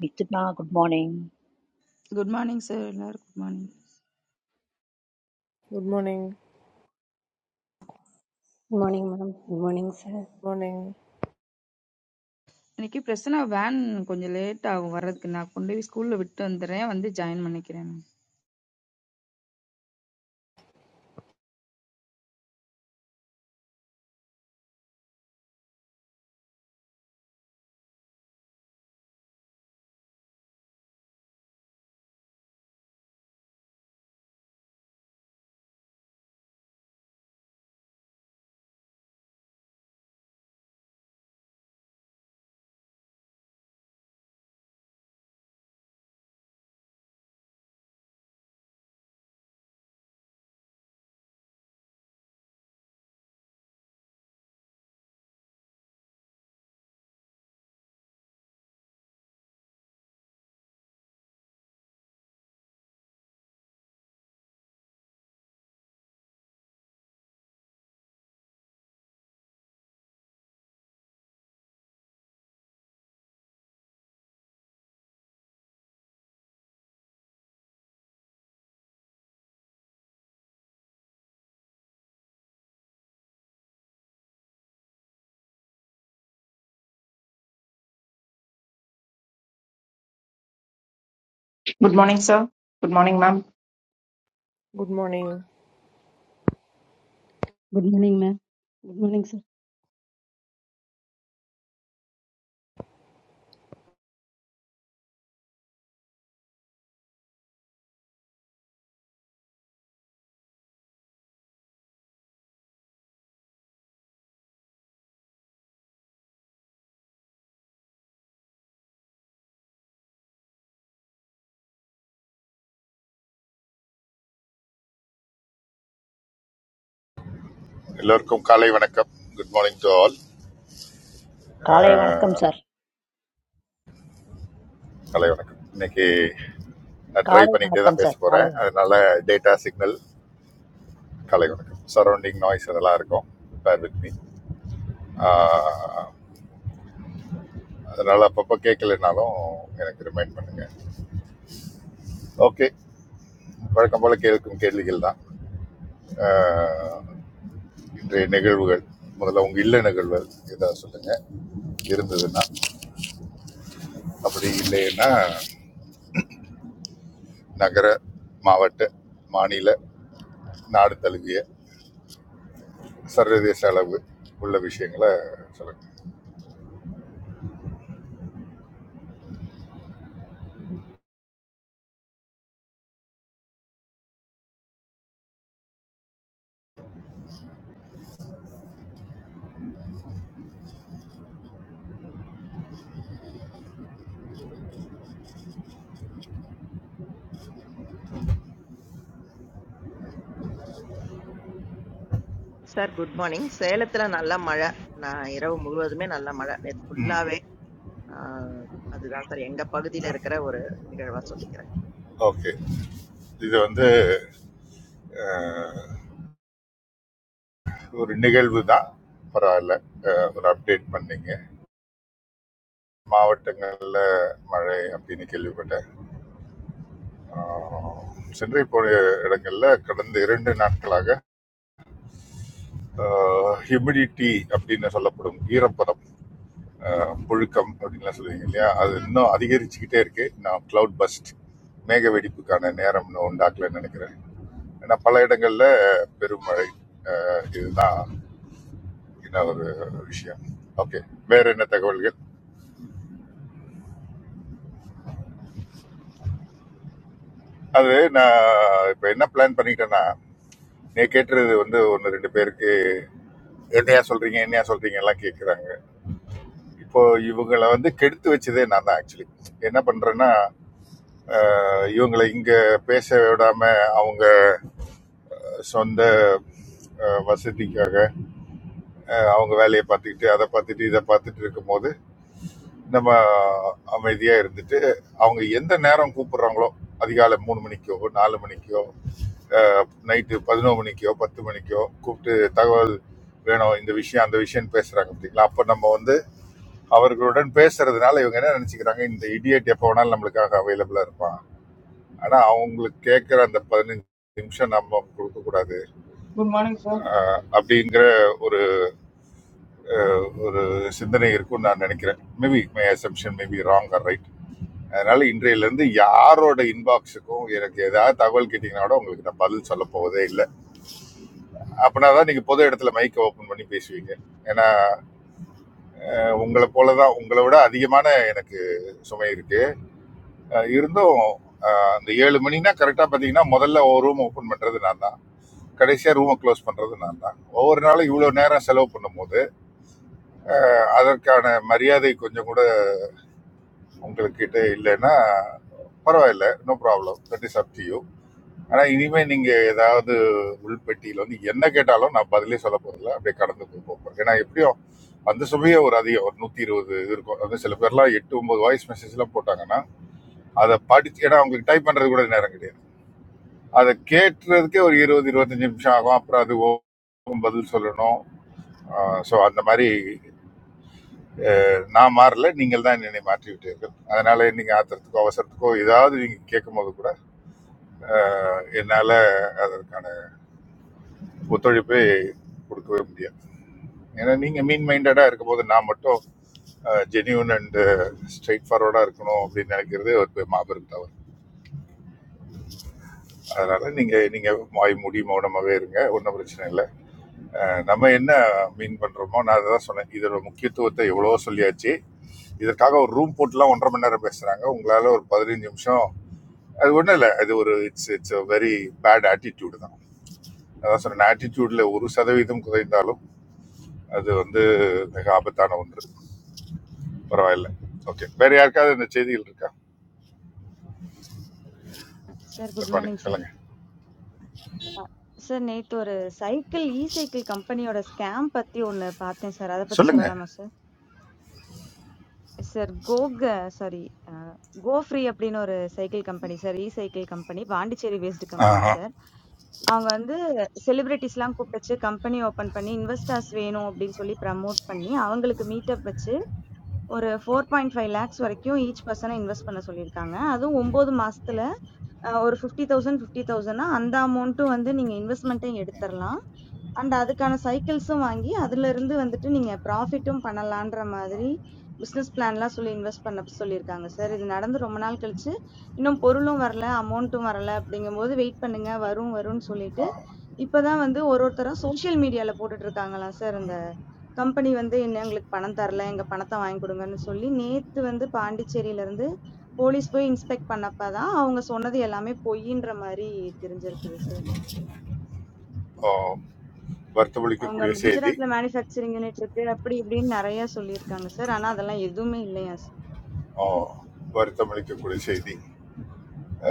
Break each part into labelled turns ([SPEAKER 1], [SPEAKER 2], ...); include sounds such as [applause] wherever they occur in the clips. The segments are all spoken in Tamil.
[SPEAKER 1] Bisut na good morning.
[SPEAKER 2] Good morning sir எல்லாரும் good morning
[SPEAKER 3] Good morning.
[SPEAKER 4] Good morning, madam. Good morning, sir.
[SPEAKER 3] Morning.
[SPEAKER 2] இன்னைக்கு பிரச்சனை வேன் கொஞ்சம் லேட் ஆகும் வர்றதுக்கு நான் கொண்டு போய் ஸ்கூல்ல விட்டு வந்துடுறேன் வந்து ஜாயின் பண்ணிக்கிறேன்
[SPEAKER 5] Good morning, sir. Good morning, ma'am.
[SPEAKER 3] Good morning.
[SPEAKER 6] Good morning ma'am good morning sir
[SPEAKER 7] எல்லோருக்கும் காலை வணக்கம் good morning to all
[SPEAKER 1] Kalay manakam sir.
[SPEAKER 7] காலை வணக்கம் இன்னைக்கு நான் ட்ரை
[SPEAKER 1] Kalay
[SPEAKER 7] பண்ணிக்கிட்டே
[SPEAKER 1] manakam
[SPEAKER 7] தான் பேச
[SPEAKER 1] sir.
[SPEAKER 7] போகிறேன்
[SPEAKER 1] Kalay.
[SPEAKER 7] அதனால டேட்டா சிக்னல் காலை வணக்கம் சரௌண்டிங் நாய்ஸ் அதெல்லாம் இருக்கும் பேர் வித் மீ அதனால் அப்பப்போ கேட்கலனாலும் எனக்கு ரிமைண்ட் பண்ணுங்கள் ஓகே வழக்கம் போல் கேட்கும் கேள்விகள் தான் ஆஹ், இன்றைய நிகழ்வுகள் முதல்ல உங்கள் இல்ல நிகழ்வுகள் ஏதாவது சொல்லுங்கள் இருந்ததுன்னா அப்படி இல்லைன்னா நகர மாவட்ட மாநில நாடு தழுவிய சர்வதேச அளவு உள்ள விஷயங்களை சொல்லணும்
[SPEAKER 8] சார் குட் மார்னிங் சேலத்துல நல்ல மழை நான் இரவு முழுவதுமே நல்ல மழை நேற்று ஃபுல்லாவே ஆ, அதுதான் சார் எங்க பகுதியில இருக்கிற ஒரு நிகழ்வா சொல்லிக்கிறேன்
[SPEAKER 7] ஓகே இது வந்து அஹ், ஒரு நிகழ்வு தான் பரவாயில்ல அஹ், ஒரு அப்டேட் பண்ணீங்க மாவட்டங்களில் மழை அப்படின்னு கேள்விப்பட்டேன் அஹ், சென்னை போன இடங்களில் கடந்த இரண்டு நாட்களாக ஹியூமிடிட்டி அப்படின்னு சொல்லப்படும் ஈரப்பதம் அஹ், புழுக்கம் அப்படின்லாம் சொல்லுவீங்க இல்லையா அது இன்னும் அதிகரிச்சுக்கிட்டே இருக்கு நான் கிளவுட் பஸ்ட் மேக வெடிப்புக்கான நேரம் இன்னும் உண்டாக்கலன்னு நினைக்கிறேன் ஏன்னா பல இடங்கள்ல பெருமழை அஹ், இதுதான் என்ன ஒரு விஷயம் ஓகே வேற என்ன தகவல்கள் அது நான் இப்ப என்ன பிளான் பண்ணிட்டேன்னா நீ கேட்டுறது வந்து ஒன்று ரெண்டு பேருக்கு என்னையா சொல்றீங்க என்னையா சொல்றீங்க எல்லாம் கேட்குறாங்க இப்போ இவங்களை வந்து கெடுத்து வச்சதே நான் தான் ஆக்சுவலி என்ன பண்றேன்னா இவங்களை இங்க பேச விடாம அவங்க சொந்த அஹ், வசதிக்காக அஹ், அவங்க வேலையை பார்த்துக்கிட்டு அதை பார்த்துட்டு இதை பார்த்துட்டு இருக்கும்போது நம்ம அமைதியாக இருந்துட்டு அவங்க எந்த நேரம் கூப்பிடுறாங்களோ அதிகாலை மூணு மணிக்கோ நாலு மணிக்கோ நைட்டு பதினோரு மணிக்கோ பத்து மணிக்கோ கூப்பிட்டு தகவல் வேணும் இந்த விஷயம் அந்த விஷயம் பேசுறாங்க அப்படிங்களா அப்போ நம்ம வந்து அவர்களுடன் பேசுறதுனால இவங்க என்ன நினைச்சுக்கிறாங்க இந்த இடியட் எப்போ வேணாலும் நம்மளுக்காக அவைலபிளா இருப்பான் ஆனா அவங்களுக்கு கேட்கிற அந்த பதினஞ்சு நிமிஷம் நம்ம கொடுக்க கூடாது
[SPEAKER 9] Good morning, sir.
[SPEAKER 7] அஹ், அப்படிங்கிற ஒரு சிந்தனை இருக்கும்னு நான் நினைக்கிறேன் maybe my assumption maybe wrong or right அதனால இன்றையிலேருந்து யாரோட இன்பாக்ஸுக்கும் எனக்கு ஏதாவது தகவல் கேட்டிங்கன்னா கூட உங்களுக்கு நான் பதில் சொல்ல போவதே இல்லை அப்படின்னா தான் நீங்கள் பொது இடத்துல மைக்கை ஓப்பன் பண்ணி பேசுவீங்க ஏன்னா உங்களை போல தான் உங்களை விட அதிகமான எனக்கு சுமை இருக்கு அஹ் இருந்தும் அஹ், அந்த ஏழு மணினா கரெக்டாக பார்த்தீங்கன்னா முதல்ல ஒரு ரூம் ஓப்பன் பண்ணுறது நான் தான் கடைசியாக ரூமை க்ளோஸ் பண்ணுறது நான் தான் ஒவ்வொரு நாளும் இவ்வளோ நேரம் செலவு பண்ணும்போது அதற்கான மரியாதை கொஞ்சம் கூட உங்களுக்கிட்ட இல்லைன்னா பரவாயில்ல no problem that is up to you ஆனால் இனிமேல் நீங்கள் ஏதாவது உள்பெட்டியில் வந்து என்ன கேட்டாலும் நான் பதிலே சொல்ல போகிறதில்ல அப்படியே கடந்து போய் போகிறேன் ஏன்னா எப்படியும் அந்த சுமையே ஒரு அதிகம் ஒரு நூற்றி இருபது இது இருக்கும் அது சில பேர்லாம் எட்டு ஒம்பது வாய்ஸ் மெசேஜ்லாம் போட்டாங்கன்னா அதை படிச்சு ஏன்னா அவங்களுக்கு டைப் பண்ணுறது கூட நேரம் கிடையாது அதை கேட்டுறதுக்கே ஒரு இருபது இருபத்தஞ்சு நிமிஷம் ஆகும் அப்புறம் அது ஒவ்வொரு பதில் சொல்லணும் ஸோ அந்த மாதிரி நான் மாறல நீங்கள் தான் என்னை மாற்றி விட்டீர்கள் அதனால நீங்கள் ஆத்திரத்துக்கோ அவசரத்துக்கோ ஏதாவது நீங்கள் கேட்கும் போது கூட என்னால் அதற்கான ஒத்துழைப்பை கொடுக்கவே முடியாது ஏன்னா நீங்கள் மீன் மைண்டடாக இருக்கும்போது நான் மட்டும் ஜெனியூன் அண்டு ஸ்ட்ரைட் ஃபார்வர்டாக இருக்கணும் அப்படின்னு நினைக்கிறது ஒரு மாபெரும் தவறு அதனால் நீங்கள் நீங்கள் வாய் மூடி மௌனமாகவே இருங்க ஒன்றும் பிரச்சனை இல்லை அஹ், நம்ம என்ன மீன் பண்ணுறோமோ நான் அதை தான் சொன்னேன் இதோட முக்கியத்துவத்தை எவ்வளோ சொல்லியாச்சு இதற்காக ஒரு ரூம் போட்டுலாம் ஒன்றரை மணி நேரம் பேசுகிறாங்க உங்களால் ஒரு பதினஞ்சு நிமிஷம் அது ஒன்றும் இல்லை அது ஒரு it's it's very bad attitude தான் அதான் சொன்னேன் ஆட்டிடியூடில் ஒரு சதவீதம் குறைந்தாலும் அது வந்து மிக ஆபத்தான ஒன்று பரவாயில்ல ஓகே வேற யாருக்காவது இந்த செய்திகள் இருக்கா
[SPEAKER 10] சார் குட்
[SPEAKER 7] நிர்மணி
[SPEAKER 10] மார்னிங் சார்.
[SPEAKER 7] சொல்லுங்க
[SPEAKER 10] சார் நேத்து ஒரு சைக்கிள் இ சைக்கிள் கம்பெனியோட ஸ்கேம் பத்தி ஒண்ணு பார்த்தேன் சார். அத பத்தி
[SPEAKER 7] சொல்லுங்க
[SPEAKER 10] சொல்லலாமா சார்? சார் கோக சாரி அ, கோ ஃப்ரீ அப்படின்னு ஒரு cycle company sir. E cycle company Pondicherry based company
[SPEAKER 7] ஆஹா.
[SPEAKER 10] சார். அவங்க வந்து செலிபிரிட்டிஸ்லாம் கூப்பிட்டு கம்பெனி ஓபன் பண்ணி இன்வெஸ்டர்ஸ் வேணும் அப்படின்னு சொல்லி ப்ரமோட் பண்ணி அவங்களுக்கு மீட்டப் வச்சு ஒரு 4.5 லேக்ஸ் வரைக்கும் ஈச் பர்சனை இன்வெஸ்ட் பண்ண சொல்லியிருக்காங்க. அதுவும் 9 மாசத்துல அ, ஒரு 50000 50000 தௌசண்ட் ஃபிஃப்டி தௌசண்ட்னா அந்த அமௌண்ட்டும் வந்து நீங்க இன்வெஸ்ட்மெண்ட்டையும் எடுத்துறலாம். அண்ட் அதுக்கான சைக்கிள்ஸும் வாங்கி அதுல இருந்து வந்துட்டு நீங்க ப்ராஃபிட்டும் பண்ணலான்ற மாதிரி பிசினஸ் பிளான்லாம் சொல்லி இன்வெஸ்ட் பண்ண சொல்லியிருக்காங்க சார் இது நடந்து ரொம்ப நாள் கழிச்சு இன்னும் பொருளும் வரல அமௌண்ட்டும் வரல அப்படிங்கும்போது வெயிட் பண்ணுங்க வரும் வரும்னு சொல்லிட்டு இப்பதான் வந்து ஒரு ஒருத்தரா சோஷியல் மீடியால போட்டுட்டு இருக்காங்களாம் சார் இந்த கம்பெனி வந்து என்ன எங்களுக்கு பணம் தரல எங்க பணத்தை வாங்கி கொடுங்கன்னு சொல்லி நேத்து வந்து பாண்டிச்சேரியில இருந்து போலீஸ் போய் இன்ஸ்பெக்ட் பண்ணப்பதான் அவங்க சொன்னது எல்லாமே பொய்ன்ற மாதிரி தெரிஞ்சிருக்குது சார்.
[SPEAKER 7] ஓ,
[SPEAKER 10] அவங்க
[SPEAKER 7] வருத்தமளிக்கக்கூடிய செய்தி
[SPEAKER 10] குஜராத்ல மேனுஃபேக்சரிங் யூனிட் இருக்கு. அப்படி இப்படின்னு நெறைய சொல்லியிருக்காங்க சார். ஆனா அதெல்லாம் எதுவுமே இல்லையாம் சார்.
[SPEAKER 7] ஓ, வருத்தமளிக்கக்கூடிய செய்தி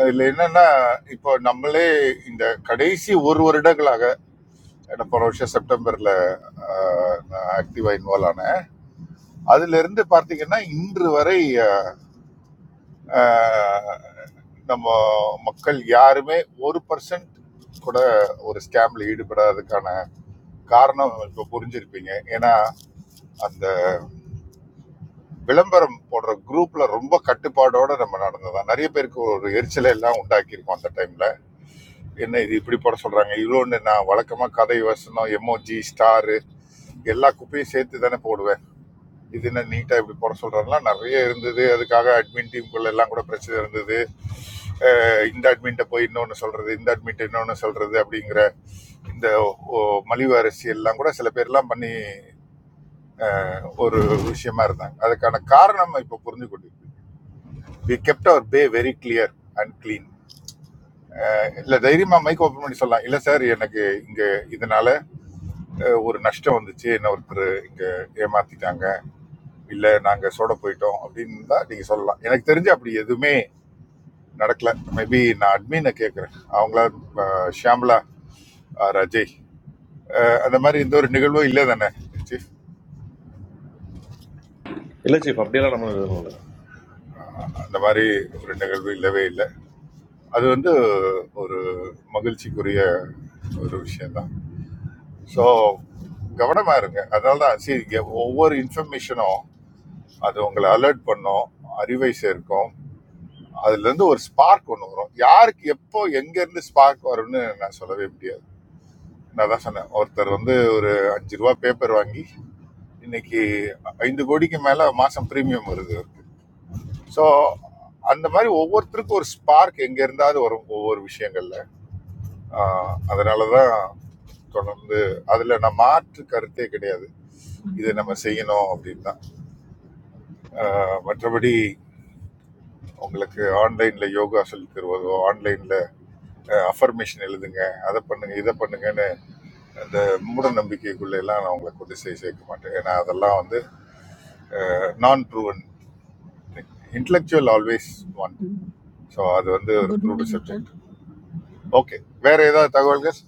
[SPEAKER 7] இதில் என்னன்னா இப்போ நம்மளே இந்த கடைசி ஒரு வருடங்களாக எனக்கு போன வருஷம் செப்டம்பர்ல ஆக்டிவா இன்வால்வ் ஆனேன் அதுல இருந்து பார்த்தீங்கன்னா இன்று வரை ஆஹ் நம்ம மக்கள் யாருமே ஒரு பர்சன்ட் கூட ஒரு ஸ்கேம்ல ஈடுபடாததுக்கான காரணம் இப்ப புரிஞ்சிருப்பீங்க ஏன்னா அந்த விளம்பரம் போடுற குரூப்ல ரொம்ப கட்டுப்பாடோட நம்ம நடந்ததான் நிறைய பேருக்கு ஒரு எரிச்சலை எல்லாம் உண்டாக்கியிருக்கோம் அந்த டைம்ல என்ன இது இப்படி போட சொல்றாங்க இவ்வளோன்னு நான் வழக்கமா கதை வசனம் எம்ஓஜி ஸ்டாரு எல்லா குப்பையும் சேர்த்து தானே போடுவேன் இது என்ன நீட்டாக இப்படி போட சொல்கிறாங்களாம் நிறைய இருந்தது அதுக்காக அட்மின் டீமுக்குள்ள எல்லாம் கூட பிரச்சனை இருந்தது அஹ் இந்த அட்மின்ட்ட போய் இன்னொன்று சொல்கிறது இந்த அட்மின்ட்ட இன்னொன்று சொல்கிறது அப்படிங்கிற இந்த மலிவு அரசியல் எல்லாம் கூட சில பேர்லாம் பண்ணி ஒரு விஷயமா இருந்தாங்க அதுக்கான காரணம் இப்போ புரிஞ்சு கொண்டிருக்கு we kept our pay very clear and clean இல்லை தைரியமா மைக் ஓப்பன் பண்ணி சொல்லலாம் இல்லை சார் எனக்கு இங்கே இதனால ஒரு நஷ்டம் வந்துச்சு என்ன ஒருத்தர் இங்கே ஏமாத்திட்டாங்க இல்லை நாங்கள் சோட போயிட்டோம் அப்படின்னு தான் நீங்கள் சொல்லலாம் எனக்கு தெரிஞ்சு அப்படி எதுவுமே நடக்கல மேபி நான் அட்மினை கேட்குறேன் அவங்களா அஹ், ஷியாம்லா அஹ், ரஜய் அஹ், அந்த மாதிரி இந்த ஒரு நிகழ்வும் இல்லை தானே சீஃப்
[SPEAKER 11] இல்லை சீஃப் அப்படியெல்லாம் நம்ம எழுதணும் இல்லை
[SPEAKER 7] அந்த மாதிரி ஒரு நிகழ்வு இல்லவே இல்லை அது வந்து ஒரு மகிழ்ச்சிக்குரிய ஒரு விஷயம்தான் ஸோ கவனமாக இருங்க அதனால தான் சரி இங்க ஒவ்வொரு இன்ஃபர்மேஷனும் அது உங்களை அலர்ட் பண்ணும் அறிவை சேர்க்கும் அதுலேருந்து ஒரு ஸ்பார்க் ஒன்று வரும் யாருக்கு எப்போ எங்கேருந்து ஸ்பார்க் வரும்னு நான் சொல்லவே முடியாது நான் தான் சொன்னேன் ஒருத்தர் வந்து ஒரு அஞ்சு ரூபா பேப்பர் வாங்கி இன்னைக்கு ஐந்து கோடிக்கு மேலே மாதம் ப்ரீமியம் வருது அவருக்கு ஸோ அந்த மாதிரி ஒவ்வொருத்தருக்கும் ஒரு ஸ்பார்க் எங்கே இருந்தாவது வரும் ஒவ்வொரு விஷயங்களில் அதனால தான் தொடர்ந்து அதில் நான் மாற்று கருத்தே கிடையாது இதை நம்ம செய்யணும் அப்படின்னு தான் ஆஹ் மற்றபடி உங்களுக்கு ஆன்லைனில் யோகா சொல்லித் தருவதோ ஆன்லைனில் அஃபர்மேஷன் எழுதுங்க அதை பண்ணுங்க இதை பண்ணுங்கன்னு அந்த மூட நம்பிக்கைக்குள்ள எல்லாம் நான் உங்களை கொண்டு சேர்க்க சேர்க்க மாட்டேன் ஏன்னா அதெல்லாம் வந்து நான் proven intellectual always one so அது வந்து ஒரு
[SPEAKER 12] good
[SPEAKER 7] blood
[SPEAKER 12] morning sir
[SPEAKER 7] subject okay வேற ஏதாவது தகவல்கள்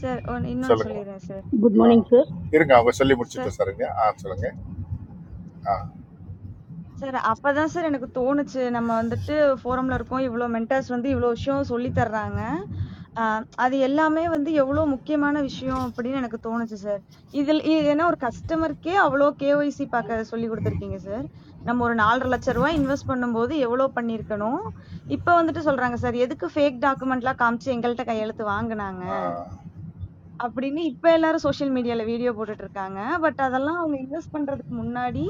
[SPEAKER 10] சார் ஒண்ணு இன்னொன்னு
[SPEAKER 7] சொல்லுங்கம்மா
[SPEAKER 10] சொல்லிர்றேன் sir.
[SPEAKER 13] Good
[SPEAKER 7] ah
[SPEAKER 13] morning sir
[SPEAKER 7] இருங்க அவங்க சொல்லி
[SPEAKER 10] சார்
[SPEAKER 7] முடிச்சிட்டோம் சரிங்க ஆ சொல்லுங்க ஆ
[SPEAKER 10] சார் அப்பதான் சார் எனக்கு தோணுச்சு. நம்ம வந்துட்டு ஃபோரம்ல இருக்கோம். இவ்ளோ மென்டார்ஸ் வந்து இவ்ளோ விஷயம் சொல்லி தர்றாங்க. அ அது எல்லாமே வந்து எவ்ளோ முக்கியமான விஷயம் அப்படின்னு எனக்கு தோணுச்சு சார். இதுல இ ஏன்னா ஒரு கஸ்டமருக்கே அவ்ளோ கேஒய்சி பாக்க சொல்லிக் குடுத்திருக்கீங்க சார். நம்ம ஒரு ரூ. 4,00,000 இன்வெஸ்ட் பண்ணும்போது எவ்ளோ பண்ணியிருக்கணும். இப்ப வந்துட்டு சொல்றாங்க சார். எதுக்கு ஃபேக் டாக்குமெண்ட்லாம் காமிச்சு எங்கள்ட்ட கையெழுத்து வாங்குனாங்க? அப்படின்னு இப்ப எல்லாரும் சோசியல் மீடியால வீடியோ போட்டுட்டு இருக்காங்க. பட் அதெல்லாம் அவங்க இன்வெஸ்ட் பண்றதுக்கு முன்னாடி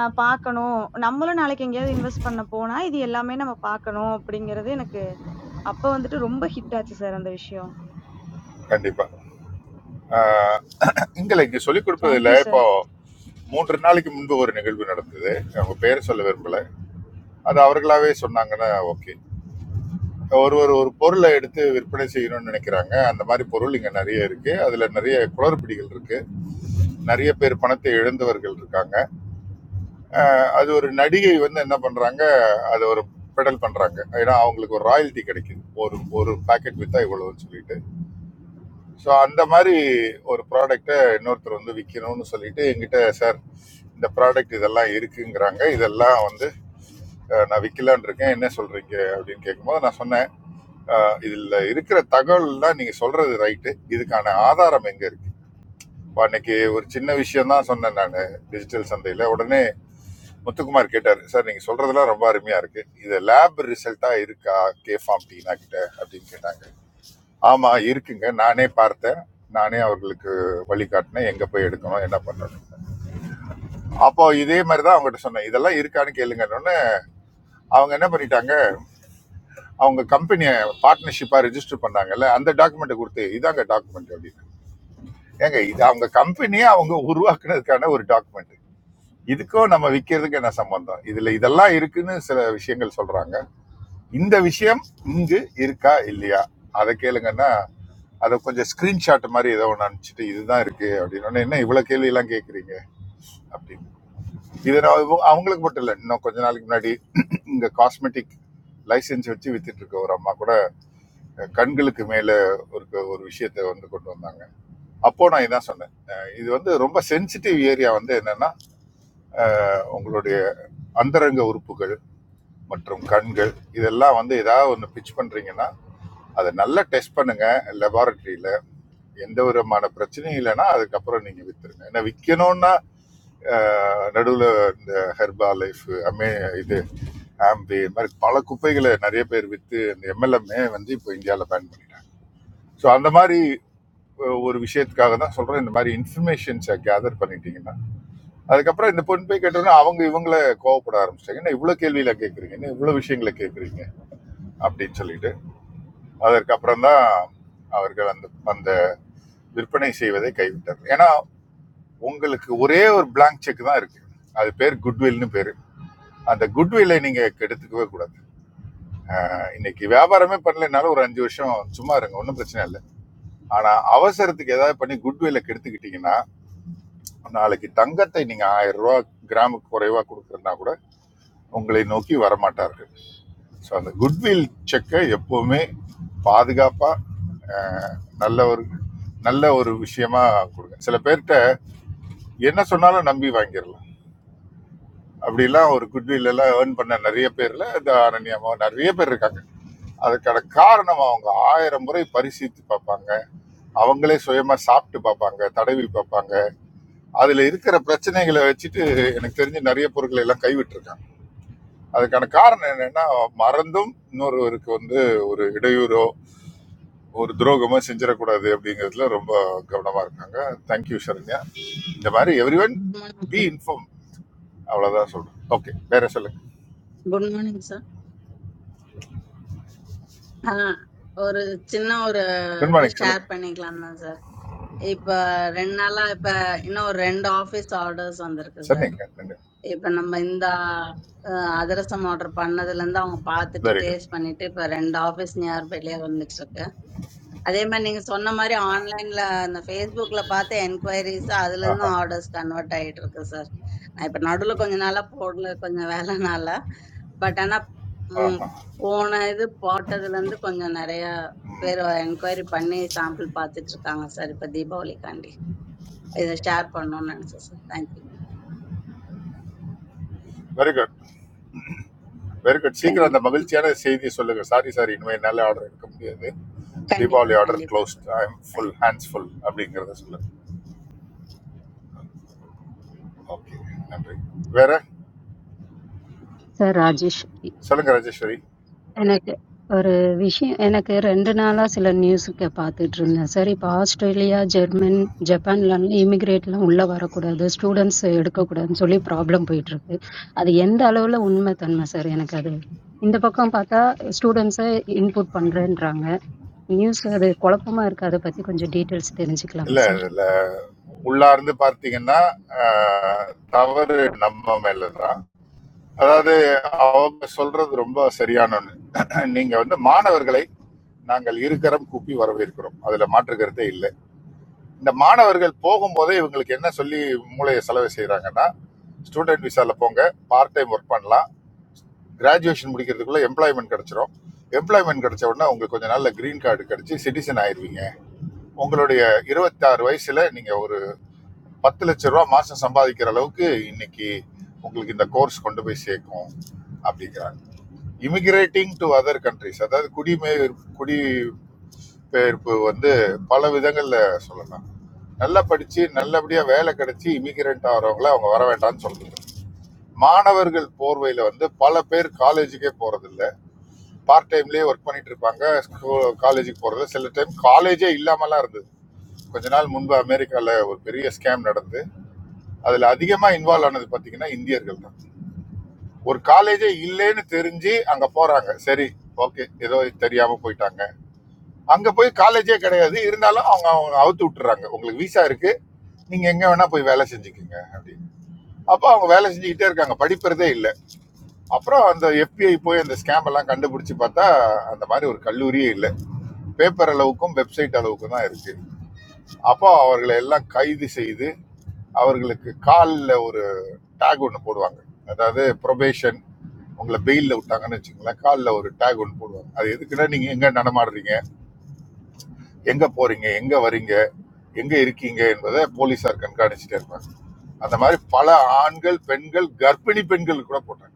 [SPEAKER 10] அ பாக்கணும். நம்மளும் நாளைக்கு எங்கேயாவது இன்வெஸ்ட் பண்ண போனா, இது எல்லாமே நம்ம பாக்கணும் அப்படிங்கிறது எனக்கு அப்ப வந்துட்டு ரொம்ப ஹிட் ஆச்சு சார் அந்த விஷயம்.
[SPEAKER 7] கண்டிப்பா ஆ, இல்லை இங்கே சொல்லிக்
[SPEAKER 10] தேங்க்
[SPEAKER 7] கொடுப்பதில்ல
[SPEAKER 10] யூ
[SPEAKER 7] இப்போ
[SPEAKER 10] சார்.
[SPEAKER 7] மூன்று நாளைக்கு முன்பு ஒரு நிகழ்வு நடந்தது அவங்க பேர் சொல்ல விரும்பல அது அவர்களாவே சொன்னாங்கன்னா ஓகே ஒரு ஒரு ஒரு பொருளை எடுத்து விற்பனை செய்யணும்னு நினைக்கிறாங்க அந்த மாதிரி பொருள் இங்க நிறைய இருக்கு அதுல நிறைய குளறுபடிகள் இருக்கு நிறைய பேர் பணத்தை இழந்தவர்கள் இருக்காங்க அஹ் அது ஒரு நடிகை வந்து என்ன பண்றாங்க அதை ஒரு பெடல் பண்றாங்க ஏன்னா அவங்களுக்கு ஒரு ராயல்ட்டி கிடைக்குது ஒரு ஒரு பேக்கெட் வித்தா இவ்வளவுன்னு சொல்லிட்டு ஸோ அந்த மாதிரி ஒரு ப்ராடக்ட்டை இன்னொருத்தர் வந்து விற்கணும்னு சொல்லிட்டு என்கிட்ட சார் இந்த ப்ராடக்ட் இதெல்லாம் இருக்குங்கிறாங்க இதெல்லாம் வந்து அஹ், நான் விற்கலான் இருக்கேன் என்ன சொல்றீங்க அப்படின்னு கேட்கும்போது நான் சொன்னேன் அஹ், இதுல இருக்கிற தகவல்லாம் நீங்க சொல்றது ரைட்டு இதுக்கான ஆதாரம் எங்க இருக்கு இப்போ அன்னைக்கு ஒரு சின்ன விஷயம் தான் சொன்னேன் நான் டிஜிட்டல் சந்தையில் உடனே முத்துக்குமார் கேட்டார் சார் நீங்கள் சொல்கிறதெல்லாம் ரொம்ப அருமையாக இருக்குது இது லேப் ரிசல்ட்டாக இருக்கா கே ஃபார்ம் டீனா கிட்ட அப்படின்னு கேட்டாங்க ஆமாம் இருக்குங்க நானே பார்த்தேன் நானே அவர்களுக்கு வழிகாட்டினேன் எங்கே போய் எடுக்கணும் என்ன பண்ணணும் அப்போ இதே மாதிரி தான் அவங்ககிட்ட சொன்னேன் இதெல்லாம் இருக்கான்னு கேளுங்கன்னு அவங்க என்ன பண்ணிட்டாங்க அவங்க கம்பெனியை பார்ட்னர்ஷிப்பாக ரெஜிஸ்டர் பண்ணாங்கல்ல அந்த டாக்குமெண்ட்டை கொடுத்து இதாங்க டாக்குமெண்ட் அப்படின்னு ஏங்க இது அவங்க கம்பெனியே அவங்க உருவாக்குனதுக்கான ஒரு டாக்குமெண்ட் இதுக்கும் நம்ம விற்கிறதுக்கு என்ன சம்பந்தம் இதுல இதெல்லாம் இருக்குன்னு சில விஷயங்கள் சொல்றாங்க இந்த விஷயம் இங்கு இருக்கா இல்லையா அதை கேளுங்கன்னா அதை கொஞ்சம் ஸ்கிரீன்ஷாட் மாதிரி ஏதோ ஒன்று அனுப்பிச்சிட்டு இதுதான் இருக்கு அப்படின்னு உடனே, என்ன இவ்வளோ கேள்வியெல்லாம் கேட்குறீங்க அப்படின்னு இது நான் இவ- அவங்களுக்கு மட்டும் இல்லை இன்னும் கொஞ்ச நாளைக்கு முன்னாடி [clears throat] இங்கே காஸ்மெட்டிக் லைசென்ஸ் வச்சு வித்துட்டு இருக்க ஒரு அம்மா கூட கண்களுக்கு மேலே ஒரு ஒரு விஷயத்தை வந்து கொண்டு வந்தாங்க அப்போ நான் இதான் சொன்னேன் அஹ் இது வந்து ரொம்ப சென்சிட்டிவ் ஏரியா வந்து என்னன்னா உங்களுடைய அந்தரங்க உறுப்புகள் மற்றும் கண்கள் இதெல்லாம் வந்து ஏதாவது ஒன்று பிச் பண்ணுறீங்கன்னா அதை நல்லா டெஸ்ட் பண்ணுங்க லெபார்டரியில் எந்த விதமான பிரச்சனையும் இல்லைன்னா அதுக்கப்புறம் நீங்கள் விற்றுருங்க ஏன்னா விற்கணும்னா நடுவில் இந்த ஹெர்பா லைஃப் அமே இது ஆம்பி இது மாதிரி பல குப்பைகளை நிறைய பேர் விற்று இந்த எம்எல்எம்ஏ வந்து இப்போ இந்தியாவில் பேன் பண்ணிட்டாங்க ஸோ அந்த மாதிரி அஹ், ஒரு விஷயத்துக்காக தான் சொல்கிறேன் இந்த மாதிரி இன்ஃபர்மேஷன்ஸை கேதர் பண்ணிட்டீங்கன்னா அதுக்கப்புறம் இந்த பொண்ணு போய் கேட்டோன்னா அவங்க இவங்கள கோவப்பட ஆரம்பிச்சிட்டாங்க என்ன இவ்வளோ கேள்வியில் கேட்குறீங்க என்ன இவ்வளோ விஷயங்களை கேட்குறீங்க அப்படின்னு சொல்லிட்டு அதற்கப்புறம் தான் அவர்கள் அந்த அந்த விற்பனை செய்வதை கைவிட்டார்கள் ஏன்னா உங்களுக்கு ஒரே ஒரு பிளாங்க் செக் தான் இருக்கு அது பேர் குட்வில்னு பேரு அந்த குட்வில்லை நீங்க கெடுத்துக்கவே கூடாது இன்னைக்கு வியாபாரமே பண்ணலைனாலும் ஒரு அஞ்சு வருஷம் சும்மா இருங்க ஒன்றும் பிரச்சனை இல்லை ஆனா அவசரத்துக்கு ஏதாவது பண்ணி குட்வில்லை கெடுத்துக்கிட்டீங்கன்னா நாளைக்கு தங்கத்தை நீங்க ஆயிரம் ரூபா கிராமுக்கு குறைவா கொடுக்குறதுனா கூட உங்களை நோக்கி வரமாட்டார்கள் ஸோ அந்த குட்வில் செக்கை எப்போவுமே பாதுகாப்பாக நல்ல ஒரு நல்ல ஒரு விஷயமா கொடுங்க சில பேர்கிட்ட என்ன சொன்னாலும் நம்பி வாங்கிடலாம் அப்படிலாம் ஒரு குட்வில் எல்லாம் ஏர்ன் பண்ண நிறைய பேர்ல இந்த அனன்யமா நிறைய பேர் இருக்காங்க அதுக்கான காரணம் அவங்க ஆயிரம் முறை பரிசீலித்து பார்ப்பாங்க அவங்களே சுயமா சாப்பிட்டு பார்ப்பாங்க தடவி பார்ப்பாங்க அதுல இருக்கிற பிரச்சனைகளை வச்சுட்டு எனக்கு தெரிஞ்சு நிறைய பொருட்களை எல்லாம் கைவிட்டிருக்காங்க அதுக்கான காரணம் என்னன்னா மறந்தும் இன்னொருவருக்கு வந்து ஒரு இடையூறோ ஒரு துரோகமா செஞ்சிடக்கூடாது அப்படிங்கிறதுல ரொம்ப கவனமா இருக்காங்க தேங்க்யூ சரண்யா இந்த மாதிரி everyone
[SPEAKER 12] good morning
[SPEAKER 7] be
[SPEAKER 12] sir
[SPEAKER 7] inform அவ்வளவுதான் சொல்றேன் ஓகே வேற சொல்லுங்க
[SPEAKER 12] குட் மார்னிங் சார் ஆ ஒரு சின்ன ஒரு
[SPEAKER 7] குட்
[SPEAKER 12] இது
[SPEAKER 7] மார்னிங் சொல்லுங்க
[SPEAKER 12] ஷேர் பண்ணிக்கலாம் தான் சார் இப்ப ரெண்டு நாளா இப்ப இன்னும் ஒரு ரெண்டு ஆபீஸ் ஆர்டர்ஸ் வந்திருக்கு சார்
[SPEAKER 7] சொன்னீங்க நன்றி
[SPEAKER 12] இப்ப நம்ம இந்த அஹ், அதிரசம் ஆர்டர் பண்ணதுல இருந்து அவங்க பார்த்துட்டு
[SPEAKER 7] வெரி குட்
[SPEAKER 12] டேஸ்ட் பண்ணிட்டு இப்ப ரெண்டு ஆபீஸ் நியர்பைலயே வந்துட்டு இருக்கு அதே மாதிரி நீங்க சொன்ன மாதிரி ஆன்லைன்ல அந்த Facebookல பார்த்த என்கொயரிஸ் அதுல
[SPEAKER 7] ஆஹா
[SPEAKER 12] இருந்தும் ஆர்டர்ஸ் கன்வெர்ட் ஆயிட்டு இருக்கு சார் நான் இப்ப நடுவுல கொஞ்ச நாளா போடல கொஞ்சம் வேலைனால பட் ஆனா ம்,
[SPEAKER 7] ஆஹா
[SPEAKER 12] போன இது போட்டதுல இருந்து கொஞ்சம் நிறைய பேர் என்கொயரி பண்ணி சாம்பிள் பார்த்துட்டு இருக்காங்க சார் இப்ப தீபாவளிக்காண்டி இதை ஷேர் பண்ணணும்னு நினைச்சேன் sir thank you
[SPEAKER 7] very good very good சீக்கிரம் அந்த
[SPEAKER 12] கண்டிப்பா
[SPEAKER 7] மகிழ்ச்சியான செய்தியை சொல்லுங்க சாரி சார் இனிமேல் என்னால் ஆர்டர் எடுக்க முடியாது
[SPEAKER 12] கண்டிப்பா
[SPEAKER 7] தீபாவளி ஆர்டர்
[SPEAKER 12] கண்டிப்பா
[SPEAKER 7] closed
[SPEAKER 12] sir
[SPEAKER 7] I am full
[SPEAKER 12] thank you
[SPEAKER 7] hands full அப்படிங்கிறத சொல்லுங்க ஓகே நன்றி வேற
[SPEAKER 6] சார் ராஜேஷ்
[SPEAKER 7] சொல்லுங்க ராஜேஸ்வரி
[SPEAKER 6] எனக்கு ஒரு விஷயம் எனக்கு ரெண்டு நாளா சில நியூஸுக்கு பார்த்துட்டு இருந்தேன் சார் இப்போ ஆஸ்திரேலியா ஜெர்மன் ஜப்பான்லாம் இமிகிரேட்லாம் உள்ள வரக்கூடாது ஸ்டூடெண்ட்ஸ் எடுக்கக்கூடாதுன்னு சொல்லி ப்ராப்ளம் போயிட்டு இருக்கு அது எந்த அளவுல உண்மை தன்மை சார் எனக்கு அது இந்த பக்கம் பார்த்தா ஸ்டூடெண்ட்ஸை இன்புட் பண்றேன்றாங்க நியூஸ் அது குழப்பமா இருக்கு அதை பத்தி கொஞ்சம் டீட்டெயில்ஸ் தெரிஞ்சுக்கலாமா
[SPEAKER 7] இல்ல
[SPEAKER 6] சார்
[SPEAKER 7] இல்ல உள்ளார்ந்து பார்த்தீங்கன்னா ஆஹ், தவறு நம்ம மேல தான் அதாவது அவங்க சொல்றது ரொம்ப சரியான ஒண்ணு நீங்க வந்து மாணவர்களை நாங்கள் இருக்கரம் கூப்பி வரவேற்கிறோம் அதுல மாற்று கருத்தே இல்லை இந்த மாணவர்கள் போகும்போதே இவங்களுக்கு என்ன சொல்லி மூளையை செலவு செய்றாங்கன்னா ஸ்டூடெண்ட் விசால போங்க பார்ட் டைம் ஒர்க் பண்ணலாம் கிராஜுவேஷன் முடிக்கிறதுக்குள்ள எம்ப்ளாய்மெண்ட் கிடைச்சிரும் எம்ப்ளாய்மெண்ட் கிடைச்ச உடனே உங்களுக்கு கொஞ்ச நாள்ல கிரீன் கார்டு கிடைச்சு சிட்டிசன் ஆயிருவீங்க உங்களுடைய இருபத்தாறு வயசுல நீங்க ஒரு பத்து லட்ச ரூபா மாசம் சம்பாதிக்கிற அளவுக்கு இன்னைக்கு உங்களுக்கு இந்த கோர்ஸ் கொண்டு போய் சேர்க்கும் அப்படிங்கிறாங்க இமிகிரேட்டிங் டு அதர் கண்ட்ரிஸ் அதாவது குடிமைய குடிபெயர்ப்பு வந்து பல விதங்கள்ல சொல்லலாம் நல்லா படிச்சு நல்லபடியா வேலை கிடைச்சி இமிகிரண்ட் ஆகிறவங்கள அவங்க வர வேண்டாம்னு சொல்றாங்க மாணவர்கள் போர்வையில வந்து பல பேர் காலேஜுக்கே போறதில்ல பார்ட் டைம்லயே ஒர்க் பண்ணிட்டு இருப்பாங்க காலேஜுக்கு போறது சில டைம் காலேஜே இல்லாமலாம் இருந்தது கொஞ்ச நாள் முன்பு அமெரிக்கால ஒரு பெரிய ஸ்கேம் நடந்து அதுல அதிகமா இன்வால்வ் ஆனது பாத்தீங்கன்னா இந்தியர்கள் தான் ஒரு காலேஜே இல்லைன்னு தெரிஞ்சு அங்க போறாங்க சரி ஓகே ஏதோ தெரியாம போயிட்டாங்க அங்க போய் காலேஜே கிடையாது இருந்தாலும் அவங்க அவங்க அவுத்து விட்டுறாங்க உங்களுக்கு விசா இருக்கு நீங்க எங்க வேணா போய் வேலை செஞ்சுக்கோங்க அப்படின்னு அப்போ அவங்க வேலை செஞ்சுக்கிட்டே இருக்காங்க படிப்பறதே இல்லை அப்புறம் அந்த FBI போய் அந்த ஸ்கேம் எல்லாம் கண்டுபிடிச்சு பார்த்தா அந்த மாதிரி ஒரு கல்லூரியே இல்லை பேப்பர் அளவுக்கும் வெப்சைட் அளவுக்கும் தான் இருக்கு அப்போ அவர்களை எல்லாம் கைது செய்து அவர்களுக்கு காலில் ஒரு டேக் ஒன்று போடுவாங்க அதாவது probation உங்களை பெயிலில் விட்டாங்கன்னு வச்சுக்கோங்களேன் காலில் ஒரு டேக் ஒன்று போடுவாங்க அது எதுக்குன்னா நீங்கள் எங்கே நடமாடுறீங்க எங்கே போகிறீங்க எங்கே வரீங்க எங்கே இருக்கீங்க என்பதை போலீஸார் கண்காணிச்சுட்டே இருப்பாங்க அந்த மாதிரி பல ஆண்கள் பெண்கள் கர்ப்பிணி பெண்கள் கூட போட்டாங்க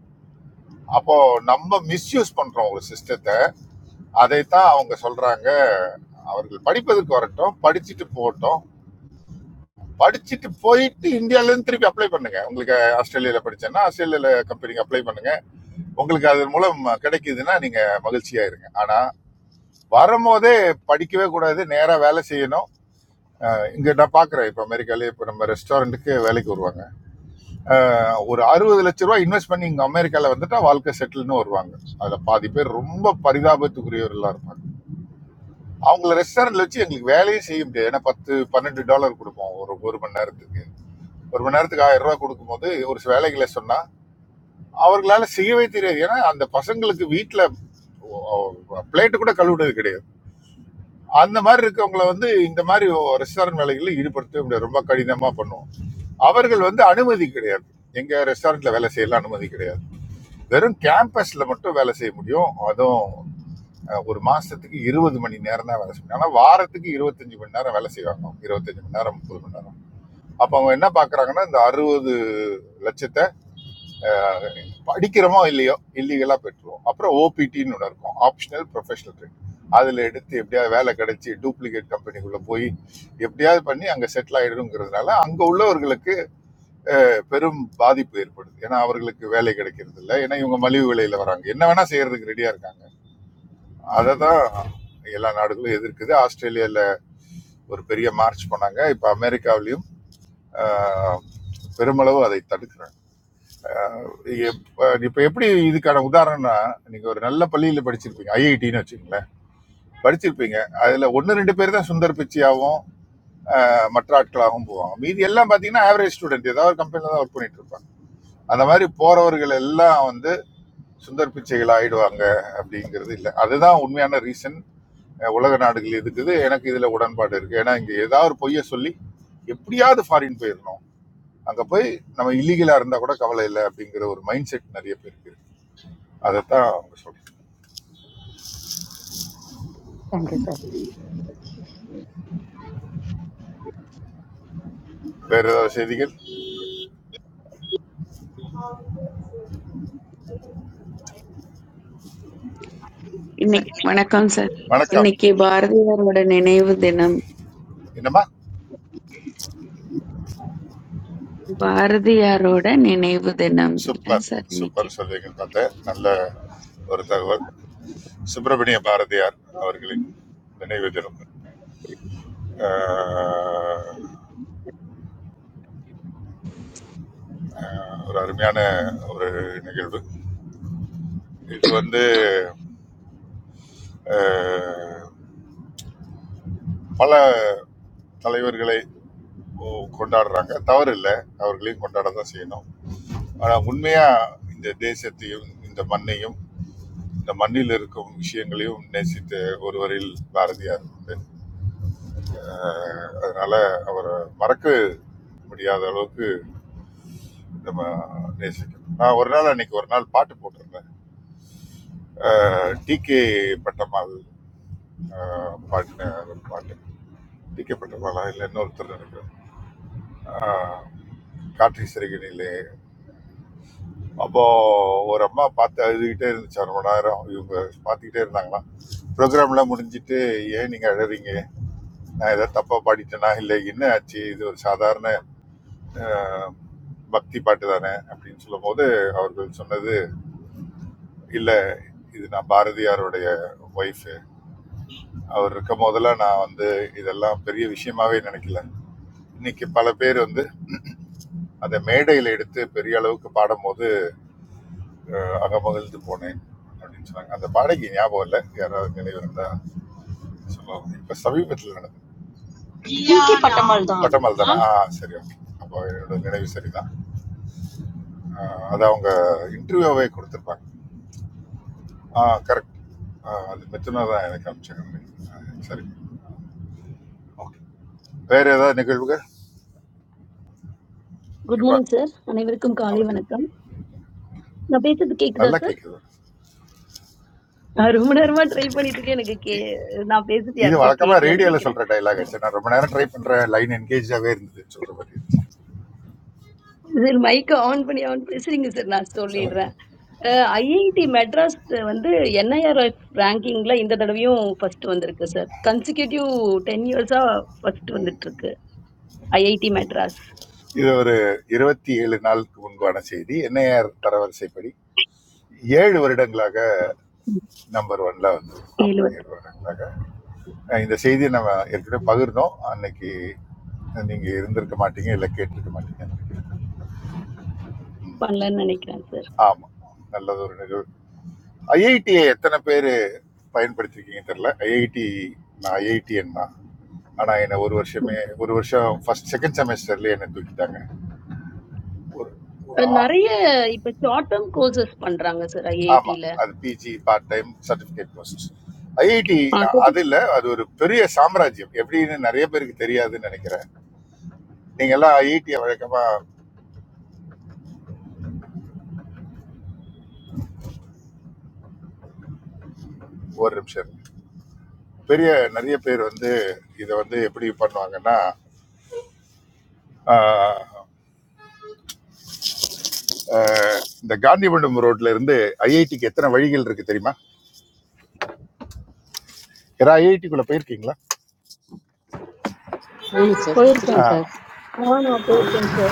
[SPEAKER 7] அப்போ நம்ம மிஸ்யூஸ் பண்றோம் ஒரு சிஸ்டத்தை அதைத்தான் அவங்க சொல்றாங்க அவர்கள் படிப்பதற்கு வரட்டும் படிச்சுட்டு போகட்டும் படிச்சுட்டு போயிட்டு இந்தியால இருந்து திருப்பி அப்ளை பண்ணுங்க உங்களுக்கு ஆஸ்திரேலியால படிச்சேன்னா ஆஸ்திரேலியால கம்பெனிக்கு அப்ளை பண்ணுங்க உங்களுக்கு அது மூலம் கிடைக்குதுன்னா நீங்க மகிழ்ச்சியா இருங்க ஆனா வரும்போதே படிக்கவே கூடாது நேரா வேலை செய்யணும் இங்க நான் பாக்குறேன் இப்ப அமெரிக்காலே இப்ப நம்ம ரெஸ்டாரண்ட்டுக்கு வேலைக்கு வருவாங்க அஹ் ஒரு அறுபது லட்ச ரூபாய் இன்வெஸ்ட் பண்ணி இங்க அமெரிக்கால வந்துட்டா வாழ்க்கை செட்டில்னு வருவாங்க அதுல பாதி பேர் ரொம்ப பரிதாபத்துக்குரியவர்களா இருப்பாங்க அவங்கள ரெஸ்டாரண்ட்ல வச்சு எங்களுக்கு வேலையே செய்ய முடியாது ஏன்னா பத்து பன்னெண்டு டாலர் கொடுப்போம் ஒரு ஒரு மணி நேரத்துக்கு ஒரு மணி நேரத்துக்கு ஆயிரம் ரூபாய் கொடுக்கும்போது ஒரு சில வேலைகளை சொன்னா அவர்களால செய்யவே தெரியாது ஏன்னா அந்த பசங்களுக்கு வீட்டில் பிளேட்டு கூட கழுவுனது கிடையாது அந்த மாதிரி இருக்கவங்கள வந்து இந்த மாதிரி ரெஸ்டாரண்ட் வேலைகளில் ஈடுபடுத்தவே முடியாது ரொம்ப கடினமாக பண்ணுவோம் அவர்கள் வந்து அனுமதி கிடையாது எங்க ரெஸ்டாரண்ட்ல வேலை செய்யலாம் அனுமதி கிடையாது வெறும் கேம்பஸ்ல மட்டும் வேலை செய்ய முடியும் அதுவும் அஹ், ஒரு மாசத்துக்கு இருபது மணி நேரம் தான் வேலை செய்யும் ஆனா வாரத்துக்கு இருபத்தஞ்சு மணி நேரம் வேலை செய்வாங்க அவங்க. இருபத்தஞ்சு மணி நேரம் முப்பது மணி நேரம் அப்ப அவங்க என்ன பாக்குறாங்கன்னா இந்த அறுபது லட்சத்தை படிக்கிறோமோ இல்லையோ இல்லீகலாக பெற்றுருவோம் அப்புறம் ஓபிடின்னு ஒன்று இருக்கும் ஆப்ஷனல் ப்ரொஃபஷனல் ட்ரெயின் அதில் எடுத்து எப்படியாவது வேலை கிடைச்சி டூப்ளிகேட் கம்பெனிக்குள்ளே போய் எப்படியாவது பண்ணி அங்கே செட்டில் ஆகிடுங்கிறதுனால அங்கே உள்ளவர்களுக்கு பெரும் பாதிப்பு ஏற்படுது ஏன்னா அவர்களுக்கு வேலை கிடைக்கிறது இல்லை ஏன்னா இவங்க மலிவு விலையில் வராங்க என்ன வேணால் செய்கிறதுக்கு ரெடியாக இருக்காங்க அதை தான் எல்லா நாடுகளும் எதிர்க்குது ஆஸ்திரேலியாவில் ஒரு பெரிய மார்ச் பண்ணாங்க இப்போ அமெரிக்காவிலையும் ஆஹ், பெருமளவு அதை தடுக்கிறாங்க எப்ப- இப்ப எப்படி இதுக்கான உதாரணம்னா நீங்க ஒரு நல்ல பள்ளியில படிச்சிருப்பீங்க ஐஐடின்னு வச்சுக்கோங்களேன் படிச்சிருப்பீங்க அதுல ஒன்னு ரெண்டு பேர் தான் சுந்தர் பிச்சையாவும் அஹ், மற்ற ஆட்களாகவும் போவாங்க மீதி எல்லாம் பாத்தீங்கன்னா ஆவரேஜ் ஸ்டூடெண்ட் ஏதாவது ஒரு கம்பெனில தான் ஒர்க் பண்ணிட்டு இருப்பாங்க அந்த மாதிரி போறவர்கள் எல்லாம் வந்து சுந்தர் பிச்சைகள் ஆயிடுவாங்க அப்படிங்கிறது இல்லை அதுதான் உண்மையான ரீசன் உலக நாடுகள் இருக்குது எனக்கு இதுல உடன்பாடு இருக்கு ஏன்னா இங்க ஏதாவது ஒரு பொய்யை சொல்லி எப்படியாவது ஃபாரின் போயிடணும் அங்க போய் நம்ம இல்லீகலா இருந்தா கூட கவலை இல்லை அப்படிங்கிற ஒரு மைண்ட் செட் நிறைய பேருக்கு இருக்கு அதைத்தான் அவங்க சொல்றாங்க
[SPEAKER 6] தேங்க்யூ சார்
[SPEAKER 7] வேற ஏதாவது செய்திகள்
[SPEAKER 8] சார்
[SPEAKER 14] இன்னைக்கு
[SPEAKER 8] இது-
[SPEAKER 14] வணக்கம் சார்
[SPEAKER 7] வணக்கம்
[SPEAKER 14] இன்னைக்கு
[SPEAKER 8] சொல்லுங்க
[SPEAKER 14] பாரதியாரோட நினைவு தினம்
[SPEAKER 7] என்னம்மா
[SPEAKER 14] பாரதியாரோட நினைவு தினம் அதான்
[SPEAKER 7] சூப்பர்
[SPEAKER 14] சார்
[SPEAKER 7] சூப்பர்
[SPEAKER 14] இன்னைக்கு
[SPEAKER 7] சொல்வீங்கன்னு பார்த்தேன் நல்ல ஒரு தகவல் சுப்பிரமணிய பாரதியார் அவர்களின் நினைவு தினம் ஆஹ், ஒரு அருமையான ஒரு நிகழ்வு இது வந்து ஆஹ், பல தலைவர்களை கொ- கொண்டாடுறாங்க தவறு இல்லை அவர்களையும் கொண்டாட தான் செய்யணும் ஆனால் உண்மையா இந்த தேசத்தையும் இந்த மண்ணையும் இந்த மண்ணில் இருக்கும் விஷயங்களையும் நேசித்த ஒருவரில் பாரதியார் உண்டு அஹ் அதனால அவரை மறக்க முடியாத அளவுக்கு நம்ம நேசிக்கணும் நான் ஒரு நாள் அன்னைக்கு ஒரு நாள் பாட்டு போட்டிருந்தேன் டி கே பட்டம்மாள் அஹ், பாடின ஒரு பாட்டு டி கே பட்டம்மாளா இல்லை இன்னொருத்தர் நினைக்கிறேன் அஹ், காற்றை சிறுகினிலே அப்போ ஒரு அம்மா பார்த்து அழுதுகிட்டே இருந்துச்சு ரொம்ப நேரம் இவங்க பார்த்துக்கிட்டே இருந்தாங்களா ப்ரோக்ராம்லாம் முடிஞ்சிட்டு ஏன் நீங்கள் அழுறீங்க நான் ஏதாவது தப்பாக பாடிட்டேனா இல்லை என்ன ஆச்சு இது ஒரு சாதாரண அஹ், பக்தி பாட்டு தானே அப்படின்னு சொல்லும்போது அவர்கள் சொன்னது இல்லை இது நான் பாரதியாருடைய ஒய்ஃபு அவர் இருக்கும் போதெல்லாம் நான் வந்து இதெல்லாம் பெரிய விஷயமாவே நினைக்கல இன்னைக்கு பல பேர் வந்து அதை மேடையில் எடுத்து பெரிய அளவுக்கு பாடும்போது அஹ், அகமகிழ்ந்து போனேன் அப்படின்னு சொன்னாங்க அந்த பாடகி ஞாபகம் இல்லை யாராவது நினைவு இருந்தா சொல்லுவாங்க இப்போ சமீபத்தில் நடந்தது
[SPEAKER 15] Who's the patterned
[SPEAKER 7] பட்டமல் தானே
[SPEAKER 15] one?
[SPEAKER 7] ஆ சரி ஓகே அப்போ என்னோட நினைவு சரிதான் அஹ், அது அவங்க இன்டர்வியூவே கொடுத்துருப்பாங்க ஆ கரெக்ட் ஆ அது மெத்தனா தான் எனக்கு அனுப்பிச்சிருந்தேன் சரி ஓகே வேற ஏதாவது நிகழ்வுகள்
[SPEAKER 13] குட்
[SPEAKER 7] குட்பாய்
[SPEAKER 13] மார்னிங் சார் அனைவருக்கும் காலை
[SPEAKER 7] வணக்கம்
[SPEAKER 13] வணக்கம் நான் பேசுறது கேக்குதா
[SPEAKER 7] நல்லா
[SPEAKER 13] சார்
[SPEAKER 7] கேட்குது
[SPEAKER 13] நான் ரொம்ப நேரமா ட்ரை பண்ணிட்டு இருக்கேன் எனக்கு கே
[SPEAKER 7] இ-
[SPEAKER 13] நான் பேசுறது
[SPEAKER 7] இது
[SPEAKER 13] யாருக்கும்
[SPEAKER 7] வழக்கமாக
[SPEAKER 13] கேட்கலன்னு
[SPEAKER 7] ரேடியோவில்
[SPEAKER 13] நினைக்கிறேன்
[SPEAKER 7] சொல்கிற டைலாக் ஆச்சு நான் ரொம்ப நேரம் ட்ரை பண்ணுறேன் லைன் என்கேஜாகவே இருந்தது சொல்கிற மாதிரி இருந்துச்சு
[SPEAKER 13] சார் மைக்கை ஆன் பண்ணி ஆன் பேசுறீங்க சார் நான்
[SPEAKER 7] சொல்லுங்க
[SPEAKER 13] சொல்லிடுறேன் ஐஐடி மெட்ராஸ் வந்து என்ஐஆர்எஃப் ரேங்கிங்ல இந்த தடவையும் ஃபர்ஸ்ட் வந்திருக்கு சார் கன்சிக்யூட்டிவ் டென் இயர்ஸா ஃபர்ஸ்ட் வந்துட்டு இருக்கு ஐஐடி மெட்ராஸ்
[SPEAKER 7] இது ஒரு இருபத்தி ஏழு நாளுக்கு முன்பான செய்தி என்ஐஆர் தரவரிசைப்படி ஏழு வருடங்களாக நம்பர் ஒன்ல வந்து
[SPEAKER 13] ஏழு
[SPEAKER 7] ஆமாம் ஏழு
[SPEAKER 13] வருஷம்
[SPEAKER 7] வருடங்களாக அஹ் இந்த செய்தியை நம்ம ஏற்கனவே பகிர்ந்தோம் அன்னைக்கு நீங்கள் இருந்திருக்க மாட்டீங்க இல்லை கேட்டிருக்க மாட்டீங்க
[SPEAKER 13] பண்ணலன்னு நினைக்கிறேன் சார்
[SPEAKER 7] ஆமா நல்லது ஒரு நிகழ்வு ஐஐடியை எத்தனை பேர் பயன்படுத்திருக்கீங்க தெரியல ஐஐடி நான் ஐஐடிஎன் தான் ஆனா என்னை ஒரு வருஷமே ஒரு வருஷம் ஃபர்ஸ்ட் செகண்ட் செமஸ்டர்ல என்னை தூக்கிட்டாங்க ஒரு ஒரு
[SPEAKER 13] அஹ்
[SPEAKER 7] ஆ-
[SPEAKER 13] நிறைய இப்ப ஷார்ட் டேர்ம் கோர்சஸ் பண்றாங்க சார்
[SPEAKER 7] ஆமா
[SPEAKER 13] ஐஐடில
[SPEAKER 7] அது PG part time certificate course IIT அது இல்ல அது ஒரு பெரிய சாம்ராஜ்யம் எப்படின்னு நிறைய பேருக்கு தெரியாதுன்னு நினைக்கிறேன் நீங்க எல்லாம் ஐஐடியை வழக்கமா ஒரு நிமிஷம் இருங்க. பெரிய நிறைய பேர் வந்து இதை வந்து எப்படி பண்ணுவாங்கன்னா இந்த காந்திமண்டம் ரோட்ல இருந்து ஐஐடிக்கு எத்தனை வழிகள் இருக்கு தெரியுமா யாரா ஐஐடிக்குள்ள போயிருக்கீங்களா
[SPEAKER 16] Sir,
[SPEAKER 7] ஆ,
[SPEAKER 16] three.
[SPEAKER 6] போயிருக்கோம் சார்
[SPEAKER 13] நான் போயிருக்கேன் சார்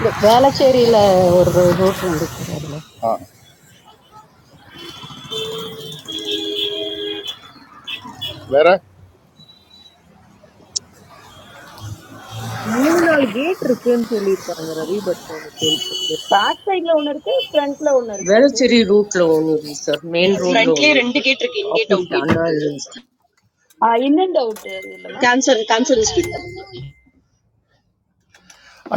[SPEAKER 6] இந்த வேளச்சேரியில ஒரு ரூட் உண்டு சார் அதுல
[SPEAKER 7] வேற
[SPEAKER 3] Newal gate rukhen tholi panga ravi, but
[SPEAKER 13] back சைடுல ஒண்ணு இருக்கு ஃப்ரண்ட்ல ஒண்ணு இருக்கு
[SPEAKER 16] Well, three route lo onuri, sir. Main road lo
[SPEAKER 15] Friendly, friendly
[SPEAKER 16] onuri.
[SPEAKER 15] character, gentle,
[SPEAKER 16] Open
[SPEAKER 15] outgoing
[SPEAKER 16] Danna
[SPEAKER 15] character.
[SPEAKER 16] Islands too.
[SPEAKER 13] Sir இன்னும் டவுட் இல்லம்மா
[SPEAKER 15] Cancer, Cancerist.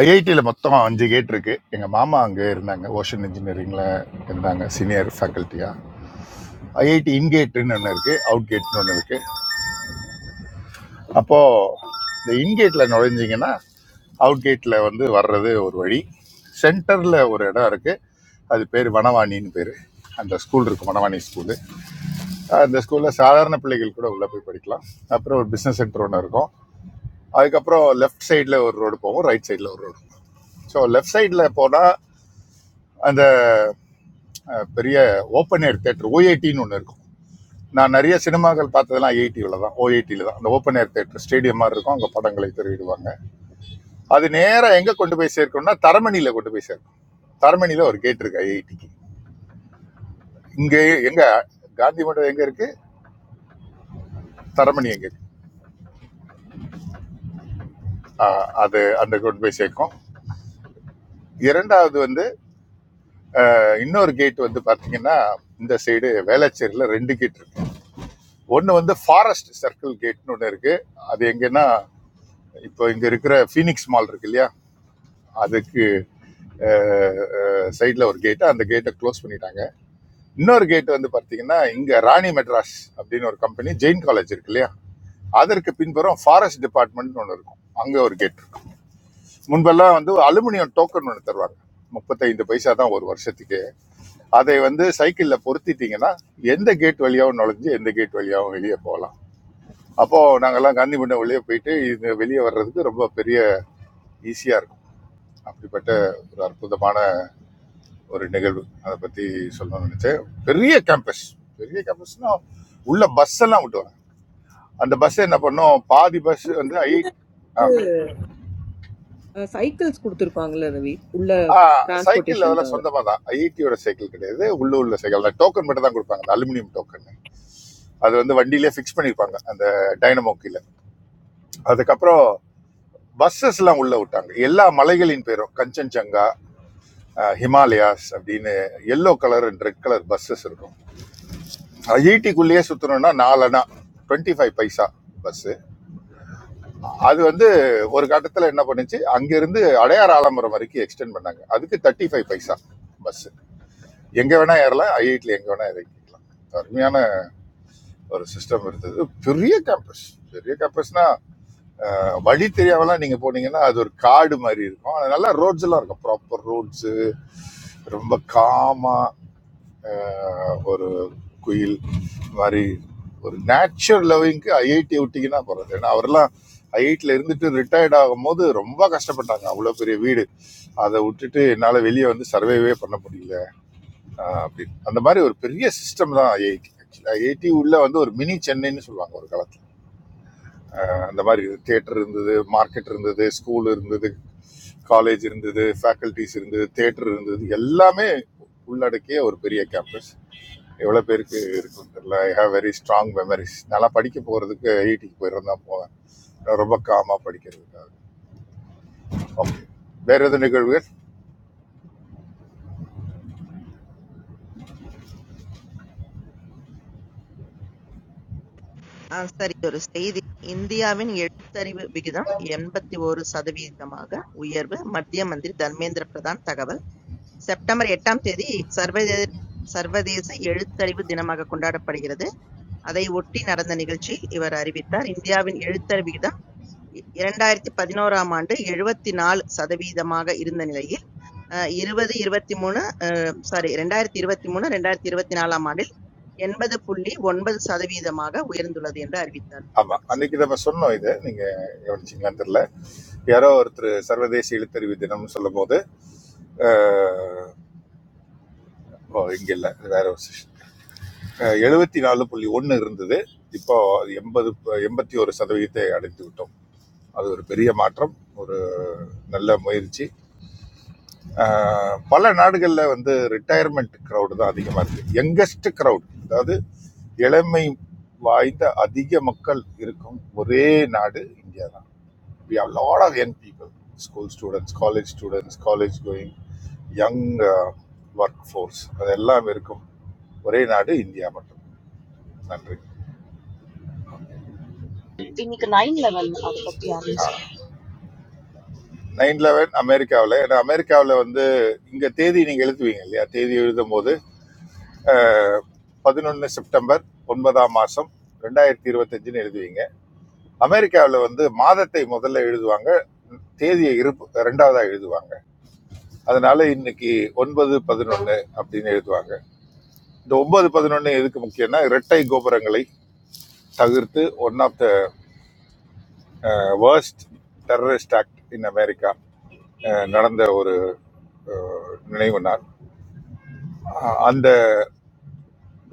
[SPEAKER 7] ஐஐடியில் மொத்தம் அஞ்சு கேட் இருக்கு எங்க மாமா அங்கே இருந்தாங்க ஓஷன் இன்ஜினியரிங்ல இருந்தாங்க சீனியர் ஃபேக்கல்ட்டியா ஐஐடி இன்கேட்னு ஒன்று இருக்கு அவுட் கேட்னு ஒன்று இருக்கு அப்போ இந்த இன்கேட்ல நுழைஞ்சீங்கன்னா அவுட் கேட்ல வந்து வர்றது ஒரு வழி சென்டர்ல ஒரு இடம் இருக்கு அது பேர் வனவாணின்னு பேர் அந்த ஸ்கூல் இருக்கு வனவாணி ஸ்கூல் அஹ் இந்த ஸ்கூல்ல சாதாரண பிள்ளைகள் கூட உள்ள போய் படிக்கலாம் அப்புறம் ஒரு பிசினஸ் சென்டர் ஒன்று இருக்கும் அதுக்கப்புறம் லெஃப்ட் சைடுல ஒரு ரோடு போகும் ரைட் சைடுல ஒரு ரோடு ஸோ லெஃப்ட் சைடுல போனா அந்த அஹ், பெரிய ஓப்பன் ஏர் தேட்டர் ஓஐடின்னு ஒன்று இருக்கும் நான் நிறைய சினிமாக்கள் பார்த்ததெல்லாம் ஐஐடியில் தான் ஓஐடியில் தான் அந்த ஓப்பன் ஏர் தேட்டர் ஸ்டேடியம் மாதிரி இருக்கும் அங்கே படங்களை திரையிடுவாங்க அது நேராக எங்கே கொண்டு போய் சேர்க்கணும்னா தரமணியில் கொண்டு போய் சேர்க்கணும் தரமணியில் ஒரு கேட் இருக்கு ஐஐடிக்கு இங்கே எங்க காந்தி மண்டபம் எங்கே இருக்கு தரமணி எங்கே இருக்கு ஆஹ் அது அந்த கொண்டு போய் சேர்க்கும் இரண்டாவது வந்து இன்னொரு கேட் வந்து பார்த்தீங்கன்னா இந்த சைடு வேளச்சேரியில் ரெண்டு கேட் இருக்கு ஒன்று வந்து ஃபாரஸ்ட் சர்க்கிள் கேட்னு ஒன்று இருக்கு அது எங்கன்னா இப்போ இங்கே இருக்கிற ஃபீனிக்ஸ் மால் இருக்கு இல்லையா அதுக்கு சைடில் ஒரு கேட்டு அந்த கேட்டை க்ளோஸ் பண்ணிட்டாங்க இன்னொரு கேட் வந்து பார்த்தீங்கன்னா இங்கே ராணி மெட்ராஸ் அப்படின்னு ஒரு கம்பெனி ஜெயின் காலேஜ் இருக்கு இல்லையா அதற்கு பின்புறம் ஃபாரஸ்ட் டிபார்ட்மெண்ட்னு ஒன்று இருக்கும் அங்கே ஒரு கேட் இருக்கு. முன்பெல்லாம் வந்து அலுமினியம் டோக்கன் ஒன்று தருவாங்க முப்பத்தைந்து பைசா தான் ஒரு வருஷத்துக்கு அதை வந்து சைக்கிள்ல பொருத்திட்டீங்கன்னா எந்த கேட் வழியாகவும் நுழைஞ்சு எந்த கேட் வழியாகவும் வெளியே போகலாம் அப்போ நாங்கெல்லாம் காந்திமண்டம் வெளியே போயிட்டு இது வெளியே வர்றதுக்கு ரொம்ப பெரிய ஈஸியா இருக்கும் அப்படிப்பட்ட ஒரு அற்புதமான ஒரு நிகழ்வு அதை பத்தி சொல்லணும்னு நினைச்சேன் பெரிய கேம்பஸ் பெரிய கேம்பஸ்னா உள்ள பஸ் எல்லாம் விட்டுவாங்க அந்த பஸ் என்ன பண்ணோம் பாதி பஸ் வந்து I
[SPEAKER 3] cycles cycles kudur panga ravi. Ulla
[SPEAKER 7] cycle
[SPEAKER 3] transportation
[SPEAKER 7] அதெல்லாம்
[SPEAKER 3] kaada.
[SPEAKER 7] சொந்தமாக தான் ஐஐடியோட சைக்கிள் கிடையாது உள்ள உள்ள சைக்கிள் தான் டோக்கன் மட்டும் தான் கொடுப்பாங்க அந்த அலுமினியம் டோக்கன் அது வந்து வண்டியிலே ஃபிக்ஸ் பண்ணியிருப்பாங்க அந்த டைனமோ கீழே அதுக்கப்புறம் பஸ்ஸஸ் எல்லாம் உள்ள விட்டாங்க எல்லா மலைகளின் பேரும் கஞ்சன்ஜங்கா அஹ், ஹிமாலயாஸ் அப்படின்னு yellow colour and red colour buses இருக்கும் அது ஈட்டிக்குள்ளேயே சுத்தணும்னா நாலனா டுவெண்ட்டி ஃபைவ் பைசா பஸ் அது வந்து ஒரு கட்டத்தில் என்ன பண்ணுச்சு அங்கிருந்து அடையார் ஆலமரம் வரைக்கும் எக்ஸ்டெண்ட் பண்ணாங்க அதுக்கு தேர்ட்டி ஃபைவ் பைசா பஸ் எங்க வேணா ஏறலாம் ஐஐடியில் எங்க வேணா இறங்கிக்கலாம் அருமையான ஒரு சிஸ்டம் இருந்தது பெரிய கேம்பஸ் பெரிய கேம்பஸ்னா வழி தெரியாமலாம் நீங்க போனீங்கன்னா அது ஒரு காடு மாதிரி இருக்கும் அது நல்லா ரோட்ஸ் எல்லாம் இருக்கும் ப்ராப்பர் ரோட்ஸ் ரொம்ப காமாக ஒரு குயில் மாதிரி ஒரு நேச்சுரல் லவ்விங்க்கு ஐஐடி விட்டிங்கன்னா போகிறது ஏன்னா அவரெல்லாம் ஐஐடியில் இருந்துட்டு ரிட்டையர்ட் ஆகும்போது ரொம்ப கஷ்டப்பட்டாங்க அவ்வளோ பெரிய வீடு அதை விட்டுட்டு என்னால் வெளியே வந்து சர்வைவே பண்ண முடியல ஆஹ் அப்படின்னு அந்த மாதிரி ஒரு பெரிய சிஸ்டம் தான் ஐஐடி ஆக்சுவலி ஐஐடி உள்ளே வந்து ஒரு மினி சென்னைன்னு சொல்லுவாங்க ஒரு காலத்தில் அந்த மாதிரி தேட்டர் இருந்தது மார்க்கெட் இருந்தது ஸ்கூல் இருந்தது காலேஜ் இருந்தது ஃபேக்கல்டிஸ் இருந்தது தேட்டர் இருந்தது எல்லாமே உள்ளடக்கிய ஒரு பெரிய கேம்பஸ் எவ்வளோ பேருக்கு இருக்கும் தெரியல I have very strong memories நல்லா படிக்க போகிறதுக்கு ஐஐடிக்கு போயிருந்தா போவேன் ரொம்ப காமாக படிக்கிறதுக்காக ஓகே வேற எதுவும் நிகழ்வுகள்
[SPEAKER 8] ஆ சார் இது ஒரு செய்தி இந்தியாவின் எழுத்தறிவு விகிதம் எண்பத்தி ஒரு சதவீதமாக உயர்வு மத்திய மந்திரி தர்மேந்திர பிரதான் தகவல் செப்டம்பர் எட்டாம் தேதி சர்வதேச சர்வதேச எழுத்தறிவு தினமாக கொண்டாடப்படுகிறது அதை ஒட்டி நடந்த நிகழ்ச்சி இவர் அறிவித்தார் இந்தியாவின் எழுத்தறிவு விகிதம் இரண்டாயிரத்தி பதினோராம் ஆண்டு 74% சதவீதமாக இருந்த நிலையில் அஹ், இருபது இருபத்தி மூணு சாரி ரெண்டாயிரத்தி இருபத்தி மூணு ரெண்டாயிரத்தி இருபத்தி நாலாம் ஆண்டில் எண்பது புள்ளி ஒன்பது சதவீதமாக உயர்ந்துள்ளது என்று அறிவித்தார்
[SPEAKER 7] ஆமாம்
[SPEAKER 8] போட்டிருக்கு சார்
[SPEAKER 7] அன்னைக்கு நம்ம சொன்னோம் இதை நீங்கள் கவனிச்சிங்களான்னு தெரியல யாரோ ஒருத்தர் சர்வதேச எழுத்தறிவு தினம்னு சொல்லும்போது அஹ், ஓ இங்கே இல்லை வேற ஒரு செஷன் எழுபத்தி நாலு புள்ளி ஒன்று இருந்தது இப்போ அது எண்பது எண்பத்தி ஒரு சதவீதத்தை அடைத்து விட்டோம் அது ஒரு பெரிய மாற்றம் ஒரு நல்ல முயற்சி ஆஹ் பல நாடுகளில் வந்து ரிட்டையர்மெண்ட் க்ரௌடு தான் அதிகமாக இருக்குது யங்கஸ்ட் க்ரௌட் அதாவது இளமை வாய்ந்த அதிக மக்கள் இருக்கும் ஒரே நாடு இந்தியா தான் we have lot of young people school students college students college going young work force அதெல்லாம் இருக்கும் ஒரே நாடு இந்தியா மட்டும் நன்றி
[SPEAKER 15] We need a nine level of our piyans.
[SPEAKER 7] Nine eleven அமெரிக்காவில் ஏன்னா அமெரிக்காவில் வந்து இங்கே தேதி நீங்கள் எழுதுவீங்க இல்லையா தேதி எழுதும் போது 11 செப்டம்பர் ஒன்பதாம் மாசம் ரெண்டாயிரத்தி இருபத்தஞ்சுன்னு எழுதுவீங்க அமெரிக்காவில் வந்து மாதத்தை முதல்ல எழுதுவாங்க தேதியை இருப்பு ரெண்டாவதா எழுதுவாங்க அதனால இன்னைக்கு ஒன்பது பதினொன்று அப்படின்னு எழுதுவாங்க இந்த ஒன்பது பதினொன்று எதுக்கு முக்கியம்னா இரட்டை கோபுரங்களை தவிர்த்து one of the worst terrorist act in America அஹ், நடந்த ஒரு நினைவு நாள் அஹ், அந்த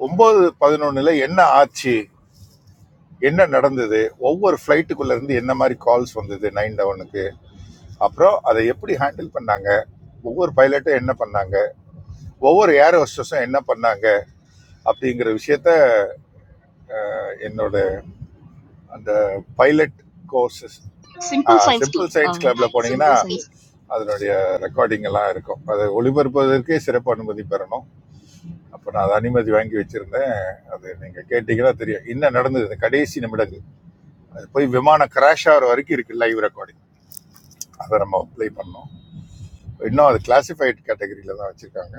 [SPEAKER 7] ஒன்பது பதினொன்னுல என்ன ஆச்சு என்ன நடந்தது ஒவ்வொரு ஃப்ளைட்டுக்குள்ள இருந்து என்ன மாதிரி கால்ஸ் வந்தது நைன் டவுனுக்கு அப்புறம் அதை எப்படி ஹேண்டில் பண்ணாங்க ஒவ்வொரு பைலட்டும் என்ன பண்ணாங்க ஒவ்வொரு ஏர் ஹோஸ்டஸும் என்ன பண்ணாங்க அப்படிங்கிற விஷயத்த என்னோட அந்த pilot courses
[SPEAKER 15] Simple Science Club.
[SPEAKER 7] Simple science கிளப்ல போனீங்கன்னா
[SPEAKER 15] Simple Science Club.
[SPEAKER 7] அதனுடைய ரெக்கார்டிங் எல்லாம் இருக்கும் அதை ஒளிபரப்புவதற்கே சிறப்பு அனுமதி பெறணும் அப்போ நான் அதை அனுமதி வாங்கி வச்சிருந்தேன் அது நீங்க கேட்டீங்கன்னா தெரியும் என்ன நடந்தது இந்த கடைசி நிமிடங்கள் அது போய் விமானம் கிராஷ் ஆகிற வரைக்கும் இருக்கு லைவ் ரெக்கார்டிங் அதை நம்ம ப்ளே பண்ணோம் இன்னும் அது கிளாசிஃபைட் கேட்டகரியில தான் வச்சிருக்காங்க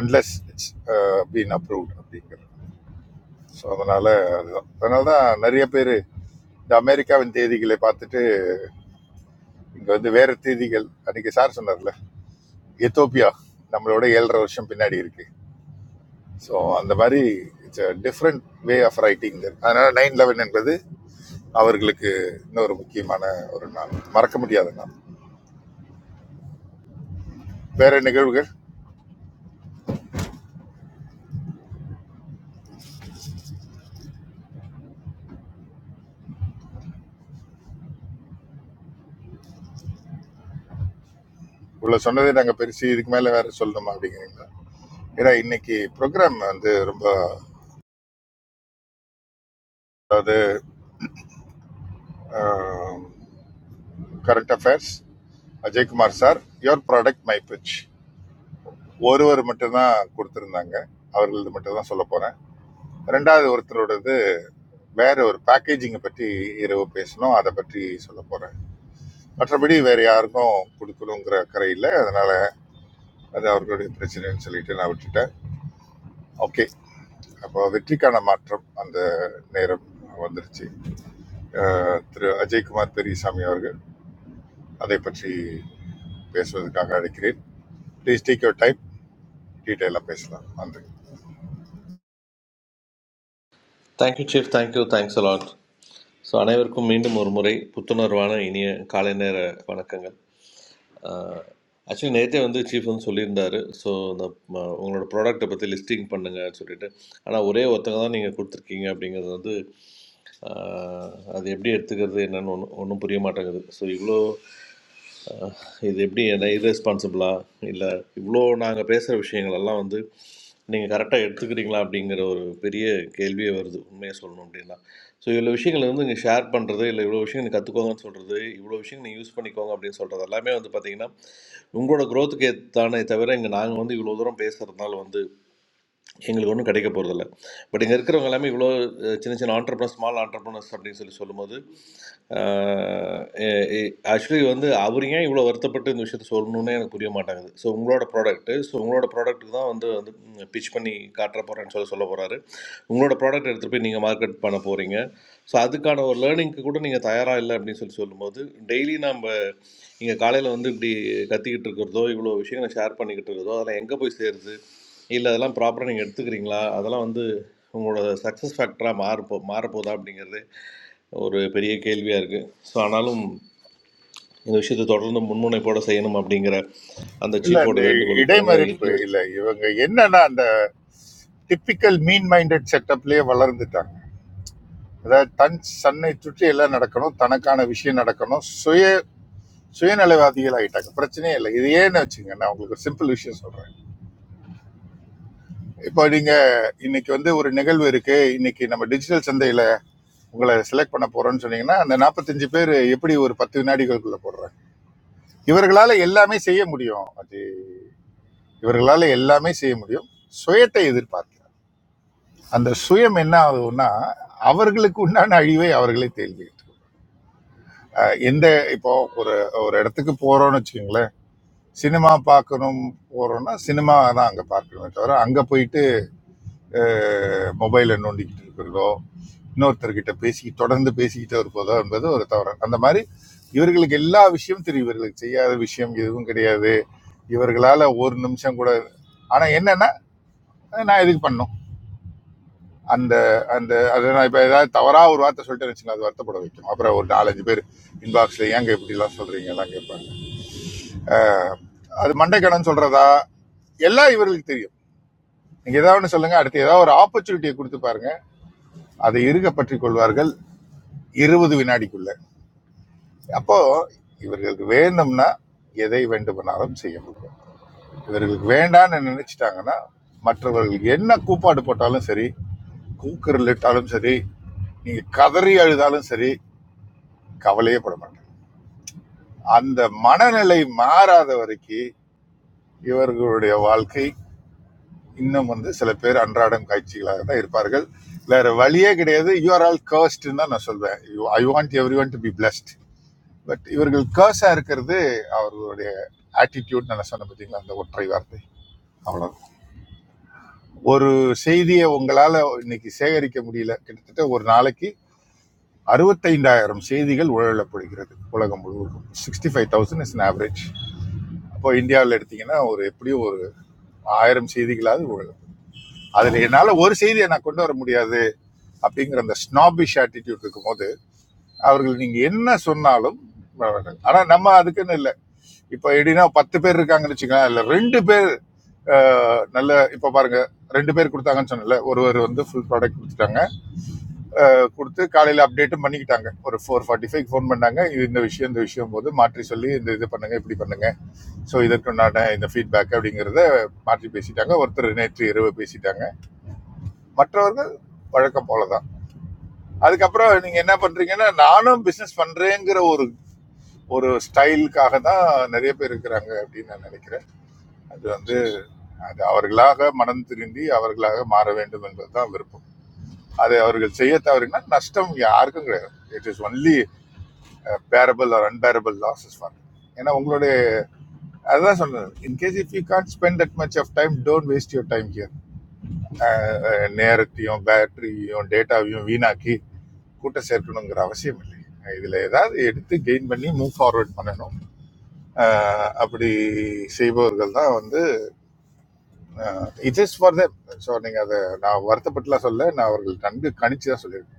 [SPEAKER 7] அன்லெஸ் இட்ஸ் பீன் அப்ரூவ்ட் அப்படிங்கிறது ஸோ அதனால அதுதான் அதனால தான் நிறைய பேர் இந்த அமெரிக்காவின் தேதிகளை பார்த்துட்டு இங்கே வந்து வேற தேதிகள் அன்னைக்கு சார் சொன்னார்ல எத்தோப்பியா நம்மளோட ஏழரை வருஷம் பின்னாடி இருக்கு ஸோ அந்த மாதிரி it's different way of writing அதனால நைன் லெவன் என்பது அவர்களுக்கு இன்னொரு முக்கியமான ஒரு நாள் மறக்க முடியாத நாள் வேற நிகழ்வுகள் உள்ள சொன்னதை நாங்கள் பெருசு இதுக்கு மேலே வேற சொல்லணுமா அப்படிங்கிறீங்களா ஏன்னா இன்னைக்கு ப்ரோக்ராம் வந்து ரொம்ப அதாவது current affairs Ajaykumar sir your product my pitch ஒருவர் மட்டும்தான் கொடுத்திருந்தாங்க அவர்களது மட்டும் தான் சொல்ல போறேன் ரெண்டாவது ஒருத்தரோடது வேற ஒரு பேக்கேஜிங்கை பற்றி இரவு பேசணும் அதை பற்றி சொல்ல போறேன் மற்றபடி வேற யாருக்கும் கொடுக்கணுங்கிற அக்கறை இல்லை அதனால அது அவர்களுடைய பிரச்சனைன்னு சொல்லிட்டு நான் விட்டுட்டேன் ஓகே அப்போ வெற்றிக்கான மாற்றம் அந்த நேரம் வந்துருச்சு அஹ், திரு அஜய்குமார் பெரியசாமி அவர்கள் அதை பற்றி பேசுவதற்காக அழைக்கிறேன் ப்ளீஸ் டேக் யோர் டைம் டீட்டெயிலாக பேசலாம் வந்து
[SPEAKER 11] thank you chief thank you thanks a lot so அனைவருக்கும் மீண்டும் ஒரு முறை புத்துணர்வான இனிய காலை நேர வணக்கங்கள் ஆக்சுவலி நேற்றே வந்து சீஃப் வந்து சொல்லியிருந்தாரு ஸோ இந்த ம, உங்களோட ப்ராடக்ட்டை பற்றி லிஸ்டிங் பண்ணுங்கன்னு சொல்லிட்டு ஆனால் ஒரே ஒருத்தங்க தான் நீங்கள் கொடுத்துருக்கீங்க அப்படிங்கிறது வந்து ஆஹ், அது எப்படி எடுத்துக்கிறது என்னன்னு ஒன்றும் ஒன்றும் புரிய மாட்டேங்குது ஸோ இவ்வளோ இது எப்படி என்ன irresponsible-ஆ இல்லை இவ்வளோ நாங்கள் பேசுகிற விஷயங்கள் எல்லாம் வந்து நீங்கள் கரெக்டாக எடுத்துக்கிறீங்களா அப்படிங்கிற ஒரு பெரிய கேள்வியே வருது உண்மையை சொல்லணும் அப்படின்னா ஸோ இவ்வளோ விஷயங்களை வந்து இங்கே ஷேர் பண்ணுறது இல்லை இவ்வளோ விஷயம் நீங்கள் கற்றுக்கோங்கன்னு சொல்கிறது இவ்வளோ விஷயம் நீங்கள் யூஸ் பண்ணிக்கோங்க அப்படின்னு சொல்கிறது எல்லாமே வந்து பார்த்தீங்கன்னா உங்களோட growth-க்கு ஏத்தானே தவிர இங்கே நாங்கள் வந்து இவ்வளோ தூரம் பேசுகிறதுனால வந்து எங்களுக்கு ஒன்றும் கிடைக்க போகிறதில்ல பட் இங்கே இருக்கிறவங்க எல்லாமே இவ்வளோ அஹ், சின்ன சின்ன ஆண்டர்பனஸ் ஸ்மால் ஆண்டர்பனஸ் அப்படின்னு சொல்லி சொல்லும்போது ஆஹ் எ- எ- ஆக்சுவலி வந்து அவர் ஏன் இவ்வளோ வருத்தப்பட்டு இந்த விஷயத்த சொல்லணும்னே எனக்கு புரிய மாட்டேங்குது ஸோ உங்களோட ப்ராடக்ட்டு ஸோ உங்களோட ப்ராடக்ட்டுக்கு தான் வந்து வந்து பிச் பண்ணி காட்டுற போகிறேன்னு சொல்லி சொல்ல போகிறாரு உங்களோட ப்ராடக்ட் எடுத்துகிட்டு போய் நீங்கள் மார்க்கெட் பண்ண போகிறீங்க ஸோ அதுக்கான ஒரு லேர்னிங்க்கு கூட நீங்கள் தயாராக இல்லை அப்படின்னு சொல்லி சொல்லும்போது டெய்லி நம்ம இங்கே காலையில் வந்து இப்படி கத்திக்கிட்டு இருக்கிறதோ இவ்வளோ விஷயங்களை ஷேர் பண்ணிக்கிட்டு இருக்கிறதோ அதெல்லாம் எங்கே போய் சேருது இல்லை அதெல்லாம் ப்ராப்பராக நீங்கள் எடுத்துக்கிறீங்களா அதெல்லாம் வந்து உங்களோட சக்ஸஸ் ஃபேக்டராக மாறப்போ மாறப்போதா அப்படிங்கிறது ஒரு பெரிய கேள்வியாக இருக்குது ஸோ ஆனாலும் இந்த விஷயத்தை தொடர்ந்து முன்முனைப்போட செய்யணும் அப்படிங்கிற அந்த
[SPEAKER 7] இல்ல
[SPEAKER 11] சீஃபோட
[SPEAKER 7] இந்த
[SPEAKER 11] வேண்டுகோளுக்கு எனக்கு
[SPEAKER 7] இடைமறிப்பு
[SPEAKER 11] இன்டர்வியூ.
[SPEAKER 7] இல்ல இவங்க என்னன்னா அந்த டிப்பிக்கல் மீன் மைண்டட் செட்டப்லயே வளர்ந்துட்டாங்க அதாவது தன் சன்னை சுற்றி எல்லாம் நடக்கணும் தனக்கான விஷயம் நடக்கணும் சுய சுயநலவாதிகள் ஆகிட்டாங்க பிரச்சனையே இல்லை இது ஏன்னு வச்சுங்க நான் உங்களுக்கு ஒரு சிம்பிள் விஷயம் சொல்றேன் இப்போ நீங்க இன்னைக்கு வந்து ஒரு நிகழ்வு இருக்கு இன்னைக்கு நம்ம டிஜிட்டல் சந்தையில உங்களை செலக்ட் பண்ண போறோம்னு சொன்னீங்கன்னா அந்த நாற்பத்தஞ்சு பேர் எப்படி ஒரு பத்து வினாடிகளுக்குள்ள போடுறாங்க இவர்களால எல்லாமே செய்ய முடியும் அது இவர்களால எல்லாமே செய்ய முடியும் சுயத்தை எதிர்பார்க்க அந்த சுயம் என்ன ஆகுதுன்னா அவர்களுக்கு உண்டான அழிவை அவர்களே தேடிக்கிட்டு எந்த இப்போ ஒரு ஒரு இடத்துக்கு போறோம்னு வச்சுக்கோங்களேன் சினிமா பார்க்கணும் போறோம்னா சினிமா தான் அங்கே பார்க்கணுமே தவிர அங்கே போயிட்டு மொபைலை நோண்டிக்கிட்டு இருக்கிறதோ இன்னொருத்தர்கிட்ட பேசி தொடர்ந்து பேசிக்கிட்டே இருப்பதோ என்பது ஒரு தவறு அந்த மாதிரி இவர்களுக்கு எல்லா விஷயமும் தெரியும் இவர்களுக்கு செய்யாத விஷயம் எதுவும் கிடையாது இவர்களால ஒரு நிமிஷம் கூட ஆனா என்னன்னா நான் எதுக்கு பண்ணணும் அந்த அந்த அதை நான் இப்போ ஏதாவது தவறாக ஒரு வார்த்தை சொல்லிட்டேன்னு வச்சுக்கோங்க அது வருத்தப்பட வைக்கும் அப்புறம் ஒரு நாலஞ்சு பேர் இன்பாக்ஸில் ஏங்க இப்படிலாம் சொல்கிறீங்க எல்லாம் கேட்பாங்க அது மண்டைக்கடன் சொல்கிறதா எல்லாம் இவர்களுக்கு தெரியும் நீங்கள் ஏதாவது ஒன்று சொல்லுங்கள் அடுத்து ஏதாவது ஒரு ஆப்பர்ச்சுனிட்டியை கொடுத்து பாருங்க அதை இறுக பற்றி கொள்வார்கள் இருபது வினாடிக்குள்ள அப்போ இவர்களுக்கு வேண்டும்னா எதை வேண்டுமானாலும் செய்ய முடியும் இவர்களுக்கு வேண்டான்னு நினைச்சிட்டாங்கன்னா மற்றவர்களுக்கு என்ன கூப்பாடு போட்டாலும் சரி கூக்குரல் இட்டாலும் சரி நீங்கள் கதறி அழுதாலும் சரி கவலையே பட மாட்டேன் அந்த மனநிலை மாறாத வரைக்கும் இவர்களுடைய வாழ்க்கை இன்னும் வந்து சில பேர் அன்றாடம் காட்சிகளாக தான் இருப்பார்கள் வேற வழியே கிடையாது யூ ஆர் ஆல் கர்ஸ்ட்னு தான் நான் சொல்வேன் I want everyone to be blessed but இவர்கள் கர்ஸா இருக்கிறது அவர்களுடைய ஆட்டிடியூட் நான் சொன்ன பார்த்தீங்களா அந்த ஒற்றை வார்த்தை அவ்வளவுதான் ஒரு செய்தியை உங்களால இன்னைக்கு சேகரிக்க முடியல கிட்டத்தட்ட ஒரு நாளைக்கு அறுபத்தைந்தாயிரம் செய்திகள் உழலப்படுகிறது உலகம் முழுவதும் sixty five thousand is average இப்போ இந்தியாவில் எடுத்தீங்கன்னா ஒரு எப்படியும் ஒரு ஆயிரம் செய்திகளாவது ஊழல் அதுல என்னால ஒரு செய்தியை நான் கொண்டு வர முடியாது அப்படிங்கிற அந்த ஸ்னாபிஷ் ஆட்டிடியூட் இருக்கும்போது அவர்கள் நீங்க என்ன சொன்னாலும் வரமாட்டாங்க. ஆனா நம்ம அதுக்குன்னு இல்லை இப்போ எப்படின்னா பத்து பேர் இருக்காங்கன்னு வச்சுக்கலாம் இல்ல ரெண்டு பேர் ஆஹ், நல்ல இப்போ பாருங்க ரெண்டு பேர் கொடுத்தாங்கன்னு சொன்னல ஒருவர் வந்து ஃபுல் ப்ராடக்ட் கொடுத்துட்டாங்க அஹ், கொடுத்து காலையில அப்டேட்டும் பண்ணிக்கிட்டாங்க ஒரு ஃபோர் ஃபார்ட்டி ஃபைவ் ஃபோன் பண்ணாங்க இது இந்த விஷயம் இந்த விஷயம் போது மாற்றி சொல்லி இந்த இது பண்ணுங்க இப்படி பண்ணுங்க ஸோ இதற்குண்டான இந்த ஃபீட்பேக் அப்படிங்கிறத மாற்றி பேசிட்டாங்க ஒருத்தர் நேற்று இரவு பேசிட்டாங்க மற்றவர்கள் வழக்கம் போல தான் அதுக்கப்புறம் நீங்க என்ன பண்றீங்கன்னா நானும் பிசினஸ் பண்றேங்கிற ஒரு ஒரு ஸ்டைலுக்காக தான் நிறைய பேர் இருக்கிறாங்க அப்படின்னு நான் நினைக்கிறேன் அது வந்து அது அவர்களாக மனம் திருந்தி அவர்களாக மாற வேண்டும் என்பதுதான் விருப்பம் அதை அவர்கள் செய்ய தவறினால் நஷ்டம் யாருக்கும் கிடையாது it is only bearable or unbearable losses for ஏன்னா உங்களுடைய அதுதான் சொன்னது in case if you can spend that much of time don't waste your time here நேரத்தையும் பேட்டரியையும் டேட்டாவையும் வீணாக்கி கூட்டம் சேர்க்கணுங்கிற அவசியம் இல்லை இதில் ஏதாவது எடுத்து கெயின் பண்ணி மூவ் ஃபார்வர்ட் பண்ணணும் அஹ் அப்படி செய்பவர்கள் தான் வந்து it is for them so நீங்கள் அதை நான் வருத்தப்பட்டுலாம் சொல்ல நான் அவர்கள் நன்கு கணிச்சு தான் சொல்லியிருக்கேன்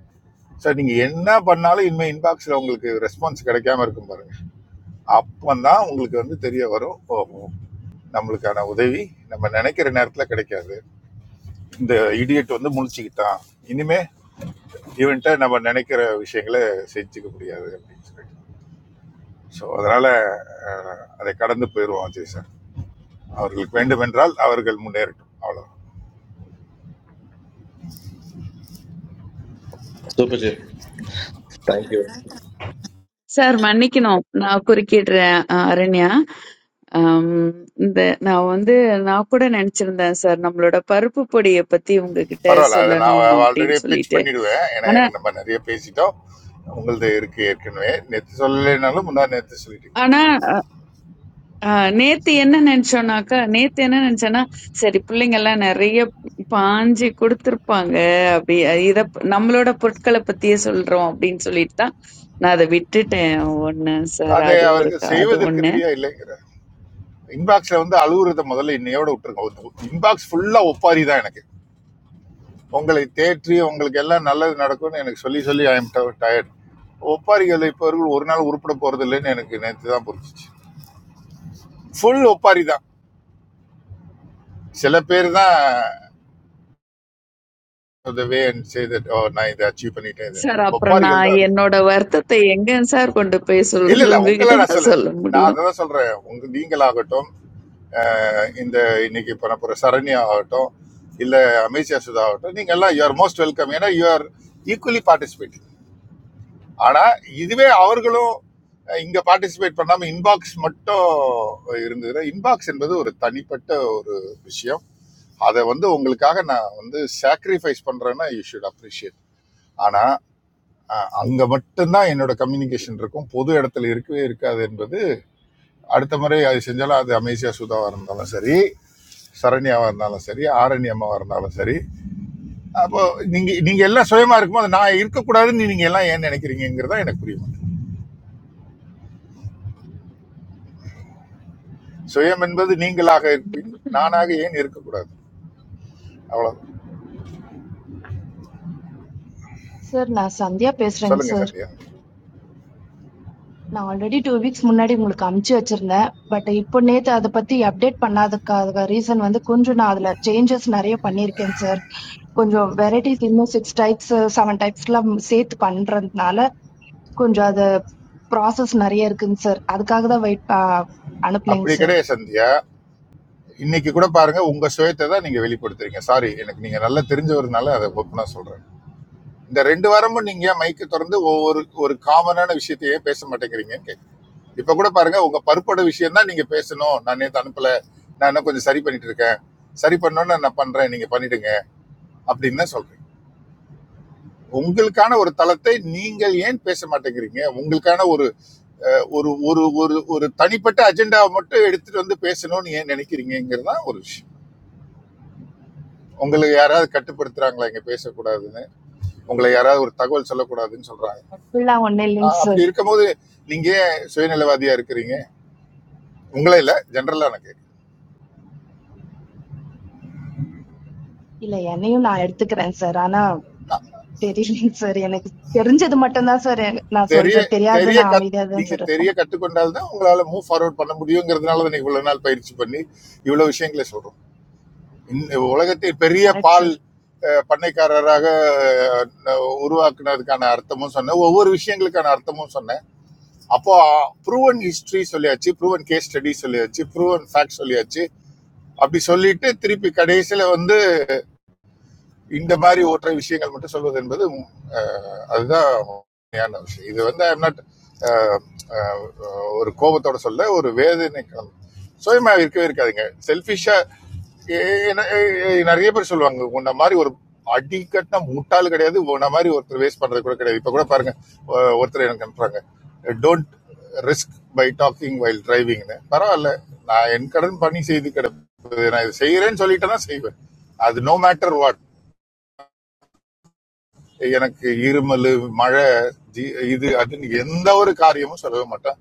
[SPEAKER 7] ஸோ நீங்கள் என்ன பண்ணாலும் இனிமேல் இன்பாக்ஸில் உங்களுக்கு ரெஸ்பான்ஸ் கிடைக்காம இருக்கும் பாருங்க அப்போ தான் உங்களுக்கு வந்து தெரிய வரும் ஓஹோ நம்மளுக்கான உதவி நம்ம நினைக்கிற நேரத்தில் கிடைக்காது இந்த இடியட் வந்து முழிச்சுக்கிட்டான் இனிமே இவன்ட்ட நம்ம நினைக்கிற விஷயங்களை செஞ்சுக்க முடியாது அப்படின்னு சொல்லிட்டு ஸோ அதனால் அதை கடந்து போயிடுவோம் அஜய் சார் அவர்களுக்கு வேண்டுமென்றால் அவர்கள் முன்னேறட்டும் அவ்வளோ
[SPEAKER 11] சூப்பர் சீஃப் தேங்க்யூ
[SPEAKER 14] சார் மன்னிக்கணும் நான் குறுக்கிடுறேன் அஹ், அரண்யா ஆம், இந்த நான் வந்து நான் கூட நினைச்சிருந்தேன் சார் நம்மளோட பருப்பு பொடியை பத்தி உங்ககிட்ட
[SPEAKER 7] பரவாயில்ல அதை
[SPEAKER 14] சொல்லணும்
[SPEAKER 7] நான் ஆல்ரெடி
[SPEAKER 14] அப்படின்னு
[SPEAKER 7] பிச்
[SPEAKER 14] சொல்லிட்டு
[SPEAKER 7] பண்ணிடுவேன் ஏன்னா
[SPEAKER 14] ஆனா
[SPEAKER 7] எனக்கு நம்ம நிறைய பேசிட்டோம் உங்களது இருக்கு ஏற்கனவே நேற்று சொல்லலைனாலும் முந்தா நேற்று சொல்லிட்டீங்க
[SPEAKER 14] ஆனா ஆ, நேத்து என்ன நினைச்சோம்னாக்கா நேத்து என்ன நினைச்சேன்னா சரி பிள்ளைங்க எல்லாம் நிறைய பாஞ்சு கொடுத்துருப்பாங்க அப்படி இத ப- நம்மளோட பொருட்களை பத்தியே சொல்றோம் அப்படின்னு சொல்லிட்டு தான் நான் அதை விட்டுட்டேன் ஒண்ணு சார்
[SPEAKER 7] அதை
[SPEAKER 14] அது ஒரு
[SPEAKER 7] அவர்கள்
[SPEAKER 14] கா- அது
[SPEAKER 7] செய்வதற்கு
[SPEAKER 14] ஒண்ணு
[SPEAKER 7] ரெடியாக இல்லைங்கிற இன்பாக்ஸில் வந்து அழுகுறத முதல்ல இன்னையோட விட்டுருங்க இன்பாக்ஸ் ஃபுல்லாக ஒப்பாரி தான் எனக்கு உங்களை தேற்றி உங்களுக்கு எல்லாம் நல்லது நடக்கும்னு எனக்கு சொல்லி சொல்லி ஐ எம் டயர்ட் ஒப்பாரிகள் இப்பவர்கள் ஒரு நாள் உருப்பட போறது இல்லைன்னு எனக்கு நேற்று தான் புரிஞ்சிச்சு ஃபுல் ஒப்பாரி தான் சில பேர் தான் த வே அண்ட் சே தட் ஓ நான் இதை அச்சீவ் பண்ணிட்டேன் இது
[SPEAKER 14] சார் அப்புறம்
[SPEAKER 7] ஒப்பாரிகள் தான்
[SPEAKER 14] நான்
[SPEAKER 7] அதிகம்
[SPEAKER 14] என்னோட வருத்தத்தை எங்க சார் கொண்டு போய்
[SPEAKER 7] இல்ல
[SPEAKER 14] சொல்றது
[SPEAKER 7] இல்ல உங்களை
[SPEAKER 14] உங்ககிட்ட
[SPEAKER 7] நான்
[SPEAKER 14] தான்
[SPEAKER 7] சொல்ல
[SPEAKER 14] சொல்ல
[SPEAKER 7] நான்
[SPEAKER 14] முடியும்
[SPEAKER 7] அதை தான் சொல்றேன் உங்க நீங்களாகட்டும் அஹ், இந்த இன்னைக்கு பண்ண போற சரண்யா ஆகட்டும் இல்ல அமித்ஷா சுதா ஆகட்டும் நீங்க எல்லாம் யூஆர் மோஸ்ட் வெல்கம் ஏன்னா யூஆர் ஈக்குவலி பார்ட்டிசிபேட் ஆனா இதுவே அவர்களும் அஹ், இங்க பார்ட்டிசிபேட் பண்ணாம இன்பாக்ஸ் மட்டும் இருந்ததுன்னா இன்பாக்ஸ் என்பது ஒரு தனிப்பட்ட ஒரு விஷயம் அதை வந்து உங்களுக்காக நான் வந்து சாக்ரிஃபைஸ் பண்றேன்னா யூ ஷுட் அப்ரிஷியேட் ஆனா அஹ் அங்க மட்டும்தான் என்னோட கம்யூனிகேஷன் இருக்கும் பொது இடத்துல இருக்கவே இருக்காது என்பது அடுத்த முறை அது செஞ்சாலும் அது அமேசியா சுதாவா இருந்தாலும் சரி சரண்யாவா இருந்தாலும் சரி ஆரணி அம்மாவா இருந்தாலும் சரி அப்போ நீங்க நீங்க எல்லாம் சுயமா இருக்கும்போது நான் இருக்கக்கூடாதுன்னு நீங்க எல்லாம் ஏன் நினைக்கிறீங்கிறதா எனக்கு புரிய மாட்டேங்குது சுயம் என்பது நீங்களாக இருப்பின் நானாக
[SPEAKER 12] ஆமா,
[SPEAKER 7] ஏன் இருக்கக்கூடாது அவ்வளவுதான்
[SPEAKER 17] சார் நான் சந்தியா பேசுறேங்க
[SPEAKER 7] சொல்லுங்க
[SPEAKER 17] சார்.
[SPEAKER 7] சந்தியா
[SPEAKER 17] நான் ஆல்ரெடி டூ வீக்ஸ் முன்னாடி உங்களுக்கு அனுப்பிச்சு வச்சிருந்தேன். பட் இப்போ நேத்து அதை பத்தி அப்டேட் பண்ணாததுக்காக ரீசன் வந்து கொஞ்சம் நான் அதுல சேஞ்சஸ் நிறைய பண்ணியிருக்கேன் சார். கொஞ்சம் வெரைட்டிஸ் இன்னும் சிக்ஸ் டைப்ஸ் செவன் டைப்ஸ்லாம் சேர்த்து பண்றதுனால கொஞ்சம் அது ப்ராசஸ் நிறைய இருக்குங்க சார். அதுக்காக தான் வெயிட் அனுப்பலைங்க
[SPEAKER 7] அப்படி
[SPEAKER 17] சார்.
[SPEAKER 7] கிடையாது சந்தியா இன்னைக்கு கூட பாருங்க உங்க சுயத்தை தான் நீங்க வெளிப்படுத்துறீங்க சாரி எனக்கு நீங்க நல்லா தெரிஞ்சவருனால அதை ஒப்பனா சொல்றேன் இந்த ரெண்டு வாரமும் நீங்க மைக்கு திறந்து ஒவ்வொரு ஒரு காமனான விஷயத்தையே பேச மாட்டேங்கிறீங்கன்னு கேக்குது. இப்ப கூட பாருங்க உங்க பருப்போட விஷயம் தான் நீங்க பேசணும் நான் நேத்து அனுப்பல நான் இன்னும் கொஞ்சம் சரி பண்ணிட்டு இருக்கேன் சரி பண்ணணும்னு நான் பண்றேன் நீங்க பண்ணிடுங்க அப்படின்னு தான் சொல்றேன் உங்களுக்கான ஒரு தளத்தை நீங்கள் ஏன் பேச மாட்டேங்கிறீங்க உங்களுக்கான ஒரு ஒரு ஒரு ஒரு ஒரு தனிப்பட்ட அஜெண்டாவை மட்டும் எடுத்துட்டு வந்து பேசணும்னு ஏன் நினைக்கிறீங்கிறது தான் ஒரு விஷயம் உங்களுக்கு யாராவது கட்டுப்படுத்துறாங்களா இங்க பேசக்கூடாதுன்னு உங்களை யாராவது ஒரு தகவல் சொல்லக்கூடாதுன்னு சொல்றாங்க
[SPEAKER 17] அப்படிலாம் ஒண்ணும் இல்லைங்க
[SPEAKER 7] ஆஹ்
[SPEAKER 17] சார்.
[SPEAKER 7] அப்படி இருக்கும்போது நீங்க ஏன் சுயநலவாதியா இருக்கிறீங்க உங்களே இல்லை ஜென்ரலாக எனக்கு
[SPEAKER 17] இல்ல என்னையும் நான் எடுத்துக்கிறேன் சார். ஆனா தெரியலைங்க சார் எனக்கு தெரிஞ்சது மட்டும்தான் சார் நான்
[SPEAKER 7] தெரிய
[SPEAKER 17] சொல்றேன் தெரியாது
[SPEAKER 7] தெரிய
[SPEAKER 17] நான்
[SPEAKER 7] கத்
[SPEAKER 17] அமைதியா தான் சார்
[SPEAKER 7] நீங்கள் தெரிய
[SPEAKER 17] இருப்போம்.
[SPEAKER 7] கற்றுக்கொண்டால் தான் உங்களால் மூவ் ஃபார்வர்ட் பண்ண முடியுங்கிறதுனால தான் இவ்வளோ நாள் பயிற்சி பண்ணி இவ்வளோ விஷயங்களை சொல்கிறோம் இந்த உலகத்தில் பெரிய
[SPEAKER 17] கரெக்ட் சார்.
[SPEAKER 7] பால் அஹ், பண்ணைக்காரராக அஹ், உருவாக்குனதுக்கான அர்த்தமும் சொன்னேன் ஒவ்வொரு விஷயங்களுக்கான அர்த்தமும் சொன்னேன் அப்போ ப்ரூவன் ஹிஸ்டரி சொல்லியாச்சு ப்ரூவன் கேஸ் ஸ்டடி சொல்லியாச்சு ப்ரூவன் ஃபேக்ட் சொல்லியாச்சு அப்படி சொல்லிட்டு திருப்பி கடைசியில் வந்து இந்த மாதிரி ஒற்றை விஷயங்கள் மட்டும் சொல்வது என்பது உம், அஹ், அதுதான் உண்மையான விஷயம் இது வந்து ஐம் நாட் ஒரு கோபத்தோட சொல்ல ஒரு வேதனை கலந்து. சுயமா இருக்கவே இருக்காதுங்க செல்ஃபிஷா நிறைய பேர் சொல்லுவாங்க உன்ன மாதிரி ஒரு அடிக்கட்டின முட்டாள் கிடையாது உன்ன மாதிரி ஒருத்தர் வேஸ்ட் பண்றது கூட கிடையாது இப்ப கூட பாருங்க ஒ- ஒருத்தர் எனக்கு அனுப்புறாங்க don't risk by talking while டிரைவிங்னு பரவாயில்ல நான் என் கடன் பண்ணி செய்து கிடப்பது நான் இது செய்யறேன்னு சொல்லிட்டேன்னா செய்வேன் அது நோ மேட்டர் வாட் எனக்கு இருமல் மழை ஜி- இது அதுன்னு எந்த ஒரு காரியமும் சொல்லவே மாட்டேன்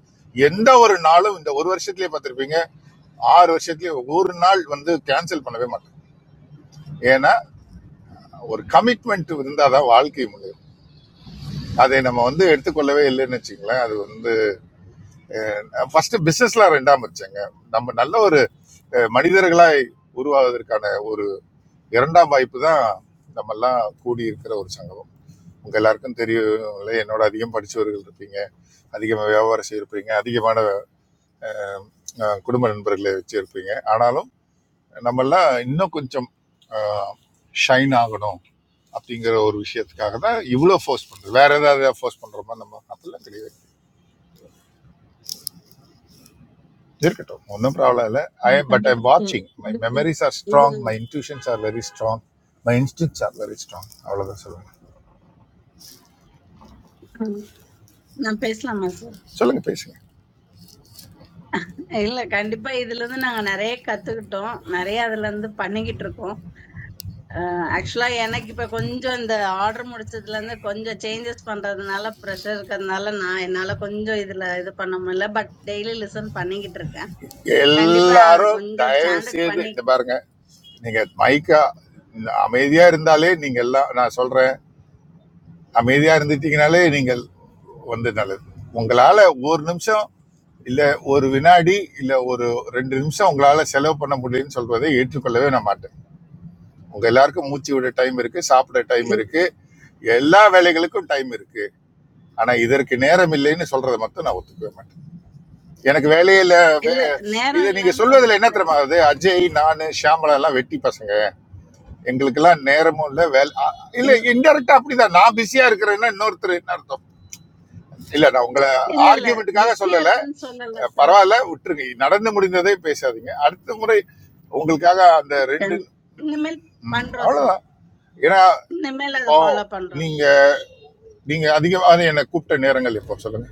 [SPEAKER 7] எந்த ஒரு நாளும் இந்த ஒரு வருஷத்துலயே பார்த்திருப்பீங்க ஆறு வருஷத்துலயே ஒரு நாள் வந்து கேன்சல் பண்ணவே மாட்டேன் ஏன்னா ஒரு கமிட்மெண்ட் இருந்தாதான் வாழ்க்கை முடியும் அதை நம்ம வந்து எடுத்துக்கொள்ளவே இல்லைன்னு வச்சுங்களேன் அது வந்து ஃபர்ஸ்ட் பிசினஸ்ல ரெண்டாம் வச்சாங்க நம்ம நல்ல ஒரு அஹ், மனிதர்களாய் உருவாவதற்கான ஒரு இரண்டாம் வாய்ப்பு தான் நம்ம எல்லாம் கூடி இருக்கிற ஒரு சங்கமம் உங்க எல்லாருக்கும் தெரியும் இல்ல, என்னோட அதிகம் படிச்சவர்கள் இருப்பீங்க அதிகமாக வியாபாரம் செய்யிருப்பீங்க அதிகமான அஹ், குடும்ப நண்பர்களை வச்சிருப்பீங்க ஆனாலும் நம்மெல்லாம் இன்னும் கொஞ்சம் ஷைன் ஆகணும் அப்படிங்கிற ஒரு விஷயத்துக்காக தான் இவ்வளோ ஃபோர்ஸ் பண்ணுறது வேற ஏதாவது ஃபோர்ஸ் பண்ணுறோமா நம்ம அப்படிலாம் கிடையாது இருக்கட்டும் ஒன்றும் ப்ராப்ளம் இல்லை ஐ
[SPEAKER 12] ஆமா,
[SPEAKER 7] எம் பட்
[SPEAKER 12] கண்டிப்பா
[SPEAKER 7] ஐம்
[SPEAKER 12] இது
[SPEAKER 7] வாட்சிங் மை
[SPEAKER 12] இது-
[SPEAKER 7] மெமரிஸ் ஆர் ஸ்ட்ராங் மை
[SPEAKER 12] இது-
[SPEAKER 7] intuitions are very strong my instincts are very strong அவ்வளோதான் சொல்லுங்கள்
[SPEAKER 12] ஆ, நான் பேசலாமா
[SPEAKER 7] சொல்லுங்கள் பேசுங்க
[SPEAKER 12] இல்ல கண்டிப்பா இதுல இருந்து நாங்க நிறைய கத்துக்கிட்டோம் நிறைய அதுல இருந்து பண்ணிக்கிட்டு இருக்கோம் ஆக்சுவலா எனக்கு இப்ப கொஞ்சம் இந்த ஆர்டர் முடிச்சதுல இருந்து கொஞ்சம் சேஞ்சஸ் பண்றதுனால ப்ரெஷர் இருக்கிறதுனால நான் என்னால கொஞ்சம் இதுல இது பண்ண முடியல பட் டெய்லி லிசன் பண்ணிக்கிட்டு இருக்கேன் கண்டிப்பா அது
[SPEAKER 7] எல்லாரும்
[SPEAKER 12] கொஞ்சம்
[SPEAKER 7] தயவு
[SPEAKER 12] ஸ்டாண்டர்ட்
[SPEAKER 7] செய்து
[SPEAKER 12] பண்ணி
[SPEAKER 7] இந்த பாருங்க நீங்க மைக்கா அமைதியா இருந்தாலே நீங்க எல்லாம் நான் சொல்றேன் அமைதியாக இருந்துட்டீங்கனாலே நீங்கள் வந்து நல்லது உங்களால் ஒரு நிமிஷம் இல்லை ஒரு வினாடி இல்லை ஒரு ரெண்டு நிமிஷம் உங்களால் செலவு பண்ண முடியும்னு சொல்வதை ஏற்றுக்கொள்ளவே நான் மாட்டேன் உங்கள் எல்லாருக்கும் மூச்சு விட டைம் இருக்குது சாப்பிட டைம்
[SPEAKER 12] [clears throat]
[SPEAKER 7] இருக்குது எல்லா வேலைகளுக்கும் டைம் இருக்குது ஆனால் இதற்கு நேரம் இல்லைன்னு சொல்கிறத மட்டும் நான் ஒத்துக்கவே மாட்டேன் எனக்கு வேலையில்
[SPEAKER 12] இல்ல நேரம்
[SPEAKER 7] இதை நீங்கள்
[SPEAKER 12] இல்லைன்னு சொல்லல
[SPEAKER 7] சொல்வதில் என்ன
[SPEAKER 12] சார்
[SPEAKER 7] தெரியுமா ஆகுது அஜய் நான் ஷியாமலா எல்லாம் வெட்டி பசங்க எங்களுக்கெல்லாம் நேரமும் இல்லை வேலை இல்லை
[SPEAKER 12] இல்ல
[SPEAKER 7] இன்டெரக்டாக அப்படிதான் நான் பிஸியாக இருக்கிறேன்னா இன்னொருத்தர் என்ன அர்த்தம் இல்ல நான் உங்களை
[SPEAKER 12] இல்ல இல்ல
[SPEAKER 7] ஆர்கியூமெண்ட்டுக்காக
[SPEAKER 12] பிஸியா
[SPEAKER 7] சொல்லல
[SPEAKER 12] இருக்குன்னு சொல்லல
[SPEAKER 7] அஹ்
[SPEAKER 12] சார்
[SPEAKER 7] பரவாயில்ல விட்டுருங்க நடந்து முடிந்ததை பேசாதீங்க அடுத்த முறை உங்களுக்காக அந்த ரெண்டு
[SPEAKER 12] இனிமேல்
[SPEAKER 7] ம்,
[SPEAKER 12] பண்றோம் சார்
[SPEAKER 7] அவ்வளவுதான் ஏன்னா
[SPEAKER 12] இனிமேல் அதை
[SPEAKER 7] இப்போ
[SPEAKER 12] ஃபாலோ பண்றோம்
[SPEAKER 7] நீங்க
[SPEAKER 12] சார்
[SPEAKER 7] நீங்க அதிகமாக என்னை கூப்பிட்ட நேரங்கள் இப்போ சொல்லுங்க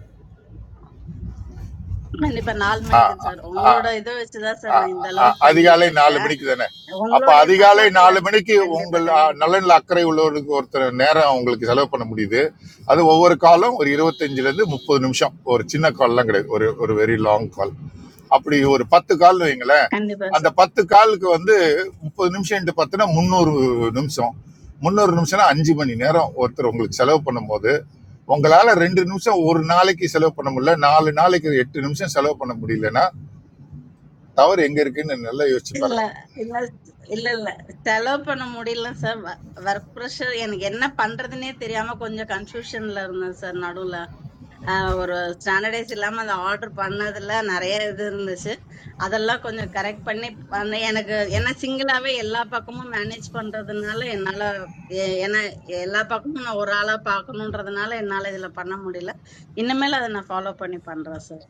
[SPEAKER 12] கண்டிப்பா நாலு மணிக்கு சார்
[SPEAKER 7] ஆ
[SPEAKER 12] உங்களோட இதை வச்சுதான் சார்
[SPEAKER 7] அ-
[SPEAKER 12] நான் இந்த
[SPEAKER 7] அ-
[SPEAKER 12] அளவுக்கு பண்ணிட்டு
[SPEAKER 7] அதிகாலை நாலு
[SPEAKER 12] இருக்கேன்
[SPEAKER 7] மணிக்கு தானே அப்போ
[SPEAKER 12] உங்களுடைய
[SPEAKER 7] அதிகாலை
[SPEAKER 12] சப்போர்ட் இல்ல
[SPEAKER 7] நாலு மணிக்கு
[SPEAKER 12] கண்டிப்பா
[SPEAKER 7] உங்கள் அ,
[SPEAKER 12] கண்டிப்பா sir.
[SPEAKER 7] நலனில் அக்கறை உள்ளவருக்கு ஒருத்தர் நேரம் உங்களுக்கு செலவு பண்ண முடியுது அது ஒவ்வொரு காலும் ஒரு 25 ல இருந்து முப்பது நிமிஷம் ஒரு சின்ன கால்லாம் கிடையாது ஒரு ஒரு வெரி லாங் கால் அப்படி ஒரு பத்து கால்னு வைங்களேன்
[SPEAKER 12] கண்டிப்பா
[SPEAKER 7] அந்த
[SPEAKER 12] சார்
[SPEAKER 7] பத்து காலுக்கு வந்து முப்பது நிமிஷம் இன்ட்டு பத்துனா முந்நூறு நிமிஷம் முந்நூறு நிமிஷம்னா அஞ்சு மணி நேரம் ஒருத்தர் உங்களுக்கு செலவு பண்ணும்போது உங்களால் ரெண்டு நிமிஷம் ஒரு நாளைக்கு செலவு பண்ண முடியல நாலு நாளைக்கு எட்டு நிமிஷம் செலவு பண்ண முடியலன்னா தவறு எங்க இருக்குன்னு நல்லா யோசிச்சு
[SPEAKER 12] இல்ல
[SPEAKER 7] பாருங்க
[SPEAKER 12] இல்ல இல்ல இல்ல செலவு பண்ண முடியல சார் ஒர்க் ப்ரெஷர் எனக்கு என்ன பண்றதுன்னே தெரியாம கொஞ்சம் கன்ஃபியூஷன்ல இருந்தேன் சார் நடுவுல ஆஹ் ஒரு ஸ்டாண்டர்டைஸ் இல்லாம அதை ஆர்டர் பண்ணதுல நிறைய இது இருந்துச்சு அதெல்லாம் கொஞ்சம் கரெக்ட் பண்ணி பண்ண எனக்கு ஏன்னா சிங்கிளாவே எல்லா பக்கமும் மேனேஜ் பண்றதுனால என்னால எ- ஏன்னா எல்லா பக்கமும் நான் ஒரு ஆளா பார்க்கணுன்றதுனால என்னால இதுல பண்ண முடியல இனிமேல் அதை நான் ஃபாலோ பண்ணி பண்றேன் சார்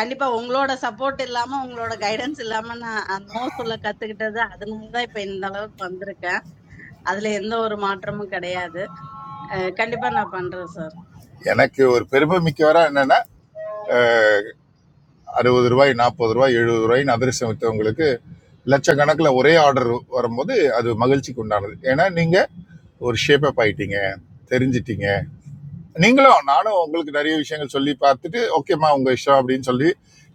[SPEAKER 12] கண்டிப்பா உங்களோட சப்போர்ட் இல்லாம உங்களோட கைடன்ஸ் இல்லாம நான் நோ சொல்ல கத்துக்கிட்டது அதனாலதான் இப்ப இந்த அளவுக்கு வந்திருக்கேன் அதுல எந்த ஒரு மாற்றமும் கிடையாது அஹ் கண்டிப்பா நான் பண்றேன் சார்
[SPEAKER 7] எனக்கு ஒரு பெருமை மிக்கவரா என்னன்னா அறுபது ரூபாய் நாற்பது ரூபாய் எழுபது ரூபாய்னு அதிரசம் வித்தவங்களுக்கு லட்சக்கணக்கில் ஒரே ஆர்டர் வரும்போது அது மகிழ்ச்சிக்கு உண்டானது ஏன்னா நீங்க ஒரு ஷேப் அப் ஆயிட்டீங்க தெரிஞ்சிட்டீங்க நீங்களும் நானும் உங்களுக்கு நிறைய விஷயங்கள் சொல்லி பார்த்துட்டு ஓகேம்மா உங்க இஷ்டம் அப்படின்னு சொல்லி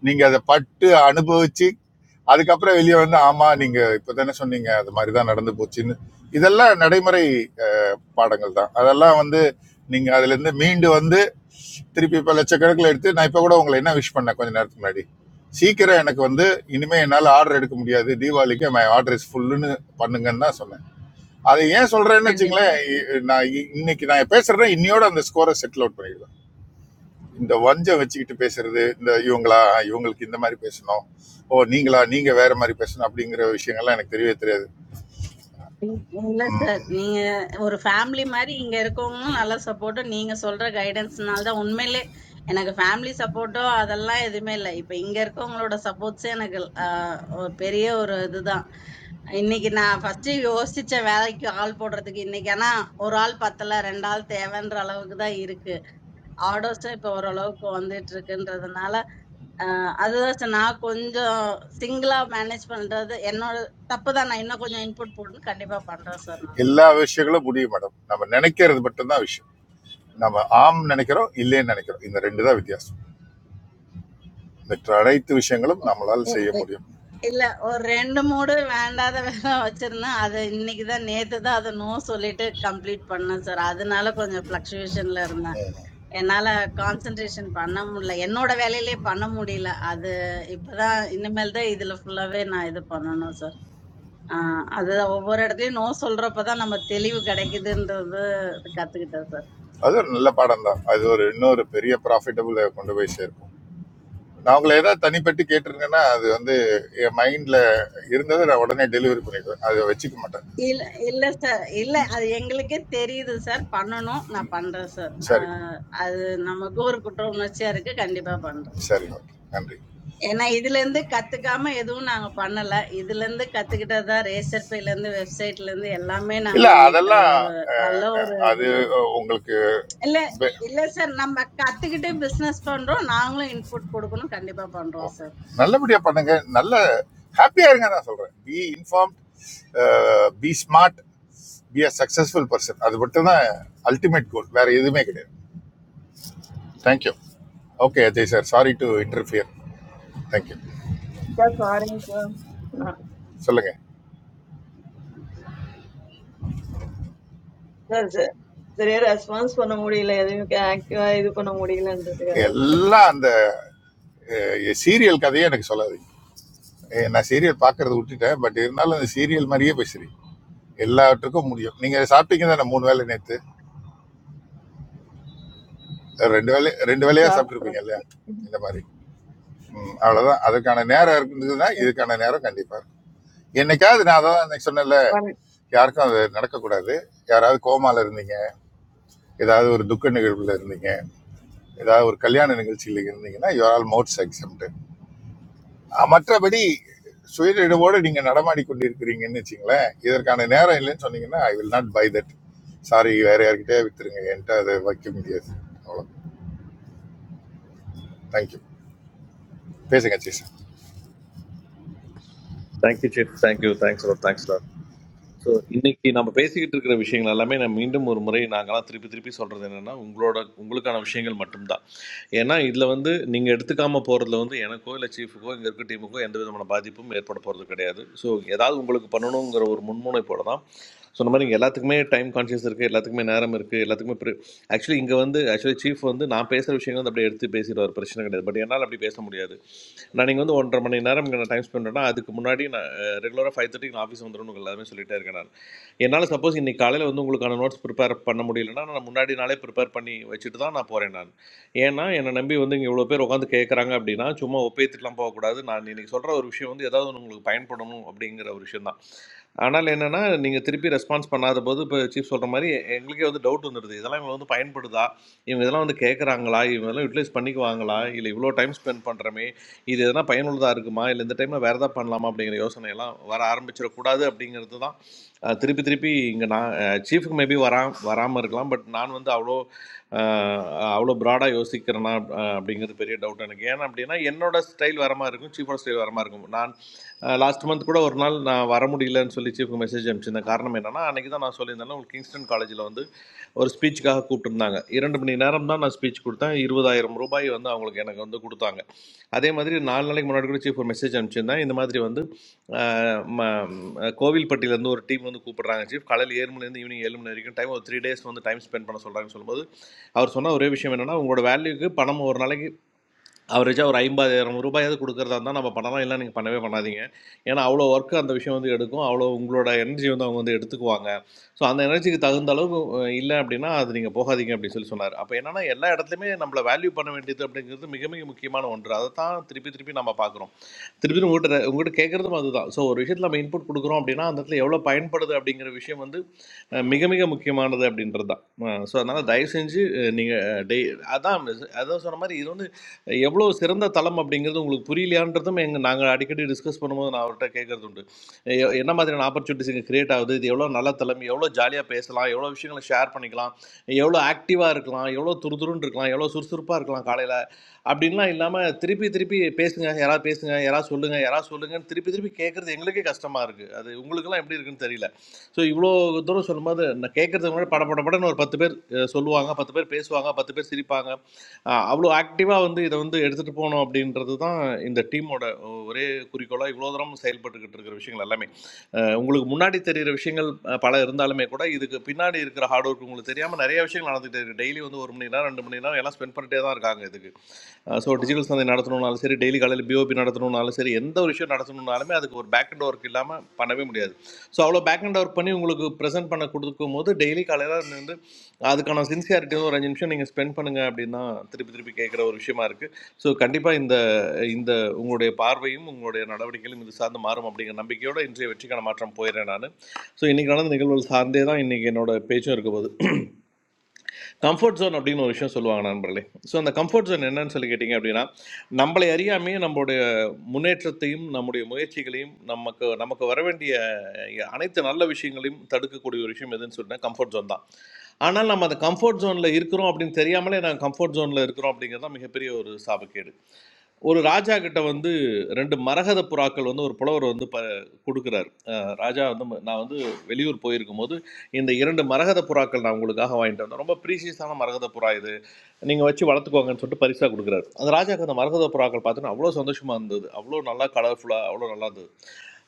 [SPEAKER 7] நீங்க அதை பட்டு அனுபவிச்சு அதுக்கப்புறம் வெளியே வந்து ஆமா நீங்க இப்பதானே சொன்னீங்க அது மாதிரி தான் நடந்து போச்சுன்னு இதெல்லாம் நடைமுறை பாடங்கள் தான் அதெல்லாம் வந்து நீங்கள் அதுலேருந்து மீண்டு வந்து திருப்பி இப்போ லட்சக்கணக்கில் எடுத்து நான் இப்போ கூட உங்களை என்ன விஷ் பண்ணேன் கொஞ்ச நேரத்துக்கு முன்னாடி சீக்கிரம் எனக்கு வந்து இனிமேல் என்னால் ஆர்டர் எடுக்க முடியாது தீபாவளிக்கு மை ஆர்டர் இஸ் ஃபுல்லுன்னு பண்ணுங்கன்னு தான் சொன்னேன் அதை ஏன் சொல்கிறேன்னு
[SPEAKER 12] கண்டிப்பா
[SPEAKER 7] வச்சுங்களேன் இ- நான் இ- இன்னைக்கு நான் பேசுகிறேன் இன்னையோட அந்த ஸ்கோரை செட்டில் அவுட் பண்ணிடுவேன் இந்த வஞ்சம் வச்சுக்கிட்டு பேசுறது இந்த இவங்களா இவங்களுக்கு இந்த மாதிரி பேசணும் ஓ நீங்களா நீங்கள் வேற மாதிரி பேசணும் அப்படிங்கிற விஷயங்கள்லாம் எனக்கு தெரியவே தெரியாது
[SPEAKER 12] இல்ல
[SPEAKER 7] ம்,
[SPEAKER 12] சார் நீங்க ஒரு ஃபேமிலி மாதிரி இங்க இருக்கவங்களும் நல்ல சப்போர்ட்டும் நீங்க சொல்ற கைடன்ஸ்னால தான் உண்மையிலே எனக்கு ஃபேமிலி சப்போர்ட்டோ அதெல்லாம் எதுவுமே இல்லை இப்ப இங்க இருக்கவங்களோட சப்போர்ட்ஸே எனக்கு ஆஹ், ஒரு பெரிய ஒரு இதுதான் இன்னைக்கு நான் ஃபர்ஸ்ட் யோசிச்ச வேலைக்கு ஆள் போடுறதுக்கு இன்னைக்கு ஆனா ஒரு ஆள் பத்தல ரெண்டு ஆள் தேவைன்ற அளவுக்கு தான் இருக்கு ஆர்டர்ஸும் இப்ப ஓரளவுக்கு வந்துட்டு இருக்குன்றதுனால ஆஹ், அதுதான் சார் நான் கொஞ்சம் சிங்கிளா மேனேஜ் பண்றது என்னோட தப்பு தான் நான் இன்னும் கொஞ்சம் இன்புட் போட்டு கண்டிப்பா பண்றேன் சார்
[SPEAKER 7] எல்லா விஷயங்களும் முடியும் மேடம் நம்ம நினைக்கிறது மட்டும்தான் விஷயம் நம்ம ஆம் நினைக்கிறோம் இல்லைன்னு நினைக்கிறோம் இந்த ரெண்டு தான் வித்தியாசம் மற்ற அனைத்து விஷயங்களும் நம்மளால்
[SPEAKER 12] இ-
[SPEAKER 7] செய்ய
[SPEAKER 12] இ-
[SPEAKER 7] முடியும்
[SPEAKER 12] இல்ல ஒரு ரெண்டு மூடு வேண்டாத வேலை வச்சிருந்தேன் அது இன்னைக்குதான் நேத்து தான் அதை நோ சொல்லிட்டு கம்ப்ளீட் பண்ணேன் சார் அதனால கொஞ்சம் பிளக்சுவேஷன்ல இருந்தேன் என்னால கான்சென்ட்ரேஷன் பண்ண முடியல என்னோட வேலையிலே பண்ண முடியல அது இப்பதான் இனிமேல் தான் இதுல ஃபுல்லாவே நான் இது பண்ணணும் சார் அது ஒவ்வொரு இடத்துலயும் நோ சொல்றப்பதான் நம்ம தெளிவு கிடைக்குதுன்றது கத்துக்கிட்டேன் சார்.
[SPEAKER 7] அது ஒரு நல்ல பாடம் தான் அது ஒரு இன்னொரு பெரிய ப்ராஃபிட்டபுளை கொண்டு போய் சேர்க்கும் நான் உங்களை ஏதாவது தனிப்பட்டு கேட்டிருக்கேன்னா அது வந்து என் மைண்டில் இருந்ததை நான் உடனே டெலிவரி பண்ணிடுவேன் அதை வச்சுக்க மாட்டேன்
[SPEAKER 12] இல்ல இல்ல சார் இல்ல அது எங்களுக்கே தெரியுது சார் பண்ணணும் நான் பண்றேன் சார்
[SPEAKER 7] சரி
[SPEAKER 12] ஆஹ் அது நமக்கு ஒரு குற்ற உணர்ச்சியா இருக்கு கண்டிப்பா பண்றேன் சார்.
[SPEAKER 7] சரி ஓகே நன்றி
[SPEAKER 12] ஏன்னா இதுல இருந்து கத்துக்காம எதுவும் நாங்க பண்ணல இதுல இருந்து கத்துக்கிட்டதா ரேசர் பேல இருந்து வெப்சைட்ல இருந்து எல்லாமே நாங்க
[SPEAKER 7] இல்லை
[SPEAKER 12] இன்னைக்கு அது
[SPEAKER 7] அதெல்லாம்
[SPEAKER 12] ஒரு
[SPEAKER 7] அஹ்,
[SPEAKER 12] நல்ல
[SPEAKER 7] அஹ்,
[SPEAKER 12] ஒரு
[SPEAKER 7] அது உங்களுக்கு
[SPEAKER 12] இல்ல இல்ல சார் நம்ம கத்துக்கிட்டு பிசினஸ் பண்றோம் நாங்களும் இன்புட் கொடுக்கணும் கண்டிப்பா பண்றோம் சார்
[SPEAKER 7] ஓகே நல்லபடியா பண்ணுங்க நல்ல ஹாப்பியா இருங்க நான் சொல்றேன் be inform be smart be a successful person அது மட்டும் தான் அல்டிமேட் கோல் வேற எதுவுமே கிடையாது thank you okay Ajay sir sorry to interfere thank you
[SPEAKER 9] Yes, morning, sir. No,
[SPEAKER 7] சொல்லுங்க
[SPEAKER 9] sir, sir. Sir, response for no money, like that. I can't do that. No money, like that.
[SPEAKER 7] எல்லாம் அந்த சீரியல் கதையே எனக்கு சொல்லாதீங்க ஏ, நான் சீரியல் பார்க்கறத விட்டுட்டேன் பட் இருந்தாலும் அந்த சீரியல் மாதிரியே பேசுறீங்க எல்லாத்துக்கும் முடியும் நீங்க சாப்பிட்டீங்க தானே மூணு வேளை நேத்து ரெண்டு வேளை ரெண்டு வேளையா
[SPEAKER 9] Sir, sir.
[SPEAKER 7] சாப்பிட்டுருப்பீங்க இல்லையா இந்த மாதிரி ம், அவ்வளவுதான் அதுக்கான நேரம் இருந்ததுன்னா இதுக்கான நேரம் கண்டிப்பா இருக்கு என்னைக்காவது நான் அதான் அன்னைக்கு சொன்னேன்ல யாருக்கும் அது நடக்கக்கூடாது யாராவது கோமால இருந்தீங்க ஏதாவது ஒரு துக்க நிகழ்வுல இருந்தீங்க ஏதாவது ஒரு கல்யாண நிகழ்ச்சியில இருந்தீங்கன்னா you are almost exempted மற்றபடி சுயநினைவோடு நீங்க நடமாடி கொண்டிருக்கிறீங்கன்னு வச்சுங்களேன் இதற்கான நேரம் இல்லைன்னு சொன்னீங்கன்னா I will not buy that sorry வேற யார்கிட்டயே வித்துருங்க என்கிட்ட அதை வைக்க முடியாது அவ்வளோ தேங்க்யூ பேசுங்க சீசன்
[SPEAKER 11] thank you chief thank you thanks lot thanks lot so இன்னைக்கு நம்ம பேசிக்கிட்டு இருக்கிற விஷயங்கள் எல்லாமே நான் மீண்டும் ஒரு முறை நாங்களாம் திருப்பி திருப்பி சொல்கிறது என்னென்னா உங்களோட உங்களுக்கான விஷயங்கள் மட்டும்தான் ஏன்னா இதில் வந்து நீங்கள் எடுத்துக்காம போகிறதுல வந்து எனக்கோ இல்லை சீஃபுக்கோ இங்கே இருக்க டீமுக்கோ எந்த விதமான பாதிப்பும் ஏற்பட போகிறது கிடையாது ஸோ ஏதாவது உங்களுக்கு பண்ணணுங்கிற ஒரு முன்முனைப்போட தான் சொன்ன மாதிரி இங்கே எல்லாத்துக்குமே டைம் கான்ஷியஸ் இருக்குது எல்லாத்துக்குமே நேரம் இருக்குது எல்லாத்துக்குமே ப்ரி ஆக்சுவலி இங்கே வந்து ஆக்சுவலி சீஃப் வந்து நான் பேசுகிற விஷயங்கள் வந்து அப்படியே எடுத்து பேசிடுவார் பிரச்சனை கிடையாது பட் என்னால் அப்படி பேச முடியாது நான் நீங்கள் வந்து ஒன்றரை மணி நேரம் இங்கே நான் டைம் ஸ்பெண்ட் பண்ணால் அதுக்கு முன்னாடி நான் ரெகுலராக ஃபைவ் தேர்ட்டிக்கு நான் ஆஃபீஸ் வந்துடும் உங்களுக்கு எல்லாமே சொல்லிட்டே இருக்கேன் நான் என்னால் சப்போஸ் இன்னைக்கு காலையில் வந்து உங்களுக்கான நோட்ஸ் ப்ரிப்பேர் பண்ண முடியலன்னா நான் முன்னாடி நாளே ப்ரிப்பேர் பண்ணி வச்சுட்டு தான் நான் போகிறேன் நான் ஏன்னா, என்ன நம்பி வந்து இங்க இவ்வளோ பேர் உட்காந்து கேட்கறாங்க அப்படின்னா, சும்மா ஒப்பேத்துட்டுலாம் போகக்கூடாது. நான் இன்னைக்கு சொல்ற ஒரு விஷயம் வந்து ஏதாவது ஒண்ணு உங்களுக்கு பயன்படணும் அப்படிங்கிற ஒரு விஷயம் தான். ஆனால் என்னன்னா, நீங்க திருப்பி ரெஸ்பான்ஸ் பண்ணாதபோது, இப்ப சீஃப் சொல்ற மாரி எங்களுக்கே வந்து டவுட் வந்துடுது. இதெல்லாம் இவங்களுக்கு வந்து பயன்படுதா? இவங்க இதெல்லாம் வந்து கேட்கறாங்களா? இவங்க இதெல்லாம் யூட்டிலைஸ் பண்ணிக்குவாங்களா? இல்ல இவ்வளோ டைம் ஸ்பெண்ட் பண்றோமே, இது எதனா பயனுள்ளதா இருக்குமா? இல்ல இந்த டைம்ல வேற ஏதாவது பண்ணலாமா? அப்படிங்கிற யோசனைலாம் வர ஆரம்பிச்சிடக்கூடாது அப்படிங்கிறது தான். அ திருப்பி திருப்பி இங்க நான் அ சீஃப்‌க்கு மேபி வரா வராம இருக்கலாம். பட் நான் வந்து அவ்ளோ அவ்வளோ ப்ராடாக யோசிக்கிறேனா அஹ் அப்படிங்கிறது பெரிய டவுட் எனக்கு ஏன் அப்படின்னா என்னோட ஸ்டைல் வர மாதிரி இருக்கும் சீஃபோட ஸ்டைல் வர மாதிரி இருக்கும் நான் லாஸ்ட் மந்த் கூட ஒரு நாள் நான் வர முடியலன்னு சொல்லி சீஃப்க்கு மெசேஜ் அனுப்பிச்சிருந்தேன் காரணம் என்னன்னா அன்றைக்கி தான் நான் சொல்லியிருந்தேன் உங்களுக்கு கிங்ஸ்டன் காலேஜில் வந்து ஒரு ஸ்பீச்சுக்காக கூப்பிட்டுருந்தாங்க இரண்டு மணி நேரம் தான் நான் ஸ்பீச் கொடுத்தேன் இருபதாயிரம் ரூபாய் வந்து அவங்களுக்கு எனக்கு வந்து கொடுத்தாங்க அதே மாதிரி நாலு நாளைக்கு முன்னாடி கூட சீஃப் ஒரு மெசேஜ் அனுப்பிச்சிருந்தேன் இந்த மாதிரி வந்து அஹ், ம- அஹ், கோவில்பட்டியிலேருந்து ஒரு டீம் வந்து கூப்பிடுறாங்க சீஃப் காலையில் ஏழு மணிலேருந்து ஈவினிங் ஏழு மணி வரைக்கும் டைம் ஒரு த்ரீ டேஸ் வந்து டைம் ஸ்பெண்ட் பண்ண சொல்கிறாங்கன்னு சொல்லும்போது அவர் சொன்ன ஒரே விஷயம் என்னன்னா உங்களோட வேல்யூக்கு பணம் ஒரு நாளைக்கு அவரேஜாக ஒரு ஐம்பதாயிரம் ரூபாயாவது கொடுக்குறதா இருந்தால் நம்ம பண்ணலாம் இல்லை நீங்கள் பண்ணவே பண்ணாதீங்க ஏன்னா அவ்வளோ ஒர்க்கு அந்த விஷயம் வந்து எடுக்கும் அவ்வளோ உங்களோட எனர்ஜி வந்து அவங்க வந்து எடுத்துக்குவாங்க ஸோ அந்த எனர்ஜிக்கு தகுந்த அளவுக்கு அஹ், இல்லை அப்படின்னா அது நீங்கள் போகாதீங்க அப்படின்னு சொல்லி சொன்னார் அப்போ என்னன்னா எல்லா இடத்துலையுமே நம்மளை வேல்யூ பண்ண வேண்டியது அப்படிங்கிறது மிக மிக முக்கியமான ஒன்று அதை தான் திருப்பி திருப்பி நம்ம பார்க்குறோம் திருப்பி திருப்பி உங்கள்கிட்ட உங்கள்கிட்ட கேட்குறதும் அதுதான் ஸோ ஒரு விஷயத்தில் நம்ம இன்புட் கொடுக்குறோம் அப்படின்னா அந்த இடத்துல எவ்வளோ பயன்படுது அப்படிங்கிற விஷயம் வந்து அஹ், மிக மிக முக்கியமானது அப்படின்றது தான் ஸோ அதனால் தயவு செஞ்சு நீங்கள் டெய் அதான் அதான் சொன்ன மாதிரி இது வந்து எவ்வளோ சிறந்த தளம் அப்படிங்கிறது உங்களுக்கு புரியலையான்றதும் எங்கள் நாங்கள் அடிக்கடி டிஸ்கஸ் பண்ணும்போது நான் அவர்கிட்ட கேட்கறது உண்டு எ- என்ன மாதிரியான ஆப்பர்ச்சுனிட்டிஸ் இங்கே கிரியேட் ஆகுது இது எவ்வளோ நல்ல தளம் எவ்வளோ ஜாலியாக பேசலாம் எவ்வளோ விஷயங்களை ஷேர் பண்ணிக்கலாம் எவ்வளோ ஆக்டிவாக இருக்கலாம் எவ்வளோ துருதுருன்னு இருக்கலாம் எவ்வளோ சுறுசுறுப்பாக இருக்கலாம் காலையில் அப்படின்லாம் இல்லாமல் திருப்பி திருப்பி பேசுங்க யாராவது பேசுங்க யாராவது சொல்லுங்க யாராவது சொல்லுங்கன்னு திருப்பி திருப்பி கேட்குறது எங்களுக்கே கஷ்டமாக இருக்குது அது உங்களுக்கெல்லாம் எப்படி இருக்குன்னு தெரியல ஸோ இவ்வளோ தூரம் சொல்லும்போது நான் கேட்கறதுக்கு முன்னாடி பட பட படன்னு ஒரு பத்து பேர் அஹ், சொல்லுவாங்க பத்து பேர் பேசுவாங்க பத்து பேர் சிரிப்பாங்க அவ்வளோ ஆக்டிவாக வந்து இதை வந்து எடுத்துகிட்டு போகணும் அப்படின்றது தான் இந்த டீமோட ஒரே குறிக்கோளாக இவ்வளோ தூரம் செயல்பட்டுக்கிட்டு இருக்கிற விஷயங்கள் எல்லாமே அஹ் உங்களுக்கு முன்னாடி தெரிகிற விஷயங்கள் அஹ், பல இருந்தாலுமே கூட இதுக்கு பின்னாடி இருக்கிற ஹார்ட் ஒர்க் உங்களுக்கு தெரியாமல் நிறைய விஷயங்கள் நடந்துகிட்டே இருக்குது டெய்லி வந்து ஒரு மணி நேரம் ரெண்டு மணி நேரம் எல்லாம் ஸ்பெண்ட் பண்ணிட்டே தான் இருக்காங்க இதுக்கு ஸோ டிஜிட்டல் சந்தை நடத்தணும்னாலும் சரி டெய்லி காலையில் பிஓபி நடத்தணும்னாலும் சரி எந்த ஒரு விஷயம் நடத்தணும்னாலுமே அதுக்கு ஒரு பேக் அண்ட் ஒர்க் இல்லாமல் பண்ணவே முடியாது ஸோ அவ்வளோ பேக் அண்ட் ஒர்க் பண்ணி உங்களுக்கு ப்ரெசென்ட் பண்ண கொடுக்கும் போது டெய்லி காலையில் வந்து அதுக்கான சின்சியாரிட்டியும் ஒரு அஞ்சு நிமிஷம் நீங்கள் ஸ்பெண்ட் பண்ணுங்க அப்படின்னா திருப்பி திருப்பி கேட்குற ஒரு விஷயமா இருக்குது ஸோ கண்டிப்பாக இந்த இந்த உங்களுடைய பார்வையும் உங்களுடைய நடவடிக்கைகளும் இது சார்ந்து மாறும் அப்படிங்கிற நம்பிக்கையோட இன்றைய வெற்றிக்கான மாற்றம் போயிடுறேன் நான் ஸோ இன்றைக்கி நடந்த நிகழ்வுகள் சார்ந்தே தான் இன்றைக்கி என்னோட பேச்சும் இருக்க போகுது கம்ஃபர்ட் ஜோன் அப்படின்னு ஒரு விஷயம் சொல்லுவாங்க நண்பர்களே ஸோ அந்த கம்ஃபர்ட் ஜோன் என்னன்னு சொல்லி கேட்டிங்க அப்படின்னா நம்மளை அறியாமையே நம்மளுடைய முன்னேற்றத்தையும் நம்முடைய முயற்சிகளையும் நமக்கு நமக்கு வர வேண்டிய அனைத்து நல்ல விஷயங்களையும் தடுக்கக்கூடிய ஒரு விஷயம் எதுன்னு சொன்னால் கம்ஃபர்ட் ஜோன் தான் ஆனால் நம்ம அந்த கம்ஃபர்ட் ஜோனில் இருக்கிறோம் அப்படின்னு தெரியாமலே நாங்கள் கம்ஃபர்ட் ஜோனில் இருக்கிறோம் அப்படிங்கிறது தான் மிகப்பெரிய ஒரு சாபக்கேடு ஒரு ராஜா கிட்ட வந்து ரெண்டு மரகத புறாக்கள் வந்து ஒரு புலவர் வந்து ப கொடுக்குறாரு அஹ் ராஜா வந்து ம- நான் வந்து வெளியூர் போயிருக்கும் போது இந்த இரண்டு மரகத புறாக்கள் நான் உங்களுக்காக வாங்கிட்டு வந்தேன் ரொம்ப ப்ரீஷியஸான மரகத புறா இது நீங்கள் வச்சு வளர்த்துக்கோங்கன்னு சொல்லிட்டு பரிசாக கொடுக்குறாரு அந்த ராஜாக்கு அந்த மரகத புறாக்கள் பார்த்தோன்னா அவ்வளோ சந்தோஷமாக இருந்தது அவ்வளோ நல்லா கலர்ஃபுல்லாக அவ்வளோ நல்லா இருந்தது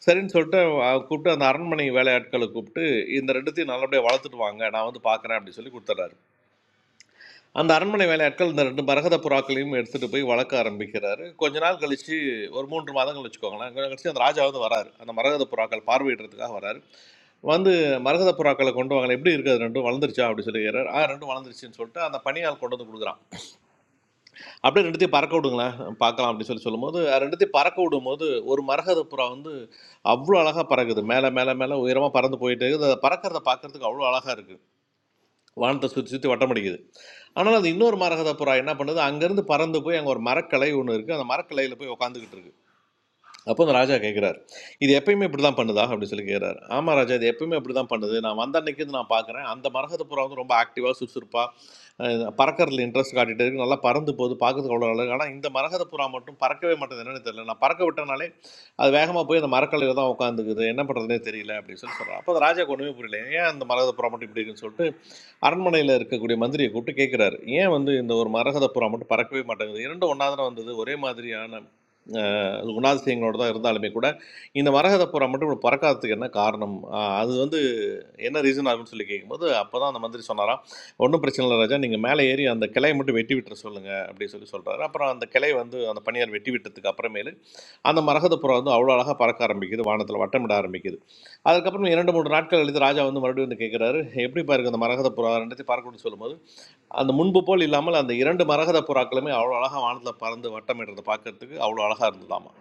[SPEAKER 11] சரின்னு சொல்லிட்டு அஹ், கூப்பிட்டு அந்த அரண்மனை வேலையாட்களை கூப்பிட்டு இந்த ரெண்டுத்தையும் நல்லபடியாக வளர்த்துட்டு வாங்க நான் வந்து பார்க்குறேன் அப்படின்னு சொல்லி கொடுத்துட்றாரு அந்த அரண்மனை வேலையாட்கள் இந்த ரெண்டு மரகத புறாக்களையும் எடுத்துகிட்டு போய் வளர்க்க ஆரம்பிக்கிறாரு கொஞ்ச நாள் கழிச்சு ஒரு மூன்று மாதங்கள் வச்சுக்கோங்களேன் கொஞ்சம் கழிச்சு அந்த ராஜா வந்து வராரு அந்த மரகத புறாக்கள் பார்வையிடுறதுக்காக வராரு வந்து மரகத புறாக்களை கொண்டு வாங்கல எப்படி இருக்குது அது ரெண்டும் வளர்ந்துருச்சா அப்படி சொல்லி கேட்கிறாரு ஆ ரெண்டும் வளர்ந்துருச்சுன்னு சொல்லிட்டு அந்த பனியால் கொண்டு வந்து கொடுக்குறான் அப்படியே ரெண்டுத்தையும் பறக்க விடுங்களேன் பார்க்கலாம் அப்படின்னு சொல்லி சொல்லும்போது அது ரெண்டுத்தையும் பறக்க விடும்போது ஒரு மரகத புறா வந்து அவ்வளோ அழகாக பறக்குது மேலே மேலே மேலே உயரமாக பறந்து போயிட்டு இருக்குது அதை பறக்கிறத பார்க்கறதுக்கு அவ்வளோ அழகாக இருக்குது வானத்தை சுற்றி சுற்றி வட்டம் அடிக்குது ஆனால் அது இன்னொரு மரகத புறா என்ன பண்ணுது அங்கேருந்து பறந்து போய் அங்கே ஒரு மரக்கலை ஒன்று இருக்குது அந்த மரக்கலையில் போய் உட்காந்துக்கிட்டு இருக்கு அப்போ அந்த ராஜா கேட்குறாரு இது எப்பயுமே இப்படி தான் பண்ணுதா அப்படின்னு சொல்லி கேட்குறாரு ஆமாம் ராஜா இது எப்பயுமே இப்படி தான் பண்ணுது நான் வந்த அன்னைக்கு இருந்து நான் பார்க்குறேன் அந்த மரகத புறா வந்து ரொம்ப ஆக்டிவாக சுறுசுறுப்பாக பறக்கறதுல இன்ட்ரெஸ்ட் காட்டிட்டு இருக்கு நல்லா பறந்து போகுது பார்க்கறதுக்கு அவ்வளோ அழகு ஆனால் இந்த மரகத புறா மட்டும் பறக்கவே மாட்டேது என்னன்னு தெரியல நான் பறக்க விட்டனாலே அது வேகமாக போய் அந்த மரக்கலையில் தான் உட்காந்துக்குது என்ன பண்ணுறதுனே தெரியல அப்படின்னு சொல்லி சொல்கிறான் அப்போ அந்த ராஜா ஒன்றுமே புரியல ஏன் அந்த மரகத புறா மட்டும் இப்படி இருக்குன்னு சொல்லிட்டு அரண்மனையில் இருக்கக்கூடிய மந்திரியை கூப்பிட்டு கேட்குறாரு ஏன் வந்து இந்த ஒரு மரகத புறா மட்டும் பறக்கவே மாட்டேங்குது இரண்டு ஒன்றாவது வந்தது ஒரே மாதிரியான அஹ், குணாதிசயங்களோட தான் இருந்தாலுமே கூட இந்த மரகத புறா மட்டும் இப்படி பறக்காததுக்கு என்ன காரணம் அஹ், அது வந்து என்ன ரீசன் ஆகும்னு சொல்லி கேட்கும்போது அப்போ தான் அந்த மந்திரி சொன்னாராம் ஒன்றும் பிரச்சனை இல்லை ராஜா நீங்கள் மேலே ஏறி அந்த கிளையை மட்டும் வெட்டி விட்டுற சொல்லுங்கள் அப்படின்னு சொல்லி சொல்கிறாரு அப்புறம் அந்த கிளை வந்து அந்த பணியார் வெட்டி விட்டதுக்கு அப்புறமேலு அந்த மரகத புறா வந்து அவ்வளோ அழகாக பறக்க ஆரம்பிக்குது வானத்தில் வட்டமிட ஆரம்பிக்குது அதுக்கப்புறம் இரண்டு மூன்று நாட்கள் கழித்து ராஜா வந்து மறுபடியும் வந்து கேட்குறாரு எப்படி பாருக்கு அந்த மரகத புறா ரெண்டுத்தையும் பார்க்கணும்னு சொல்லும்போது அந்த முன்பு போல் இல்லாமல் அந்த இரண்டு மரகத புறாக்களுமே அவ்வளோ அழகாக வானத்தில் பறந்து வட்டமிடுறத பார்க்கறதுக்கு அவ்வளோ அழகாக இருந்ததாமா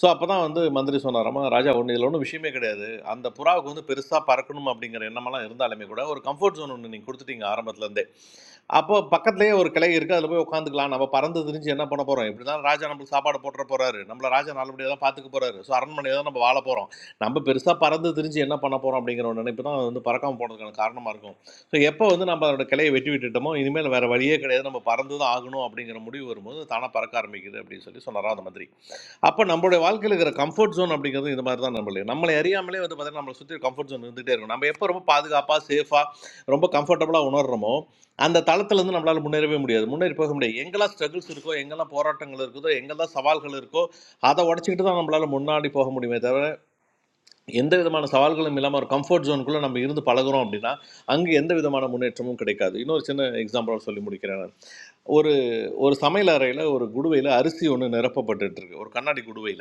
[SPEAKER 11] ஸோ அப்போ தான் வந்து மந்திரி சொன்னாராமா ராஜா ஒன்று இதில் ஒன்றும் விஷயமே கிடையாது அந்த புறாவுக்கு வந்து பெருசாக பறக்கணும் அப்படிங்கிற எண்ணமெல்லாம் இருந்தாலுமே கூட ஒரு கம்ஃபர்ட் ஜோன் ஒன்று நீங்கள் கொடுத்துட்டீங்க ஆரம்பத்துலேருந்தே அப்போ பக்கத்துலயே ஒரு கிளை இருக்கு அதுல போய் உட்காந்துக்கலாம் நம்ம பறந்து திரிஞ்சு என்ன பண்ண போறோம் இப்படிதான் ராஜா நம்மளுக்கு சாப்பாடு போட்டுற போறாரு நம்மள ராஜா நல்லபடியா தான் பாத்துக்க போறாரு ஸோ அரண்மனையை தான் நம்ம வாழ போறோம் நம்ம பெருசா பறந்து திரிஞ்சு என்ன பண்ண போறோம் அப்படிங்கிற ஒரு நினைப்பு தான் வந்து பறக்காம போனதுக்கான காரணமா இருக்கும் ஸோ எப்போ வந்து நம்ம அதோட கிளையை வெட்டி விட்டுட்டோமோ இனிமேல் வேற வழியே கிடையாது நம்ம பறந்து தான் ஆகணும் அப்படிங்கிற முடிவு வரும்போது தானா பறக்க ஆரம்பிக்குது அப்படின்னு சொல்லி சொன்னாரா அந்த மாதிரி அப்போ நம்மளுடைய வாழ்க்கையில் இருக்கிற கம்ஃபர்ட் ஜோன் அப்படிங்கிறது இந்த மாதிரி தான் நம்மளே நம்மளை அறியாமலே வந்து பார்த்தீங்கன்னா நம்மளை சுற்றி கம்ஃபர்ட் ஜோன் இருந்துகிட்டே இருக்கும் நம்ம எப்போ ரொம்ப பாதுகாப்பாக சேஃபாக ரொம்ப கம்ஃபர்டபுளாக உணர்றோமோ அந்த தளத்துலேருந்து நம்மளால் முன்னேறவே முடியாது முன்னேறி போக முடியாது எங்கெல்லாம் ஸ்ட்ரகிள்ஸ் இருக்கோ எங்கெல்லாம் போராட்டங்கள் இருக்குதோ எங்கெல்லாம் சவால்கள் இருக்கோ அதை உடச்சிக்கிட்டு தான் நம்மளால் முன்னாடி போக முடியுமே தவிர எந்த விதமான சவால்களும் இல்லாமல் ஒரு கம்ஃபர்ட் ஜோனுக்குள்ளே நம்ம இருந்து பழகுறோம் அப்படின்னா அங்கே எந்த விதமான முன்னேற்றமும் கிடைக்காது இன்னொரு சின்ன எக்ஸாம்பிளோட சொல்லி முடிக்கிறேன் நான். ஒரு ஒரு சமையல் அறையில் ஒரு குடுவையில் அரிசி ஒன்று நிரப்பப்பட்டுட்டு இருக்கு ஒரு கண்ணாடி குடுவையில்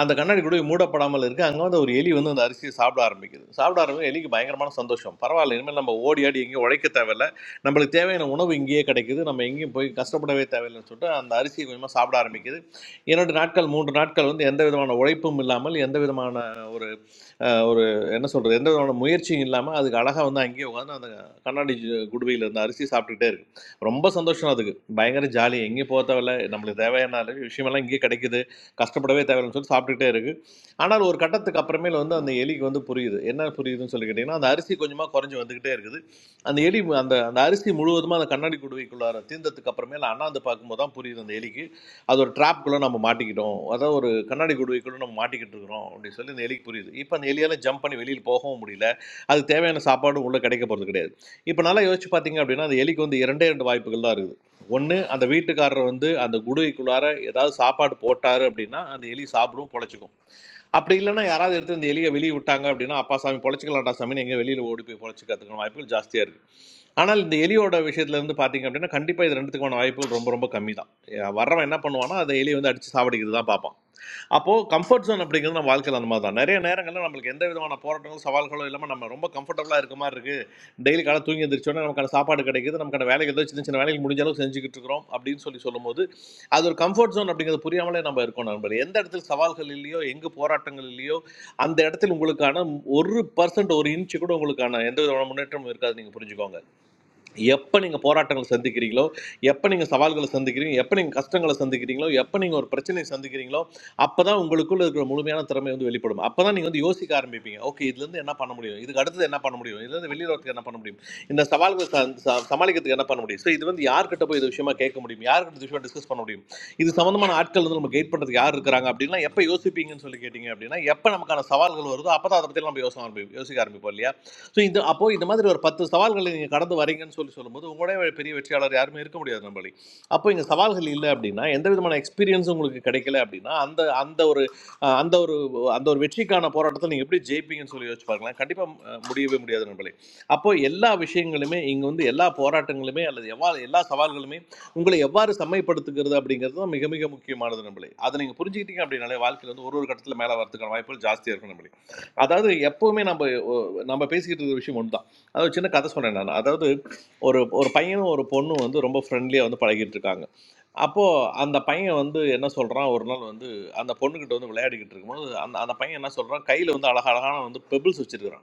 [SPEAKER 11] அந்த கண்ணாடி கூட மூடப்படாமல் இருக்கு அங்கே வந்து ஒரு எலி வந்து அந்த அரிசியை சாப்பிட ஆரம்பிக்குது சாப்பிட ஆரம்பிக்கும் எலிக்கு பயங்கரமான சந்தோஷம் பரவாயில்ல இனிமேல் நம்ம ஓடி ஆடி எங்கேயும் உழைக்க தேவையில்ல நம்மளுக்கு தேவையான உணவு இங்கேயே கிடைக்குது நம்ம எங்கேயும் போய் கஷ்டப்படவே தேவையில்லைன்னு சொல்லிட்டு அந்த அரிசியை கொஞ்சமாக சாப்பிட ஆரம்பிக்குது இரண்டு நாட்கள் மூன்று நாட்கள் வந்து எந்த விதமான உழைப்பும் இல்லாமல் எந்த விதமான ஒரு அஹ், ஒரு என்ன சொல்கிறது எந்த விதமான முயற்சியும் இல்லாமல் அதுக்கு அழகாக வந்து அங்கேயே உட்காந்து அந்த கண்ணாடி ஜு- குடுவையில இருந்த அரிசி சாப்பிட்டுக்கிட்டே இருக்கு ரொம்ப சந்தோஷம் அதுக்கு பயங்கர ஜாலி எங்கேயும் போக தேவையில்ல நம்மளுக்கு தேவையான அளவு விஷயமெல்லாம் இங்கேயே கிடைக்குது கஷ்டப்படவே தேவையில்லைன்னு சொல்லி சாப்பிட்டுக்கிட்டே இருக்கு ஆனால் ஒரு கட்டத்துக்கு அப்புறமேல வந்து அந்த எலிக்கு வந்து புரியுது என்ன புரியுதுன்னு சொல்லி கேட்டிங்கன்னா அந்த அரிசி கொஞ்சமாக குறைஞ்சி வந்துக்கிட்டே இருக்குது அந்த எலி மு- அந்த அந்த அரிசி முழுவதுமாக அந்த கண்ணாடி குடுவைக்குள்ளார தீர்ந்ததுக்கு அப்புறமேல அண்ணாந்து பார்க்கும்போது தான் புரியுது அந்த எலிக்கு அது ஒரு ட்ராப்குள்ளே நம்ம மாட்டிக்கிட்டோம் அதாவது ஒரு கண்ணாடி குடுவைக்குள்ள நம்ம மாட்டிக்கிட்டு இருக்கிறோம் அப்படின்னு சொல்லி இந்த எலிக்கு புரியுது இப்போ அந்த எலியால் ஜம்ப் பண்ணி வெளியில் போகவும் முடியல அது தேவையான சாப்பாடும் உள்ளே கிடைக்க போகிறது கிடையாது இப்போ நல்லா யோசிச்சு பார்த்தீங்க அப்படின்னா அந்த எலிக்கு வந்து இரண்டே ரெண்டு வாய்ப்புகள் தான் இருக்குது ஒன்று அந்த வீட்டுக்காரர் வந்து அந்த குடுவைக்குள்ளார ஏதாவது சாப்பாடு போட்டாரு அப்படின்னா அந்த எலி சாப்பிடும் பொழைச்சிக்கும் அப்படி இல்லைன்னா யாராவது எடுத்து இந்த எலியை வெளியே விட்டாங்க அப்படின்னா அப்பா சாமி பொழைச்சிக்கலாம்டா சாமி எங்கே வெளியில் ஓடி போய் பொழைச்சிக்கிறதுக்கான வாய்ப்புகள் ஜாஸ்தியாக இருக்குது ஆனால் இந்த எலியோட விஷயத்துல இருந்து பார்த்தீங்க அப்படின்னா கண்டிப்பாக இது ரெண்டுத்துக்கான வாய்ப்புகள் ரொம்ப ரொம்ப கம்மி தான் வர்றவன் என்ன பண்ணுவான்னா அந்த எலியை வந்து அடித்து சாவடிக்கிறது தான் பார்ப்பான் அப்போது கம்ஃபர்ட் ஜோன் அப்படிங்கிறது நம்ம வாழ்க்கையில் அந்த மாதிரி தான் நிறைய நேரங்களில் நம்மளுக்கு எந்த விதமான போராட்டங்களும் சவால்களும் இல்லாமல் நம்ம ரொம்ப கம்ஃபர்டபுளாக இருக்க மாதிரி இருக்குது டெய்லி காலை தூங்கி எந்திரிச்சோடனே நமக்கான சாப்பாடு கிடைக்குது நமக்கான வேலைக்கு ஏதோ சின்ன சின்ன வேலைகள் முடிஞ்ச அளவுக்கு செஞ்சுக்கிட்டு இருக்கிறோம் அப்படின்னு சொல்லி சொல்லும்போது அது ஒரு கம்ஃபர்ட் ஜோன் அப்படிங்கிறது புரியாமலே நம்ம இருக்கோம் நண்பர் எந்த இடத்துல சவால்கள் இல்லையோ எங்கே போராட்டங்கள் இல்லையோ அந்த இடத்துல உங்களுக்கான ஒரு பர்சன்ட் ஒரு இன்ச்சு கூட உங்களுக்கான எந்த விதமான முன்னேற்றமும் இருக்காது நீங்கள் புரிஞ்சுக்கோங்க எப்போ நீங்கள் போராட்டங்களை சந்திக்கிறீங்களோ எப்போ நீங்கள் சவால்களை சந்திக்கிறீங்களோ எப்போ நீங்கள் கஷ்டங்களை சந்திக்கிறீங்களோ எப்போ நீங்கள் ஒரு பிரச்சனையை சந்திக்கிறீங்களோ அப்போ தான் உங்களுக்குள்ள இருக்கிற முழுமையான திறமை வந்து வெளிப்படும் அப்போ தான் நீங்கள் வந்து யோசிக்க ஆரம்பிப்பீங்க ஓகே இதுலேருந்து என்ன பண்ண முடியும் இதுக்கு அடுத்தது என்ன பண்ண முடியும் இதுலேருந்து வெளியில் வரதுக்கு என்ன பண்ண முடியும் இந்த சவால்களை ச- ச- சமாளிக்கிறதுக்கு என்ன பண்ண முடியும் ஸோ இது வந்து யார்கிட்ட போய் இது விஷயமா கேட்க முடியும் யார்கிட்ட இது விஷயமா டிஸ்கஸ் பண்ண முடியும் இது சம்மந்தமான ஆட்கள் வந்து நம்ம கைட் பண்ணுறதுக்கு யார் இருக்கிறாங்க அப்படின்னா எப்போ யோசிப்பீங்கன்னு சொல்லி கேட்டிங்க அப்படின்னா எப்போ நமக்கான சவால்கள் வருதோ அப்போ தான் அதை பற்றி நம்ம யோசனை ஆரம்பி யோசிக்க ஆரம்பிப்போம் இல்லையா ஸோ இந்த அப்போ இந்த மாதிரி ஒரு பத்து சவால்களை நீங்கள் கடந்து வரீங்கன்னு சொல்லி சொல்லும்போது உங்களுடைய பெரிய வெற்றியாளர் யாருமே இருக்க முடியாது நம்மளி அப்போ இங்கே சவால்கள் இல்லை அப்படின்னா எந்த விதமான எக்ஸ்பீரியன்ஸும் உங்களுக்கு கிடைக்கல அப்படின்னா அந்த அந்த ஒரு அஹ், அந்த ஒரு அந்த ஒரு வெற்றிக்கான போராட்டத்தை நீங்கள் எப்படி ஜெயிப்பீங்கன்னு சொல்லி யோசிச்சு பாருங்களேன் கண்டிப்பாக முடியவே முடியாது நம்மளே அப்போ எல்லா விஷயங்களுமே இங்கே வந்து எல்லா போராட்டங்களுமே அல்லது எவ்வா எல்லா சவால்களுமே உங்களை எவ்வாறு செம்மைப்படுத்துகிறது அப்படிங்கிறது தான் மிக மிக முக்கியமானது நம்மளே அதை நீங்கள் புரிஞ்சுக்கிட்டீங்க அப்படின்னாலே வாழ்க்கையில் வந்து ஒரு ஒரு கட்டத்தில் மேலே வரதுக்கான வாய்ப்புகள் ஜாஸ்தியாக இருக்கும் நம்மளே அதாவது எப்பவுமே நம்ம நம்ம பேசிக்கிட்டு இருக்கிற விஷயம் ஒன்று தான் அது ஒரு சின்ன கதை சொன்னேன் நான் அதாவது ஒரு ஒரு பையனும் ஒரு பொண்ணும் வந்து ரொம்ப ஃப்ரெண்ட்லியாக வந்து பழகிட்டு இருக்காங்க அப்போது அந்த பையன் வந்து என்ன சொல்கிறான் ஒரு நாள் வந்து அந்த பொண்ணுக்கிட்ட வந்து விளையாடிக்கிட்டு இருக்கும்போது அந்த அந்த பையன் என்ன சொல்கிறான் கையில் வந்து அழகழகான வந்து பெபிள்ஸ் வச்சிருக்கிறான்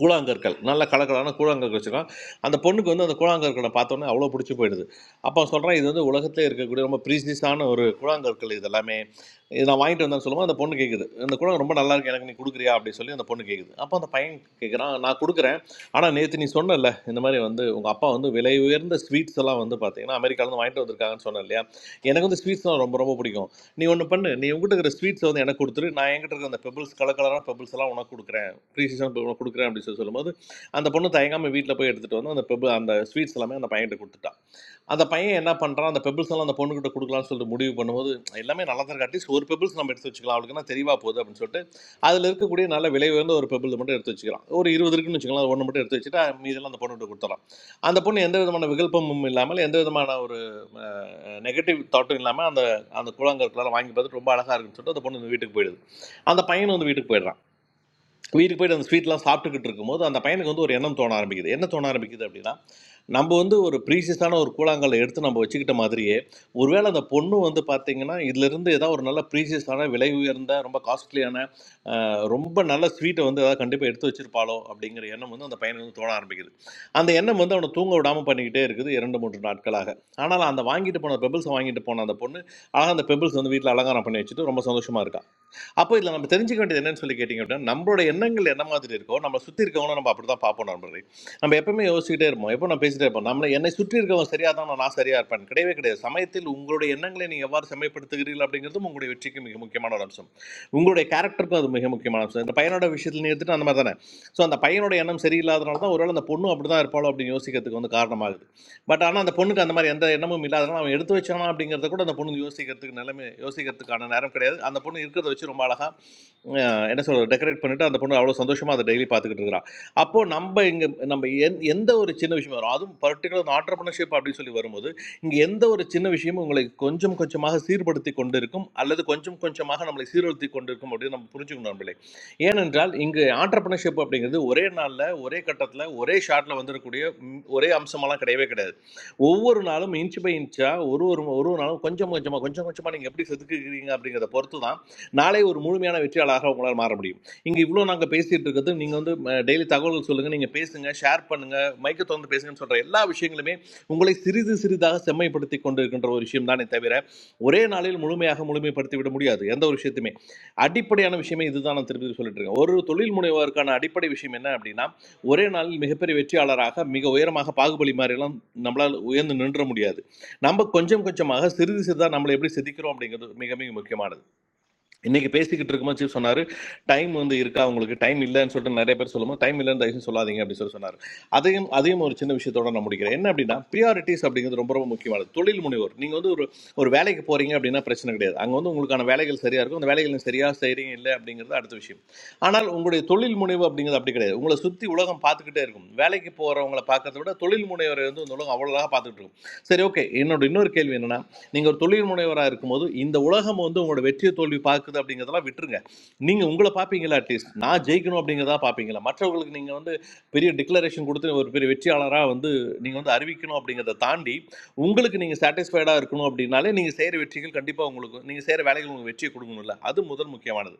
[SPEAKER 11] கூழாங்கற்கள் நல்ல கலக்கலான கூழாங்கற்கள் வச்சுருக்கான் அந்த பொண்ணுக்கு வந்து அந்த கூழாங்கற்களை பார்த்தோன்னே அவ்வளோ பிடிச்சி போயிடுது அப்போ சொல்கிறேன் இது வந்து உலகத்திலே இருக்கக்கூடிய ரொம்ப ப்ரீஸ்னிஸான ஒரு கூழாங்கற்கள் இது எல்லாமே இது நான் வாங்கிட்டு வந்தேன்னு சொல்லும்போது அந்த பொண்ணு கேட்குது இந்த கூழாங்க ரொம்ப நல்லா இருக்கு எனக்கு நீ கொடுக்குறியா அப்படின்னு சொல்லி அந்த பொண்ணு கேட்குது அப்போ அந்த பையன் கேட்குறான் நான் கொடுக்குறேன் ஆனால் நேற்று நீ சொன்னல இந்த மாதிரி வந்து உங்கள் அப்பா வந்து விலை உயர்ந்த ஸ்வீட்ஸ் எல்லாம் வந்து பார்த்தீங்கன்னா அமெரிக்காவிலேருந்து வாங்கிட்டு வந்திருக்காங்கன்னு சொன்னேன் இல்லையா எனக்கு வந்து ஸ்வீட்ஸ்லாம் ரொம்ப ரொம்ப பிடிக்கும் நீ ஒன்று பண்ணு நீ உங்ககிட்ட இருக்கிற ஸ்வீட்ஸ் வந்து எனக்கு கொடுத்துரு நான் என்கிட்ட இருக்கிற அந்த பெபிள்ஸ் கலர் கலரான பெபிள்ஸ் எல்லாம் உனக்கு கொடுக்குறேன் த்ரீ சீசன் கொடுக்குறேன் அப்படின்னு சொல்லி சொல்லும்போது அந்த பொண்ணு தயங்காமல் வீட்டில் போய் எடுத்துகிட்டு வந்து அந்த பெபிள் அந்த ஸ்வீட்ஸ் எல்லாமே அந்த பையன்கிட்ட கொடுத்துட்டான் அந்த பையன் என்ன பண்ணுறான் அந்த பெபிள்ஸ் எல்லாம் அந்த பொண்ணுகிட்ட கொடுக்கலாம்னு சொல்லிட்டு முடிவு பண்ணும்போது எல்லாமே நல்லா தான் இருக்கு அட்லீஸ்ட் ஒரு பெபிள்ஸ் நம்ம எடுத்து வச்சுக்கலாம் அவளுக்கு என்ன தெரியவா போகுது அப்படின்னு சொல்லிட்டு அதில் இருக்கக்கூடிய நல்ல விலை உயர்ந்த ஒரு பெபிள் மட்டும் எடுத்து வச்சுக்கலாம் ஒரு இருபது இருக்குன்னு வச்சுக்கலாம் அது ஒன்று மட்டும் எடுத்து வச்சுட்டு மீதெல்லாம் அந்த பொண்ணுகிட்ட கொடுத்துடலாம் அந்த பொண்ணு எந்த விதமான விகல்பமும் இல்லாமல் எந்த விதமான ஒரு நெகட்டிவ் தாட்டும் இல்லாமல் அந்த அந்த கூழாங்கற்களால் வாங்கி பார்த்துட்டு ரொம்ப அழகாக இருக்குன்னு சொல்லிட்டு அந்த பொண்ணு வீட்டுக்கு போயிடுது அந்த பையனும் வந்து வீட்டுக்கு போயிடுறான் வீட்டுக்கு போயிட்டு அந்த ஸ்வீட்லாம் சாப்பிட்டுக்கிட்டு இருக்கும்போது அந்த பையனுக்கு வந்து ஒரு எண்ணம் தோண ஆரம்பிக்குது என்ன தோண ஆரம்பிக்குது அப்படின்னா நம்ம வந்து ஒரு ப்ரீசியஸான ஒரு கூழாங்கல்லை எடுத்து நம்ம வச்சுக்கிட்ட மாதிரியே ஒருவேளை அந்த பொண்ணு வந்து பார்த்தீங்கன்னா இதுலேருந்து ஏதாவது ஒரு நல்ல ப்ரீசியஸான விலை உயர்ந்த ரொம்ப காஸ்ட்லியான ரொம்ப நல்ல ஸ்வீட்டை வந்து ஏதாவது கண்டிப்பாக எடுத்து வச்சிருப்பாளோ அப்படிங்கிற எண்ணம் வந்து அந்த பையனுக்கு வந்து தோண ஆரம்பிக்குது அந்த எண்ணம் வந்து அவனை தூங்க விடாமல் பண்ணிக்கிட்டே இருக்குது இரண்டு மூன்று நாட்களாக ஆனால் அந்த வாங்கிட்டு போன பெபிள்ஸ் வாங்கிட்டு போன அந்த பொண்ணு அழகாக அந்த பெபிள்ஸ் வந்து வீட்டில் அலங்காரம் பண்ணி வச்சுட்டு ரொம்ப சந்தோஷமாக இருக்கா அப்போ இதில் நம்ம தெரிஞ்சுக்க வேண்டியது என்னன்னு சொல்லி கேட்டிங்க அப்படின்னா நம்மளோட எண்ணங்கள் என்ன மாதிரி இருக்கோ நம்ம சுற்றி இருக்கவங்களும் நம்ம அப்படி தான் பார்ப்போம் நண்பர்களே நம்ம எப்பவுமே யோசிச்சுட்டே இருப்போம் எப்போ நான் பேசிட்டே இருப்போம் நம்மளை என்னை சுற்றி இருக்கவங்க சரியாக தான் நான் சரியாக இருப்பேன் கிடையவே கிடையாது சமயத்தில் உங்களுடைய எண்ணங்களை நீங்கள் எவ்வாறு செம்மைப்படுத்துகிறீர்கள் அப்படிங்கிறதும் உங்களுடைய வெற்றிக்கு மிக முக்கியமான ஒரு அம்சம் உங்களுடைய கேரக்டருக்கும் அது மிக முக்கியமான அம்சம் இந்த பையனோட விஷயத்தில் நீ எடுத்துட்டு அந்த மாதிரி தானே ஸோ அந்த பையனோட எண்ணம் சரியில்லாதனால தான் ஒருவேளை அந்த பொண்ணு அப்படி தான் இருப்பாளோ அப்படின்னு யோசிக்கிறதுக்கு வந்து காரணமாகுது பட் ஆனால் அந்த பொண்ணுக்கு அந்த மாதிரி எந்த எண்ணமும் இல்லாதனால அவன் எடுத்து வச்சானா அப்படிங்கிறத கூட அந்த பொண்ணு யோசிக்கிறதுக்கு நிலைமை யோசிக்கிறதுக்கான நேரம் கிடையாது அந்த பொண்ணு இருக்கிறத வச்சு ரொம்ப அழகா அஹ் என்ன சொல்றது டெக்கரேட் பண்ணிட்டு அந்த பொண்ணு அவ்வளோ சந்தோஷமா அதை டெய்லி பார்த்துக்கிட்டு இருக்கிறா அப்போ நம்ம இங்க நம்ம எந் எந்த ஒரு சின்ன விஷயம் வரும் அதுவும் பர்டிகுலர் இந்த ஆண்டர்பனர்ஷிப் அப்படின்னு சொல்லி வரும்போது இங்க எந்த ஒரு சின்ன விஷயமும் உங்களை கொஞ்சம் கொஞ்சமாக சீர்படுத்தி கொண்டிருக்கும் அல்லது கொஞ்சம் கொஞ்சமாக நம்மளை சீர்படுத்தி கொண்டிருக்கும் அப்படின்னு நம்ம புரிஞ்சுக்கணும் நம்மளே ஏனென்றால் இங்கு ஆண்டர்பனர்ஷிப் அப்படிங்கிறது ஒரே நாளில் ஒரே கட்டத்தில் ஒரே ஷாட்டில் வந்துடக்கூடிய ம், ஒரே அம்சமெல்லாம் கிடையவே கிடையாது ஒவ்வொரு நாளும் இன்ச் பை இன்ச்சாக ஒரு ஒரு ஒரு ஒரு நாளும் கொஞ்சம் கொஞ்சமாக கொஞ்சம் கொஞ்சமாக நீங்கள் எப்படி செதுக்குகிறீங்க அப்படிங்கிறத பொறுத்து தான் நாளை ஒரு முழுமையான வெற்றியாளராக உங்களால் மாற முடியும் இங்கே இவ்வளோ நாங்கள் பேசிட்டு இருக்கிறது நீங்கள் வந்து டெய்லி தகவல்கள் சொல்லுங்கள் நீங்கள் பேசுங்க ஷேர் பண்ணுங்க மைக்கை திறந்து பேசுங்கன்னு சொல்கிற எல்லா விஷயங்களுமே உங்களை சிறிது சிறிதாக செம்மைப்படுத்தி கொண்டு இருக்கின்ற ஒரு விஷயம் தானே தவிர ஒரே நாளில் முழுமையாக முழுமைப்படுத்தி விட முடியாது எந்த ஒரு விஷயத்தையுமே அடிப்படையான விஷயமே இதுதான் நான் திருப்பி சொல்லிட்டு இருக்கேன் ஒரு தொழில் முனைவோருக்கான அடிப்படை விஷயம் என்ன அப்படின்னா ஒரே நாளில் மிகப்பெரிய வெற்றியாளராக மிக உயரமாக பாகுபலி மாதிரிலாம் நம்மளால் உயர்ந்து நின்ற முடியாது நம்ம கொஞ்சம் கொஞ்சமாக சிறிது சிறிதாக நம்மளை எப்படி செதுக்கிறோம் அப்படிங்கிறது மிக மிக முக்கியமானது இன்னைக்கு பேசிக்கிட்டு இருக்கும்போது சீஃப் சொன்னாரு டைம் வந்து இருக்கா உங்களுக்கு டைம் இல்லைன்னு சொல்லிட்டு நிறைய பேர் சொல்லும்போது டைம் இல்லைன்னு தயவு செஞ்சு சொல்லாதீங்க அப்படின்னு சொல்லி சொன்னார் அதையும் அதையும் ஒரு சின்ன விஷயத்தோட நான் முடிக்கிறேன் என்ன அப்படின்னா ப்ரியாரிட்டிஸ் அப்படிங்கிறது ரொம்ப ரொம்ப முக்கியமானது தொழில் முனைவோர் நீங்க வந்து ஒரு ஒரு வேலைக்கு போறீங்க அப்படின்னா பிரச்சனை கிடையாது அங்க வந்து உங்களுக்கான வேலைகள் சரியா இருக்கும் அந்த வேலைகள் நீங்க சரியா செய்றீங்க இல்லை அப்படிங்கிறது அடுத்த விஷயம் ஆனால் உங்களுடைய தொழில் முனைவு அப்படிங்கிறது அப்படி கிடையாது உங்களை சுத்தி உலகம் பார்த்துக்கிட்டே இருக்கும் வேலைக்கு போறவங்களை பார்க்கறத விட தொழில் முனைவரை வந்து இந்த உலகம் அவ்வளோ அழகாக பார்த்துட்டு இருக்கும் சரி ஓகே என்னோட இன்னொரு கேள்வி என்னன்னா நீங்கள் ஒரு தொழில் முனைவராக இருக்கும்போது இந்த உலகம் வந்து உங்களோட வெற்றியை தோல்வி பார்க்குது அப்படிங்கிறதெல்லாம் விட்டுருங்க நீங்கள் உங்களை பார்ப்பீங்களா அட்லீஸ்ட் நான் ஜெயிக்கணும் அப்படிங்கிறதா பார்ப்பீங்களா மற்றவர்களுக்கு நீங்கள் வந்து பெரிய டிக்ளரேஷன் கொடுத்து ஒரு பெரிய வெற்றியாளராக வந்து நீங்கள் வந்து அறிவிக்கணும் அப்படிங்கிறத தாண்டி உங்களுக்கு நீங்கள் சாட்டிஸ்ஃபைடாக இருக்கணும் அப்படின்னாலே நீங்கள் செய்கிற வெற்றிகள் கண்டிப்பாக உங்களுக்கு நீங்கள் செய்கிற வேலைகள் உங்களுக்கு வெற்றியை கொடுக்கணும்ல அது முதல் முக்கியமானது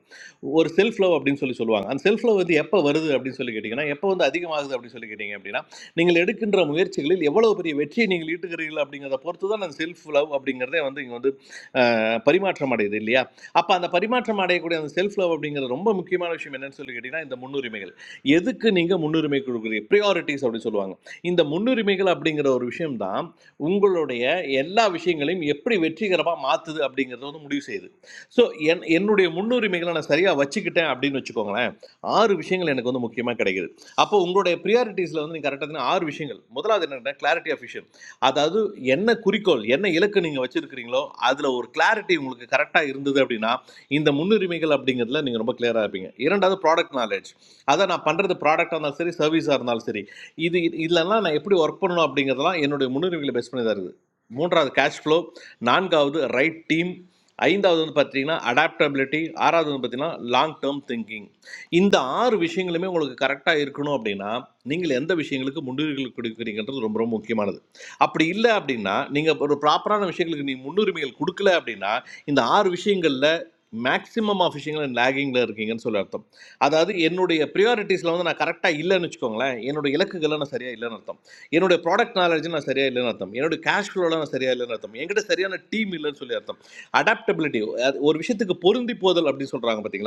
[SPEAKER 11] ஒரு செல்ஃப் லவ் அப்படின்னு சொல்லி சொல்லுவாங்க அந்த செல்ஃப் லவ் வந்து எப்போ வருது அப்படின்னு சொல்லி கேட்டிங்கன்னா எப்போ வந்து அதிகமாகுது அப்படின்னு சொல்லி கேட்டிங்க அப்படின்னா நீங்கள் எடுக்கின்ற முயற்சிகளில் எவ்வளவு பெரிய வெற்றியை நீங்கள் ஈட்டுகிறீர்கள் அப்படிங்கிறத பொறுத்து தான் அந்த செல்ஃப் லவ் அப்படிங்கிறதே வந்து இங்கே வந்து அஹ், பரிமாற்றம் அடையுது இல்லையா அப்போ அந்த பரிமாற்றம் அடையக்கூடிய அந்த செல்ஃப் லவ் அப்படிங்கிறது ரொம்ப முக்கியமான விஷயம் என்னன்னு சொல்லி கேட்டிங்கன்னா இந்த முன்னுரிமைகள் எதுக்கு நீங்கள் முன்னுரிமை கொடுக்குறீங்க ப்ரியாரிட்டிஸ் அப்படின்னு சொல்லுவாங்க இந்த முன்னுரிமைகள் அப்படிங்கிற ஒரு விஷயம்தான் உங்களுடைய எல்லா விஷயங்களையும் எப்படி வெற்றிகரமாக மாற்றுது அப்படிங்கிறத வந்து முடிவு செய்யுது ஸோ என் என்னுடைய முன்னுரிமைகளை நான் சரியாக வச்சுக்கிட்டேன் அப்படின்னு வச்சுக்கோங்களேன் ஆறு விஷயங்கள் எனக்கு வந்து முக்கியமாக கிடைக்குது அப்போ உங்களுடைய ப்ரியாரிட்டிஸில் வந்து நீங்கள் கரெக்டாக ஆறு விஷயங்கள் முதலாவது என்னென்னா கிளாரிட்டி ஆஃப் விஷன் அதாவது என்ன குறிக்கோள் என்ன இலக்கு நீங்கள் வச்சுருக்கிறீங்களோ அதில் ஒரு கிளாரிட்டி உங்களுக்கு கரெக்டாக இருந்தது அப்படின்னா இந்த முன்னுரிமைகள் அப்படிங்கிறதுல நீங்கள் ரொம்ப கிளியராக இருப்பீங்க இரண்டாவது ப்ராடக்ட் நாலேஜ் அதை நான் பண்ணுறது ப்ராடக்டாக இருந்தாலும் சரி சர்வீஸாக இருந்தாலும் சரி இது இதெல்லாம் நான் எப்படி ஒர்க் பண்ணணும் அப்படிங்கிறதெல்லாம் என்னுடைய முன்னுரிமைகளை பெஸ்ட் பண்ணி தான் இருக்குது மூன்றாவது கேஷ் ஃப்ளோ நான்காவது ரைட் டீம் ஐந்தாவது வந்து பார்த்தீங்கன்னா அடாப்டபிலிட்டி ஆறாவது வந்து பார்த்தீங்கன்னா லாங் டேர்ம் திங்கிங் இந்த ஆறு விஷயங்களுமே உங்களுக்கு கரெக்டாக இருக்கணும் அப்படின்னா நீங்கள் எந்த விஷயங்களுக்கு முன்னுரிமைகள் கொடுக்குறீங்கன்றது ரொம்ப ரொம்ப முக்கியமானது அப்படி இல்லை அப்படின்னா நீங்கள் ஒரு ப்ராப்பரான விஷயங்களுக்கு நீ முன்னுரிமைகள் கொடுக்கல அப்படின்னா இந்த ஆறு விஷயங்களில் மேக்ஸிமம் ஆஃப் விஷயங்கள் லேகிங்கில் இருக்கீங்கன்னு சொல்லி அர்த்தம் அதாவது என்னுடைய ப்ரியாரிட்டிஸில் வந்து நான் கரெக்டாக இல்லைன்னு வச்சுக்கோங்களேன் என்னோட இலக்குகளை நான் சரியாக இல்லைன்னு அர்த்தம் என்னுடைய ப்ராடக்ட் நாலேஜ் நான் சரியாக இல்லைன்னு அர்த்தம் என்னுடைய கேஷ் ஃப்ளோவில் நான் சரியாக இல்லைன்னு அர்த்தம் என்கிட்ட சரியான டீம் இல்லைன்னு சொல்லி அர்த்தம் அடாப்டபிலிட்டி ஒரு விஷயத்துக்கு பொருந்தி போதல் அப்படின்னு சொல்கிறாங்க பார்த்தீங்களா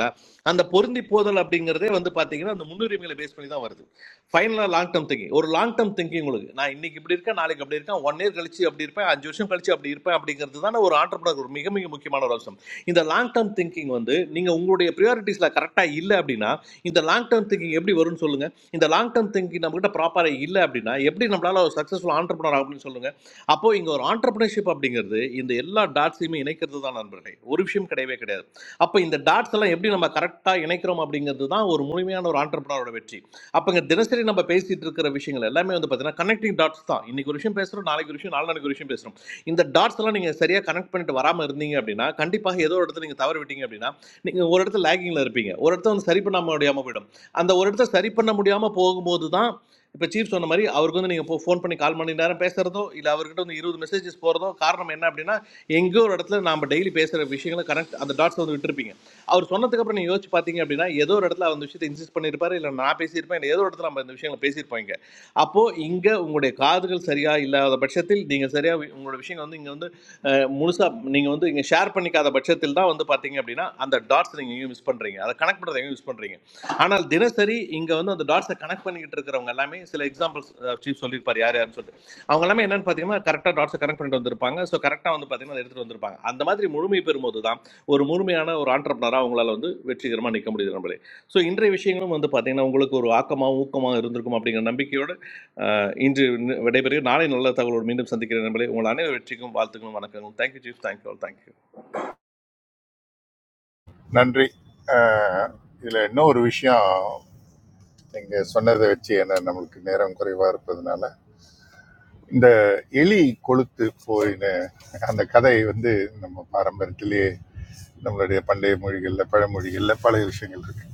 [SPEAKER 11] அந்த பொருந்தி போதல் அப்படிங்கிறதே வந்து பாத்தீங்கன்னா அந்த முன்னுரிமைகளை பேஸ் பண்ணி தான் வருது ஃபைனலா லாங் டேர்ம் திங்கிங் ஒரு லாங் டேர்ம் திங்கிங் உங்களுக்கு நான் இன்னைக்கு இப்படி இருக்கேன் நாளைக்கு அப்படி இருக்கேன் ஒன் இயர் கழிச்சு அப்படி இருப்பேன் அஞ்சு வருஷம் கழிச்சு அப்படி இருப்பேன் அப்படிங்கிறது தானே ஒரு ஆண்டர்பனர் ஒரு மிக மிக முக்கியமான ஒரு அம்சம் இந்த லாங் டேர்ம் திங்கிங் வந்து நீங்க உங்களுடைய ப்ரியாரிட்டிஸ்ல கரெக்டா இல்லை அப்படின்னா இந்த லாங் டேர்ம் திங்கிங் எப்படி வரும்னு சொல்லுங்க இந்த லாங் டேர்ம் திங்கிங் நம்ம கிட்ட ப்ராப்பரா இல்லை அப்படின்னா எப்படி நம்மளால ஒரு சக்சஸ்ஃபுல் ஆண்டர்பனர் ஆகும்னு சொல்லுங்க அப்போ இங்க ஒரு ஆண்டர்பிரினர்ஷிப் அப்படிங்கிறது இந்த எல்லா டாட்ஸையுமே இணைக்கிறது தான் நண்பர்களே ஒரு விஷயம் கிடையவே கிடையாது அப்போ இந்த டாட்ஸ் எல்லாம் எப்படி நம்ம கரெக்டாக இணைக்கிறோம் அப்படிங்கிறது தான் ஒரு முழுமையான ஒரு ஆண்டர்பனரோட வெற்றி அப்போ இங்கே தினசரி நம்ம பேசிட்டு இருக்கிற விஷயங்கள் எல்லாமே வந்து பார்த்தீங்கன்னா கனெக்டிங் டாட்ஸ் தான் இன்னைக்கு ஒரு விஷயம் பேசுகிறோம் நாளைக்கு ஒரு விஷயம் நாலு நாளைக்கு ஒரு விஷயம் பேசுகிறோம் இந்த டாட்ஸ் எல்லாம் நீங்கள் சரியாக கனெக்ட் பண்ணிட்டு வராமல் இருந்தீங்க அப்படின்னா கண்டிப்பாக ஏதோ ஒரு இடத்துல நீங்கள் தவறு விட்டீங்க அப்படின்னா நீங்கள் ஒரு இடத்துல லேகிங்கில் இருப்பீங்க ஒரு இடத்த வந்து சரி பண்ண முடியாமல் போயிடும் அந்த ஒரு இடத்த சரி பண்ண முடியாமல் போகும்போது தான் இப்போ சீஃப் சொன்ன மாதிரி அவருக்கு வந்து நீங்கள் ஃபோன் பண்ணி கால் மணி நேரம் பேசுகிறதோ இல்லை அவர்கிட்ட வந்து இருபது மெசேஜஸ் போகிறதோ காரணம் என்ன அப்படின்னா எங்கேயோ ஒரு இடத்துல நாம் டெய்லி பேசுகிற விஷயங்களை கனெக்ட் அந்த டாட்ஸ் வந்து விட்டுருப்பீங்க அவர் சொன்னதுக்கப்புறம் நீங்கள் யோசிச்சு பார்த்தீங்க அப்படின்னா ஏதோ ஒரு இடத்துல அவர் அந்த விஷயத்தை இன்சிஸ்ட் பண்ணியிருப்பாரு இல்லை நான் பேசியிருப்பேன் இல்லை ஏதோ ஒரு இடத்துல நம்ம இந்த விஷயங்களை பேசியிருப்போம் இங்கே அப்போது இங்கே உங்களுடைய காதுகள் சரியாக இல்லாத பட்சத்தில் நீங்கள் சரியாக உங்களோட விஷயங்கள் வந்து இங்கே வந்து முழுசாக நீங்கள் வந்து இங்கே ஷேர் பண்ணிக்காத பட்சத்தில் தான் வந்து பார்த்தீங்க அப்படின்னா அந்த டாட்ஸ் நீங்கள் எங்கேயும் மிஸ் பண்ணுறீங்க அதை கனெக்ட் பண்ணுறது எங்கேயும் மிஸ் பண்ணுறீங்க ஆனால் தினசரி இங்கே வந்து அந்த டாட்ஸை கனெக்ட் பண்ணிக்கிட்டு இருக்கிறவங்க எல்லாமே சில எக்ஸாம்பிள்ஸ் சீஃப் சொல்லியிருப்பார் யார் யாருன்னு சொல்லிட்டு அவங்க எல்லாமே என்னன்னு பார்த்தீங்கன்னா கரெக்டாக டாட்ஸை கனெக்ட் பண்ணிட்டு வந்திருப்பாங்க ஸோ கரெக்டாக வந்து பார்த்தீங்கன்னா அதை எடுத்துட்டு வந்திருப்பாங்க அந்த மாதிரி முழுமை பெறும்போது தான் ஒரு முழுமையான ஒரு ஆண்டர்பனராக அவங்களால வந்து வெற்றிகரமாக நிற்க முடியுது நம்மளே ஸோ இன்றைய விஷயங்களும் வந்து பார்த்தீங்கன்னா உங்களுக்கு ஒரு ஆக்கமாகவும் ஊக்கமாகவும் இருந்திருக்கும் அப்படிங்கிற நம்பிக்கையோடு அஹ், இன்று நி- விடைபெறுகிறேன் நாளை நல்ல தகவலோடு மீண்டும் சந்திக்கிறேன் நம்மளே உங்கள் அனைவரு வெற்றிக்கும் வாழ்த்துக்களும் வணக்கங்களும் thank you chief thank you all thank you
[SPEAKER 7] நன்றி அஹ், இதுல இன்னும் ஒரு விஷயம் நீங்கள் சொன்னதை வச்சு ஏன்னா நம்மளுக்கு நேரம் குறைவாக இருப்பதுனால இந்த எலி கொளுத்து போயின அந்த கதை வந்து நம்ம பாரம்பரியத்திலேயே நம்மளுடைய பண்டைய மொழிகளில் பழமொழிகளில் பல விஷயங்கள் இருக்கு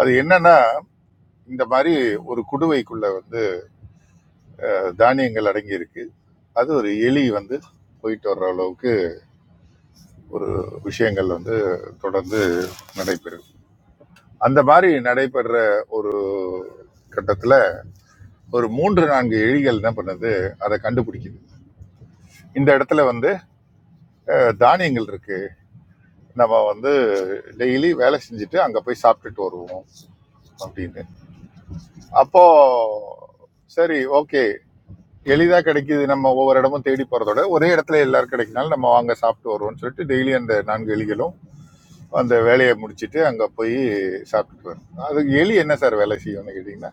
[SPEAKER 7] அது என்னன்னா இந்த மாதிரி ஒரு குடுவைக்குள்ள வந்து தானியங்கள் அடங்கி இருக்கு அது ஒரு எலி வந்து போயிட்டு வர்ற அளவுக்கு ஒரு விஷயங்கள் வந்து தொடர்ந்து நடைபெறும் அந்த மாதிரி நடைபெற ஒரு கட்டத்துல ஒரு மூன்று நான்கு எலிகள் என்ன பண்ணுது அதை கண்டுபிடிக்குது இந்த இடத்துல வந்து தானியங்கள் இருக்கு நம்ம வந்து டெய்லி வேலை செஞ்சுட்டு அங்க போய் சாப்பிட்டுட்டு வருவோம் அப்படின்னு அப்போ சரி ஓகே எளிதா கிடைக்குது நம்ம ஒவ்வொரு இடமும் தேடி போறதோட ஒரே இடத்துல எல்லாரும் கிடைக்கினாலும் நம்ம வாங்க சாப்பிட்டு வருவோம்னு சொல்லிட்டு டெய்லி அந்த நான்கு எலிகளும் அந்த வேலையை முடிச்சிட்டு அங்க போய் சாப்பிட்டுட்டு வரும் அது எலி என்ன சார் வேலை செய்யும்னு கேட்டிங்கன்னா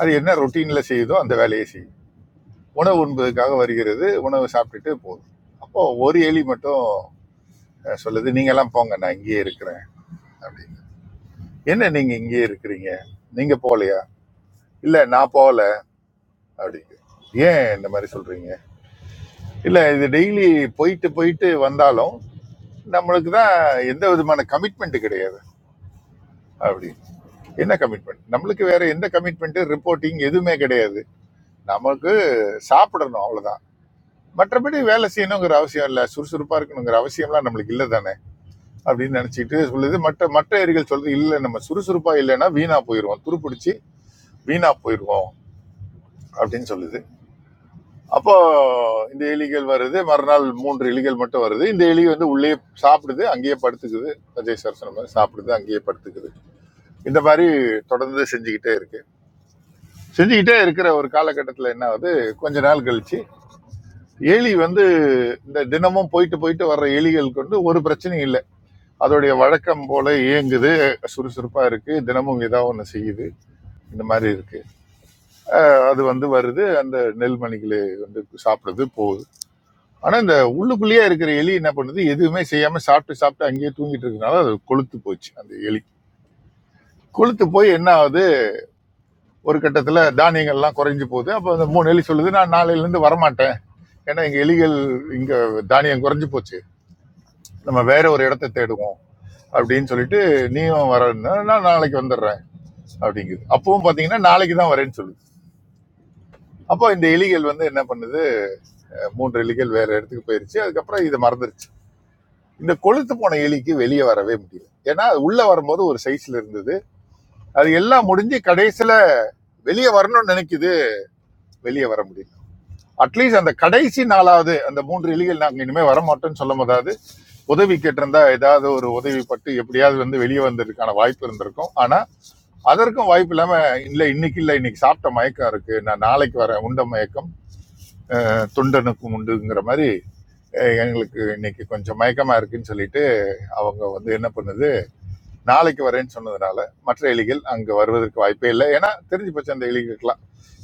[SPEAKER 7] அது என்ன ரொட்டீன்ல செய்யுதோ அந்த வேலையை செய்யும் உணவு உண்பதுக்காக வருகிறது உணவு சாப்பிட்டுட்டு போதும் அப்போ ஒரு எலி மட்டும் அஹ், சொல்லுது நீங்க எல்லாம் போங்க நான் இங்கேயே இருக்கிறேன் அப்படின்னு என்ன நீங்க இங்கேயே இருக்கிறீங்க நீங்க போகலையா இல்ல நான் போகல அப்படிங்க ஏன் இந்த மாதிரி சொல்றீங்க இல்ல இது டெய்லி போயிட்டு போயிட்டு வந்தாலும் நம்மளுக்கு தான் எந்த விதமான கமிட்மெண்ட் கிடையாது அப்படி என்ன கமிட்மெண்ட் நம்மளுக்கு வேற எந்த கமிட்மெண்ட் ரிப்போர்ட்டிங் எதுவுமே கிடையாது நமக்கு சாப்பிடணும் அவ்வளவுதான் மற்றபடி வேலை செய்யணுங்கிற அவசியம் இல்லை சுறுசுறுப்பா இருக்கணுங்கிற அவசியம்லாம் நம்மளுக்கு இல்லை தானே அப்படின்னு நினைச்சிட்டு சொல்லுது மற்ற மற்ற ஏரிகள் சொல்றது இல்லை நம்ம சுறுசுறுப்பா இல்லைன்னா வீணா போயிடுவோம் துருப்பிடிச்சு வீணா போயிடுவோம் அப்படின்னு சொல்லுது அப்போ இந்த எலிகள் வருது மறுநாள் மூன்று எலிகள் மட்டும் வருது இந்த எலி வந்து உள்ளே சாப்பிடுது அங்கேயே படுத்துக்குது அஜய் சார் சொன்ன மாதிரி சாப்பிடுது அங்கேயே படுத்துக்குது இந்த மாதிரி தொடர்ந்து செஞ்சுக்கிட்டே இருக்கு செஞ்சுக்கிட்டே இருக்கிற ஒரு காலகட்டத்தில் என்ன ஆகுது கொஞ்ச நாள் கழிச்சு எலி வந்து இந்த தினமும் போயிட்டு போயிட்டு வர்ற எலிகளுக்கு வந்து ஒரு பிரச்சனையும் இல்லை அதோடைய வழக்கம் போல இயங்குது சுறுசுறுப்பா இருக்கு தினமும் ஏதாவது ஒன்று செய்யுது இந்த மாதிரி இருக்கு அது வந்து வருது அந்த நெல்மணிகளை வந்து சாப்பிடுது போகுது ஆனா இந்த உள்ளுக்குள்ளேயே இருக்கிற எலி என்ன பண்ணுது எதுவுமே செய்யாம சாப்பிட்டு சாப்பிட்டு அங்கேயே தூங்கிட்டு இருக்கனால அது கொழுத்து போச்சு அந்த எலி கொழுத்து போய் என்ன ஆகுது ஒரு கட்டத்துல தானியங்கள்லாம் குறைஞ்சு போகுது அப்ப அந்த மூணு எலி சொல்லுது நான் நாளையில இருந்து வரமாட்டேன் ஏன்னா எங்க எலிகள் இங்க தானியம் குறைஞ்சு போச்சு நம்ம வேற ஒரு இடத்த தேடுவோம் அப்படின்னு சொல்லிட்டு நீயும் வரன்னா நான் நாளைக்கு வந்துடுறேன் அப்படிங்குது அப்பவும் பாத்தீங்கன்னா நாளைக்கு தான் வரேன்னு சொல்லுது அப்போ இந்த எலிகள் வந்து என்ன பண்ணுது மூன்று எலிகள் வேற இடத்துக்கு போயிருச்சு அதுக்கப்புறம் இதை மறந்துருச்சு இந்த கொழுத்து போன எலிக்கு வெளியே வரவே முடியல ஏன்னா அது உள்ள வரும்போது ஒரு சைஸ்ல இருந்தது அது எல்லாம் முடிஞ்சு கடைசியில வெளியே வரணும்னு நினைக்குது வெளியே வர முடியல அட்லீஸ்ட் அந்த கடைசி நாளாவது அந்த மூன்று எலிகள் நாங்க இனிமே வர மாட்டோம்னு சொல்லும் போதாவது உதவி கேட்டிருந்தா ஏதாவது ஒரு உதவி பட்டு எப்படியாவது வந்து வெளியே வந்ததுக்கான வாய்ப்பு இருந்திருக்கும் ஆனா அதற்கும் வாய்ப்பு இல்லாம இல்ல இன்னைக்கு இல்ல இன்னைக்கு சாப்பிட்ட மயக்கம் இருக்கு நான் நாளைக்கு வரேன் உண்ட மயக்கம் அஹ் தொண்டனுக்கும் உண்டுங்கிற மாதிரி அஹ் எங்களுக்கு இன்னைக்கு கொஞ்சம் மயக்கமா இருக்குன்னு சொல்லிட்டு அவங்க வந்து என்ன பண்ணுது நாளைக்கு வரேன்னு சொன்னதுனால மற்ற எலிகள் அங்கே வருவதற்கு வாய்ப்பே இல்லை ஏன்னா தெரிஞ்சு போச்சு அந்த எலிகளுக்கெல்லாம்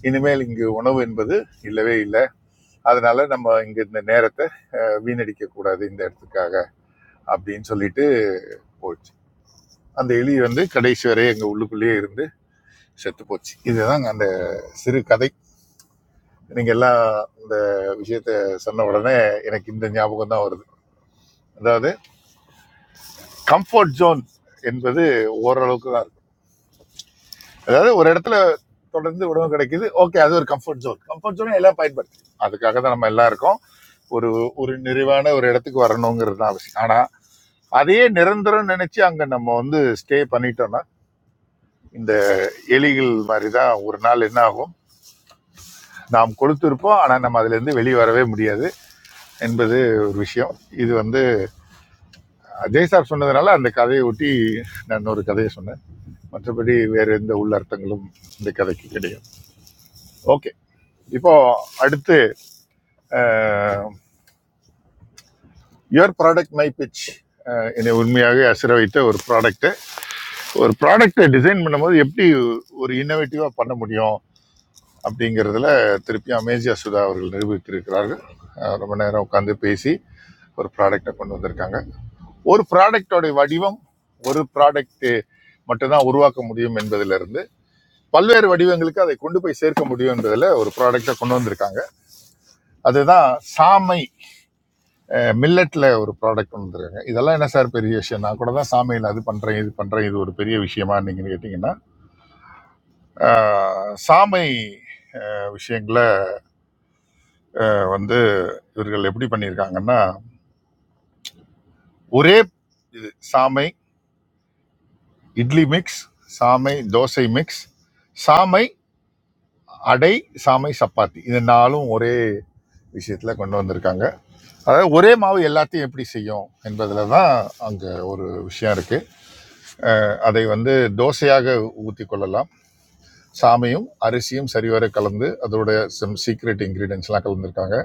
[SPEAKER 7] இனிமேல் இங்கு உணவு என்பது இல்லவே இல்லை அதனால நம்ம இங்க இந்த நேரத்தை வீணடிக்க கூடாது இந்த இடத்துக்காக அப்படின்னு சொல்லிட்டு போச்சு அந்த எலி வந்து கடைசி வரை எங்க உள்ளுக்குள்ளேயே இருந்து செத்து போச்சு இதுதான் அந்த சிறு கதை நீங்க எல்லாம் இந்த விஷயத்த சொன்ன உடனே எனக்கு இந்த ஞாபகம் தான் வருது அதாவது கம்ஃபர்ட் ஜோன் என்பது ஓரளவுக்கு தான் இருக்கு. அதாவது ஒரு இடத்துல தொடர்ந்து உணவு கிடைக்குது ஓகே அது ஒரு கம்ஃபர்ட் ஜோன் கம்ஃபர்ட் ஜோன் எல்லாம் பயன்படுத்தி அதுக்காக தான் நம்ம எல்லாம் இருக்கோம் ஒரு ஒரு நிறைவான ஒரு இடத்துக்கு வரணுங்கிறது தான் அவசியம் ஆனா அதையே நிரந்தரம் நினைச்சு அங்க நம்ம வந்து ஸ்டே பண்ணிட்டோம்னா இந்த எலிகள் மாதிரி தான் ஒரு நாள் என்ன ஆகும் நாம் கொடுத்திருப்போம் ஆனா நம்ம அதுல இருந்து வெளியே வரவே முடியாது என்பது ஒரு விஷயம் இது வந்து அஜய் சார் சொன்னதுனால அந்த கதையை ஒட்டி நான் ஒரு கதையை சொன்னேன் மற்றபடி வேற எந்த உள்ளர்த்தங்களும் இந்த கதைக்கு கிடையாது ஓகே இப்போ அடுத்து யுவர் ப்ராடக்ட் மை பிச் என்னை உண்மையாக அசிர வைத்த ஒரு ப்ராடக்ட்டு ஒரு ப்ராடக்ட்டை டிசைன் பண்ணும்போது எப்படி ஒரு இன்னோவேட்டிவாக பண்ண முடியும் அப்படிங்கிறதுல திருப்பி அமேசியா சுதா அவர்கள் நிரூபித்திருக்கிறார்கள் அஹ் ரொம்ப நேரம் உட்காந்து பேசி ஒரு ப்ராடக்டை கொண்டு வந்திருக்காங்க ஒரு ப்ராடக்டோடைய வடிவம் ஒரு ப்ராடக்ட்டு மட்டும்தான் உருவாக்க முடியும் என்பதிலிருந்து பல்வேறு வடிவங்களுக்கு அதை கொண்டு போய் சேர்க்க முடியும் என்பதில் ஒரு ப்ராடக்டை கொண்டு வந்திருக்காங்க அதுதான் சாமை மில்லட்டில் ஒரு ப்ராடக்ட் கொண்டு வந்துருக்காங்க இதெல்லாம் என்ன சார் பெரிய விஷயம் நான் கூட தான் சாமையில் அது பண்ணுறேன் இது பண்ணுறேன் இது ஒரு பெரிய விஷயமா நீங்கள் கேட்டிங்கன்னா ஆஹ், சாமை விஷயங்களை வந்து இவர்கள் எப்படி பண்ணியிருக்காங்கன்னா ஒரே இது சாமை இட்லி மிக்ஸ் சாமை தோசை மிக்ஸ் சாமை அடை சாமை சப்பாத்தி இது நாலும் ஒரே விஷயத்துல கொண்டு வந்திருக்காங்க அதாவது ஒரே மாவு எல்லாத்தையும் எப்படி செய்யும் என்பதுல தான் அங்க ஒரு விஷயம் இருக்கு அதை வந்து தோசையாக ஊத்தி கொள்ளலாம் சாமையும் அரிசியும் சரிவர கலந்து அதோட சம் சீக்ரெட் இன்கிரீடியன்ஸ் எல்லாம் கலந்துருக்காங்க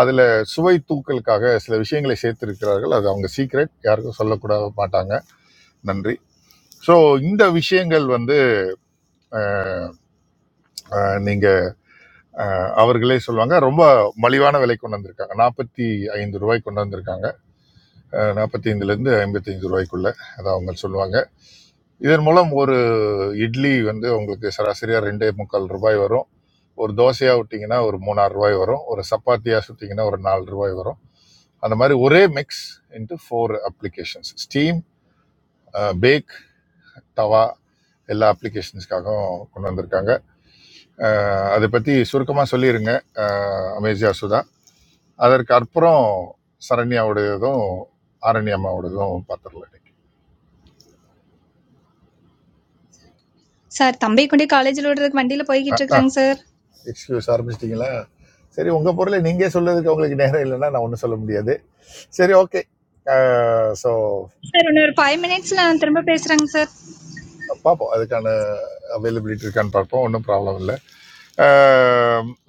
[SPEAKER 7] அதில் சுவை தூக்கலுக்காக சில விஷயங்களை சேர்த்திருக்கிறார்கள் அது அவங்க சீக்ரெட் யாருக்கும் சொல்லக்கூட மாட்டாங்க நன்றி ஸோ இந்த விஷயங்கள் வந்து அஹ், நீங்க அஹ், அவர்களே சொல்லுவாங்க ரொம்ப மலிவான விலை கொண்டு வந்திருக்காங்க நாற்பத்தி ஐந்து ரூபாய் கொண்டு வந்திருக்காங்க நாற்பத்தி ஐந்துலேருந்து ஐம்பத்தி ஐந்து ரூபாய்க்குள்ள அதை அவங்க சொல்லுவாங்க இதன் மூலம் ஒரு இட்லி வந்து உங்களுக்கு சராசரியாக ரெண்டே முக்கால் ரூபாய் வரும் ஒரு தோசையாக விட்டிங்கன்னா ஒரு மூணாறு ரூபாய் வரும் ஒரு சப்பாத்தியாக சுட்டிங்கன்னா ஒரு நாலு ரூபாய் வரும் அந்த மாதிரி ஒரே mix into four applications steam pack தவா எல்லா அப்ளிகேஷன்ஸ்க்காகவும் கொண்டு வந்திருக்காங்க அஹ், அதை பற்றி சுருக்கமாக சொல்லிடுங்க அமேசியா சுதா அதற்கு அப்புறம் சரண்யாவுடையதும் ஆரண்யம்மாவோடதும் பார்த்துடலாம்
[SPEAKER 18] Sir, I'm going to college. I'm going to go to the bus. Sir, sir,
[SPEAKER 7] excuse ஆரம்பிச்சிட்டிங்களா சரி உங்கள் பொருளை நீங்கள் சொல்றதுக்கு உங்களுக்கு நேரம் இல்லைன்னா நான் ஒன்றும் சொல்ல முடியாது சரி okay so
[SPEAKER 18] you need five minutes. Lanthamba Pesrang, Sir,
[SPEAKER 7] பார்ப்போம் அதுக்கான அவைலபிலிட்டி இருக்கான்னு பார்ப்போம் ஒன்றும் ப்ராப்ளம் இல்லை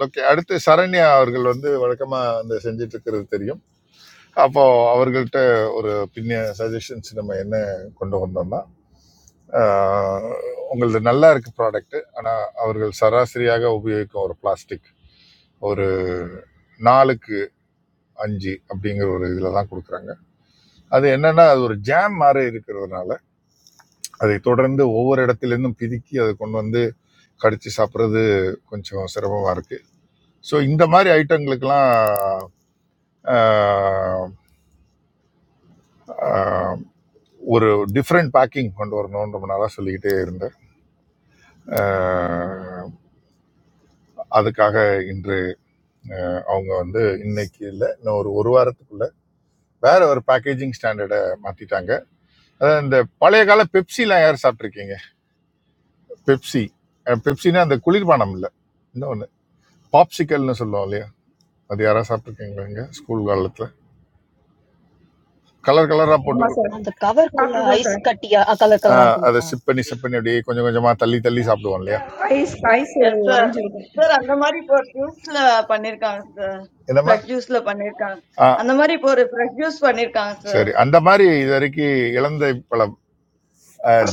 [SPEAKER 7] ஓகே அடுத்து சரண்யா அவர்கள் வந்து வழக்கமாக அந்த செஞ்சுட்டு இருக்கிறது தெரியும் அப்போ அவர்கள்ட்ட ஒரு பின்னிய சஜஷன்ஸ் நம்ம என்ன கொண்டு வந்தோம்னா ஆஹ், உங்களது நல்லா இருக்கு ப்ராடக்ட் ஆனால் அவர்கள் சராசரியாக உபயோகிக்கும் ஒரு பிளாஸ்டிக் ஒரு நாலுக்கு அஞ்சு அப்படிங்கிற ஒரு இதில் தான் கொடுக்குறாங்க அது என்னன்னா அது ஒரு ஜாம் மாதிரி இருக்கிறதுனால அதை தொடர்ந்து ஒவ்வொரு இடத்துலேருந்தும் பிதுக்கி அதை கொண்டு வந்து கடிச்சு சாப்பிட்றது கொஞ்சம் சிரமமாக இருக்கு ஸோ இந்த மாதிரி ஐட்டங்களுக்கெல்லாம் ஆஹ், ஆஹ், ஒரு டிஃப்ரெண்ட் பேக்கிங் கொண்டு வரணும்னு ரொம்ப நாளாக சொல்லிக்கிட்டே இருந்தேன் ஆஹ், அதுக்காக இன்று அவங்க வந்து இன்னைக்கு இல்லை இன்னும் ஒரு ஒரு வாரத்துக்குள்ள வேற ஒரு பேக்கேஜிங் ஸ்டாண்டர்டை மாத்திட்டாங்க அதாவது இந்த பழைய கால பெப்சிலாம் யார் சாப்பிட்ருக்கீங்க பெப்சி பெப்சினா அந்த குளிர்பானம் இல்லை இன்னொன்று பாப்சிக்கல்னு சொல்லுவோம் இல்லையா அது யாராவது சாப்பிட்ருக்கீங்களா இங்கே ஸ்கூல் காலத்தில் கலர் கலராக போட்டு
[SPEAKER 19] Yes,
[SPEAKER 7] கொடு-
[SPEAKER 19] sir.
[SPEAKER 15] And the cover
[SPEAKER 19] What
[SPEAKER 15] color,
[SPEAKER 19] about
[SPEAKER 15] ice
[SPEAKER 19] sir?
[SPEAKER 15] cutia, a color coverar
[SPEAKER 7] ஆஹ், அதை
[SPEAKER 15] come.
[SPEAKER 7] சிப் பண்ணி சிப் பண்ணி அப்படியே கொஞ்சம் கொஞ்சமாக தள்ளி தள்ளி சாப்பிடுவோம் இல்லையா
[SPEAKER 19] Ice, ice, orange juice.
[SPEAKER 9] Sir, that means for produce, sir. For
[SPEAKER 7] என்னம்மா
[SPEAKER 9] produce, sir.
[SPEAKER 7] Ah
[SPEAKER 9] For produce, sir.
[SPEAKER 7] சரி அந்த மாதிரி இது வரைக்கும் இலந்தை பழம்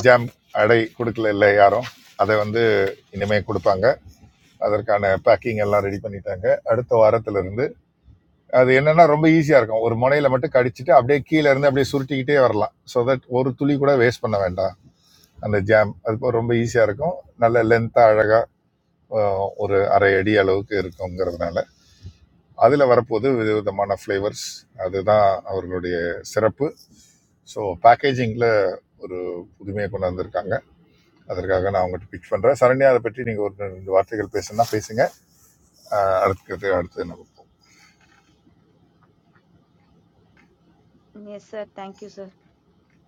[SPEAKER 7] ஜாம் அடை கொடுக்கல இல்லை யாரும் அதை வந்து இனிமே கொடுப்பாங்க அதற்கான பேக்கிங் எல்லாம் ரெடி பண்ணிட்டாங்க அடுத்த வாரத்துல இருந்து அது என்னன்னா ரொம்ப ஈஸியா இருக்கும் ஒரு முனையில மட்டும் கடிச்சிட்டு அப்படியே கீழே இருந்து அப்படியே சுருட்டிக்கிட்டே வரலாம் ஸோ தட் ஒரு துளி கூட வேஸ்ட் பண்ண வேண்டாம் அந்த ஜாம் அது இப்போ ரொம்ப ஈஸியா இருக்கும் நல்ல லென்த்தா அழகா அஹ், ஒரு அரை அடி அளவுக்கு இருக்குங்கிறதுனால அதுல வரப்போது விதவிதமான ஃப்ளேவர்ஸ் அதுதான் அவர்களுடைய சிறப்பு ஸோ பேக்கேஜிங்கில் ஒரு புதுமையை கொண்டு வந்திருக்காங்க அதற்காக நான் அவங்ககிட்ட பிக் பண்ணுறேன் சரண்யா அதை பற்றி நீங்கள் ஒரு ரெண்டு வார்த்தைகள் பேசுனா பேசுங்க அஹ் அடுத்தது அடுத்து நம்ம
[SPEAKER 10] yes sir. Thank you sir.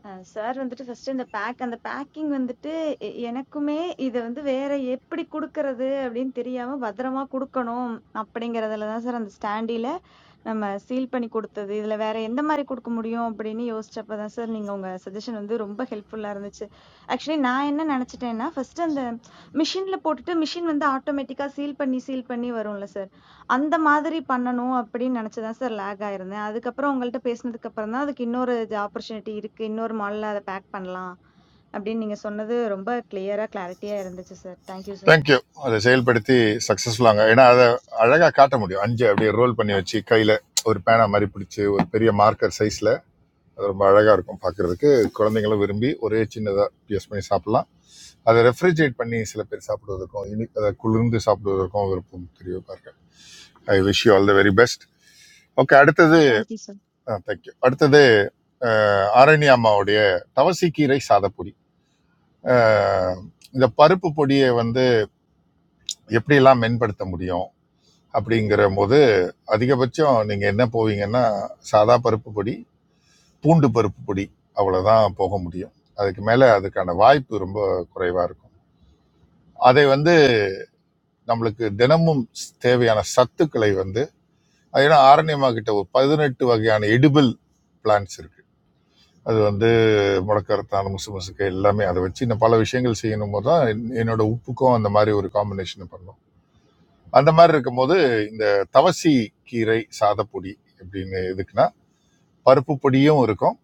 [SPEAKER 10] அ சார் வந்துட்டு ஃபர்ஸ்ட் இந்த பேக் அந்த பேக்கிங் வந்துட்டு எ எனக்குமே இத வந்து வேற எப்படி குடுக்கறது அப்படின்னு தெரியாம பத்திரமா குடுக்கணும் அப்படிங்கிறதுல தான் சார் அந்த ஸ்டாண்டில நம்ம சீல் பண்ணி குடுத்தது, இதுல வேற எந்த மாரி குடுக்க முடியும் அப்படின்னு யோசிச்சப்ப தான் சார் நீங்க உங்க சஜஷன் வந்து ரொம்ப ஹெல்ப்ஃபுல்லா இருந்துச்சு. ஆக்சுவலி நான் என்ன நெனச்சுட்டேன்னா, ஃபர்ஸ்ட் அந்த மிஷின்ல போட்டுட்டு மிஷின் வந்து ஆட்டோமேட்டிக்கா சீல் பண்ணி, சீல் பண்ணி வரும்ல சார். அந்த மாதிரி பண்ணணும் அப்படின்னு நெனச்சு தான் சார் லேக் ஆயிருந்தேன். அதுக்கப்புறம் உங்கள்ட்ட பேசினதுக்கு அப்புறம் தான் அதுக்கு இன்னொரு இது ஆப்பர்ச்சுனிட்டி இருக்கு. இன்னொரு மாடல்ல அத பேக் பண்ணலாம். அப்படின்னு நீங்க சொன்னது ரொம்ப கிளியரா, கிளாரிட்டியா இருந்துச்சு sir. Thank you sir.
[SPEAKER 7] Thank you அதை செயல்படுத்தி சக்ஸஸ்ஃபுல்லாங்க ஏன்னா அதை அழகாக காட்ட முடியும் அஞ்சு அப்படியே ரோல் பண்ணி வச்சு கையில் ஒரு பேனா மாதிரி பிடிச்சி ஒரு பெரிய மார்க்கர் சைஸில் அது ரொம்ப அழகாக இருக்கும் பார்க்குறதுக்கு குழந்தைங்களும் விரும்பி ஒரே சின்னதாக யூஸ் பண்ணி சாப்பிட்லாம் அதை ரெஃப்ரிஜரேட் பண்ணி சில பேர் சாப்பிடுவதற்கும் இனி அதை குளிர்ந்து சாப்பிடுவதற்கும் விருப்பம் தெரிய பாருங்க I wish you all the very best okay அடுத்தது
[SPEAKER 10] தேங்க் யூ சார்.
[SPEAKER 7] ஆ தேங்க்யூ அடுத்தது அஹ், ஆரணி அம்மாவுடைய தவசிக்கீரை சாதப்பொடி அஹ், இந்த பருப்பு பொடியை வந்து எப்படியெல்லாம் மென்படுத்த முடியும் அப்படிங்கிற போது அதிகபட்சம் நீங்கள் என்ன போவீங்கன்னா சாதா பருப்பு பொடி பூண்டு பருப்பு பொடி அவ்வளோதான் போக முடியும் அதுக்கு மேலே அதுக்கான வாய்ப்பு ரொம்ப குறைவாக இருக்கும் அதை வந்து நம்மளுக்கு தினமும் தேவையான சத்துக்களை வந்து ஏன்னா ஆரண்யமா கிட்ட ஒரு பதினெட்டு வகையான எடிபிள் பிளான்ஸ் இருக்கு அது வந்து முடக்கரத்தான் முசு முசுக்கு எல்லாமே அதை வச்சு நான் பல விஷயங்கள் செய்யணும் போது தான் என்- என்னோட உப்புக்கும் அந்த மாதிரி ஒரு காம்பினேஷன் பண்ணோம் அந்த மாதிரி இருக்கும்போது இந்த தவசி கீரை சாதப்பொடி அப்படின்னு எதுக்குன்னா பருப்பு பொடியும் இருக்கும்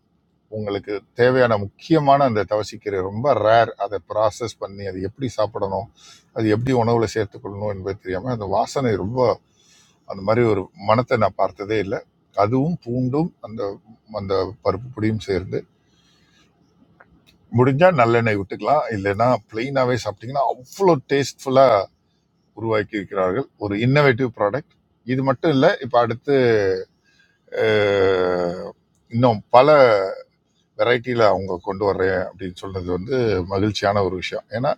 [SPEAKER 7] உங்களுக்கு தேவையான முக்கியமான அந்த தவசிக்கீரை ரொம்ப ரேர் அதை ப்ராசஸ் பண்ணி அது எப்படி சாப்பிடணும் அது எப்படி உணவில் சேர்த்துக்கொள்ளணும் என்பது தெரியாமல் அந்த வாசனை ரொம்ப அந்த மாதிரி ஒரு மனத்தை நான் பார்த்ததே இல்லை அதுவும் பூண்டும் அந்த அந்த பருப்பு பொடியும் சேர்ந்து முடிஞ்சால் நல்லெண்ணெய் விட்டுக்கலாம் இல்லைன்னா பிளெயினாகவே சாப்பிட்டீங்கன்னா அவ்வளோ டேஸ்ட்ஃபுல்லாக உருவாக்கி இருக்கிறார்கள் ஒரு இன்னோவேட்டிவ் ப்ராடக்ட் இது மட்டும் இல்லை இப்போ அடுத்து அஹ், இன்னும் பல வெரைட்டியில் அவங்க கொண்டு வர்றேன் அப்படின்னு சொன்னது வந்து மகிழ்ச்சியான ஒரு விஷயம் ஏன்னா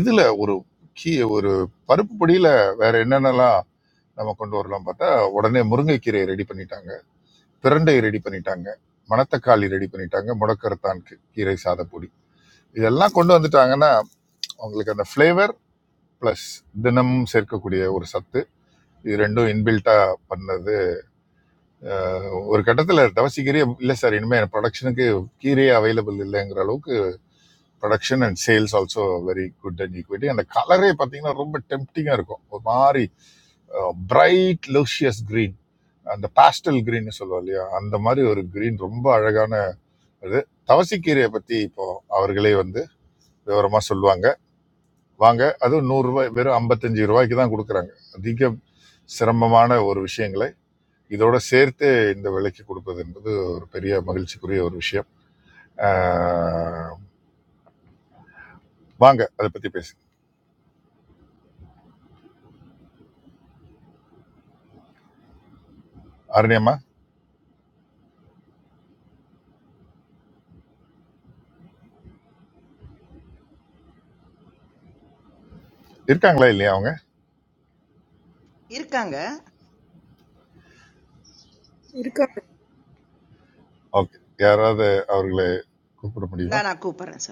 [SPEAKER 7] இதில் ஒரு கீ ஒரு பருப்பு பொடியில் வேற என்னென்னலாம் நம்ம கொண்டு வரலாம் பார்த்தா உடனே முருங்கைக்கீரையை ரெடி பண்ணிட்டாங்க பிரண்டை ரெடி பண்ணிட்டாங்க மணத்தக்காளி ரெடி பண்ணிட்டாங்க முடக்கரத்தான் கீரை சாதப்பொடி இதெல்லாம் கொண்டு வந்துட்டாங்கன்னா அவங்களுக்கு அந்த ஃப்ளேவர் ப்ளஸ் தினமும் சேர்க்கக்கூடிய ஒரு சத்து இது ரெண்டும் இன்பில்ட்டாக பண்ணது அஹ், ஒரு கட்டத்தில் தவசி கீரையே இல்லை சார் இனிமேல் ப்ரொடக்ஷனுக்கு கீரையே அவைலபிள் இல்லைங்கிற அளவுக்கு production and sales also very good and equity அந்த கலரே பார்த்தீங்கன்னா ரொம்ப டெம்ப்டிங்காக இருக்கும் ஒரு மாதிரி பிரைட் லூஷியஸ் green அந்த பாஸ்டல் ன்னு சொல்லுவோம் இல்லையா அந்த மாதிரி ஒரு green ரொம்ப அழகான இது தவசிக்கீரையை பற்றி இப்போ அவர்களே வந்து விவரமாக சொல்லுவாங்க வாங்க அதுவும் நூறுரூவாய் வெறும் ஐம்பத்தஞ்சு ரூபாய்க்கு தான் கொடுக்குறாங்க அதிக சிரமமான ஒரு விஷயங்களை இதோட சேர்த்து இந்த விலைக்கு கொடுப்பது என்பது ஒரு பெரிய மகிழ்ச்சிக்குரிய ஒரு விஷயம் ஆஹ் வாங்க அதை பற்றி பேசு அருணியம்மா இருக்காங்களா இல்லையா அவங்க
[SPEAKER 8] இருக்காங்க
[SPEAKER 7] ஓகே யாராவது அவர்களை கூப்பிட முடியுமா
[SPEAKER 8] நான் நான் கூப்பிடுறேன் சார்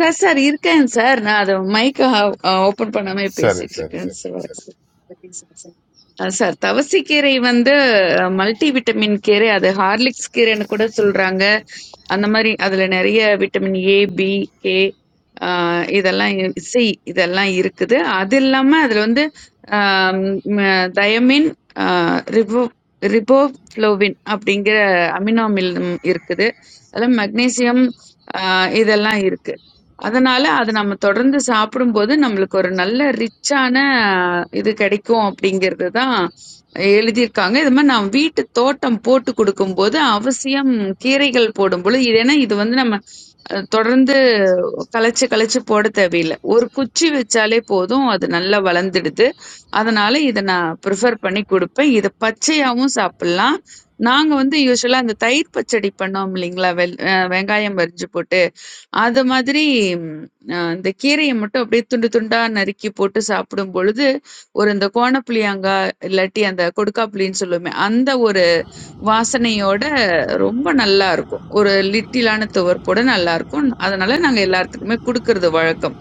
[SPEAKER 14] சார் சார் இருக்கேன் சார் நான் அது மைக்க ஓபன் பண்ணாம
[SPEAKER 7] சரி
[SPEAKER 14] பேசிட்டு
[SPEAKER 7] சரி
[SPEAKER 14] இருக்கேன்
[SPEAKER 7] சரி
[SPEAKER 14] சார்
[SPEAKER 7] சரி
[SPEAKER 14] அஹ் சார் தவசி கீரை வந்து மல்டி விட்டமின் கீரை அது ஹார்லிக்ஸ் கீரைன்னு கூட சொல்றாங்க அந்த மாதிரி அதுல நிறைய விட்டமின் ஏ பி கே இதெல்லாம் இரு- சி இதெல்லாம் இருக்குது அது இல்லாம அதுல வந்து ஆம், ம- தயமின் ஆஹ், ரிபோ ரிபோஃப்ளோவின் அப்படிங்கிற அமினோ அமிலம் இருக்குது அதுல மக்னீசியம் இதெல்லாம் இருக்குது அதனால அத நம்ம தொடர்ந்து சாப்பிடும்போது, நம்மளுக்கு ஒரு நல்ல ரிச்சான இது கிடைக்கும் அப்படிங்கிறது தான் எழுதியிருக்காங்க. இது மாரி நான் வீட்டு தோட்டம் போட்டு குடுக்கும்போது, அவசியம் கீரைகள் போடும்பொழுது இது ஏன்னா இது வந்து நம்ம அ தொடர்ந்து கலைச்சு, கலைச்சு போட தேவையில்ல. ஒரு குச்சி வச்சாலே போதும் அது நல்லா வளர்ந்துடுது. அதனால இத நான் ப்ரிஃபர் பண்ணி குடுப்பேன். இத பச்சையாவும் சாப்பிடலாம். நாங்க வந்து யூசுவலா அந்த தயிர் பச்சடி பண்ணோம் இல்லீங்களா? வெள் அ வெங்காயம் அரிஞ்சு போட்டு அது மாதிரி ம் அ அந்த கீரைய மட்டும் அப்படியே துண்டு துண்டா நறுக்கி போட்டு சாப்பிடும் பொழுது, ஒரு இந்த கோணப்புளியங்கா, இல்லாட்டி அந்த கொடுக்காப்புளின்னு சொல்லுவோமே, அந்த ஒரு வாசனையோட ரொம்ப நல்லாருக்கும். ஒரு லிட்டிலான துவர்ப்போட நல்லாருக்கும். அதனால நாங்க எல்லாத்துக்குமே குடுக்குறது வழக்கம்.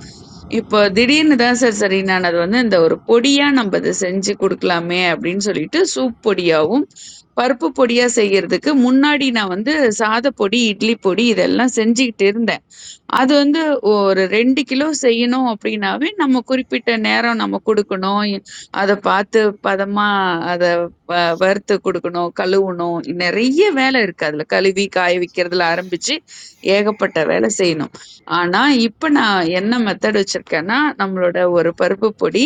[SPEAKER 14] இப்போ திடீர்னு தான் சார் சரி நான் அது வந்து இந்த ஒரு பொடியா நம்ப இத செஞ்சு குடுக்கலாமே அப்படின்னு சொல்லிட்டு, சூப் பொடியாவும், பருப்பு பொடியா செய்யறதுக்கு முன்னாடி நான் வந்து சாதப்பொடி, இட்லி பொடி இதெல்லாம் செஞ்சுகிட்டு இருந்தேன். அது வந்து ஒரு 2 கிலோ செய்யணும் அப்டின்னாவே, நம்ம குறிப்பிட்ட நேரம் நம்ம குடுக்கணும். எ அத பார்த்து பதமா அத வ வறுத்து குடுக்கணும், கழுவணும். நெறைய வேல இருக்கு அதுல. கழுவி காய வைக்கிறதுல ஆரம்பிச்சு, ஏகப்பட்ட வேல செய்யணும். ஆனா, இப்ப நான் என்ன மெத்தட் வச்சிருக்கேன்னா, நம்மளோட ஒரு பருப்பு பொடி,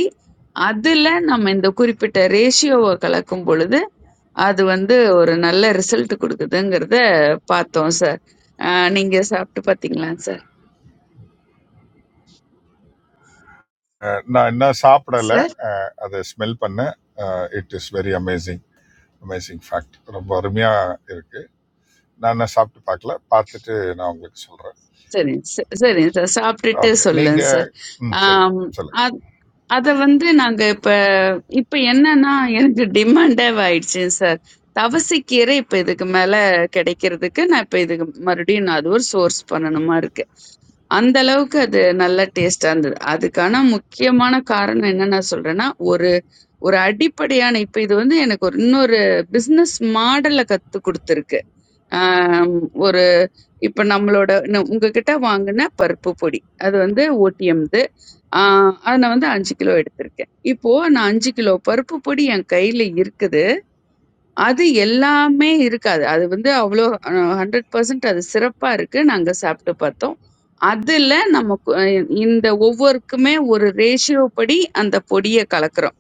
[SPEAKER 14] அதுல நம்ம இந்த குறிப்பிட்ட ரேஷியோவ கலக்கும் பொழுது, அது வந்து ஒரு நல்ல ரிசல்ட் குடுக்குதுங்கிறத பார்த்தோம் சார். அ நீங்க சாப்ட்டு பார்த்தீங்களா சார்?
[SPEAKER 7] அஹ் நான் இன்னும் சாப்பிடலை
[SPEAKER 14] சார்?
[SPEAKER 7] அதை ஸ்மெல் பண்ணேன் it is very amazing amazing fact ரொம்ப அருமையாக இருக்குது நான் இன்னும் சாப்பிட்டு பார்க்கல பார்த்துட்டு நான் உங்களுக்கு சொல்கிறேன்
[SPEAKER 14] சரிங்க ச- சரிங்க சார் சாப்பிட்டுட்டு
[SPEAKER 7] ஓகே நீங்க
[SPEAKER 14] சொல்லுங்க சார்
[SPEAKER 7] ம் சரி
[SPEAKER 14] ஆம்,
[SPEAKER 7] சொல்லுங்க
[SPEAKER 14] அ- அத வந்து நாங்க இப்ப இப்ப என்னன்னா எனக்கு டிமாண்டே ஆயிடுச்சு சார் தவசைக்கீரை இப்ப இதுக்கு மேல கிடைக்கிறதுக்கு நான் இப்ப இதுக்கு மறுபடியும் நான் அது ஒரு சோர்ஸ் பண்ணணுமா இருக்கு அந்த அளவுக்கு அது நல்ல டேஸ்டா இருந்தது அதுக்கான முக்கியமான காரணம் என்ன நான் சொல்றேன்னா ஒரு ஒரு அடிப்படையான இப்ப இது வந்து எனக்கு ஒரு இன்னொரு பிசினஸ் மாடலை கத்து கொடுத்துருக்கு இப்ப நம்மளோட ந- உங்ககிட்ட வாங்கின பருப்பு பொடி அது வந்து ஓடிஎம்து ஆஹ் அதை நான் வந்து அஞ்சு கிலோ எடுத்திருக்கேன் இப்போ நான் அஞ்சு கிலோ பருப்பு பொடி என் கையில இருக்குது அது எல்லாமே இருக்காது. அது வந்து அவ்ளோ அ 100% அது சிறப்பா இருக்கு. நாங்க சாப்பிட்டு பார்த்தோம். அதுல நமக்கு அ இந்த ஒவ்வொருக்குமே ஒரு ரேஷியோ படி அந்த பொடிய கலக்குறோம்.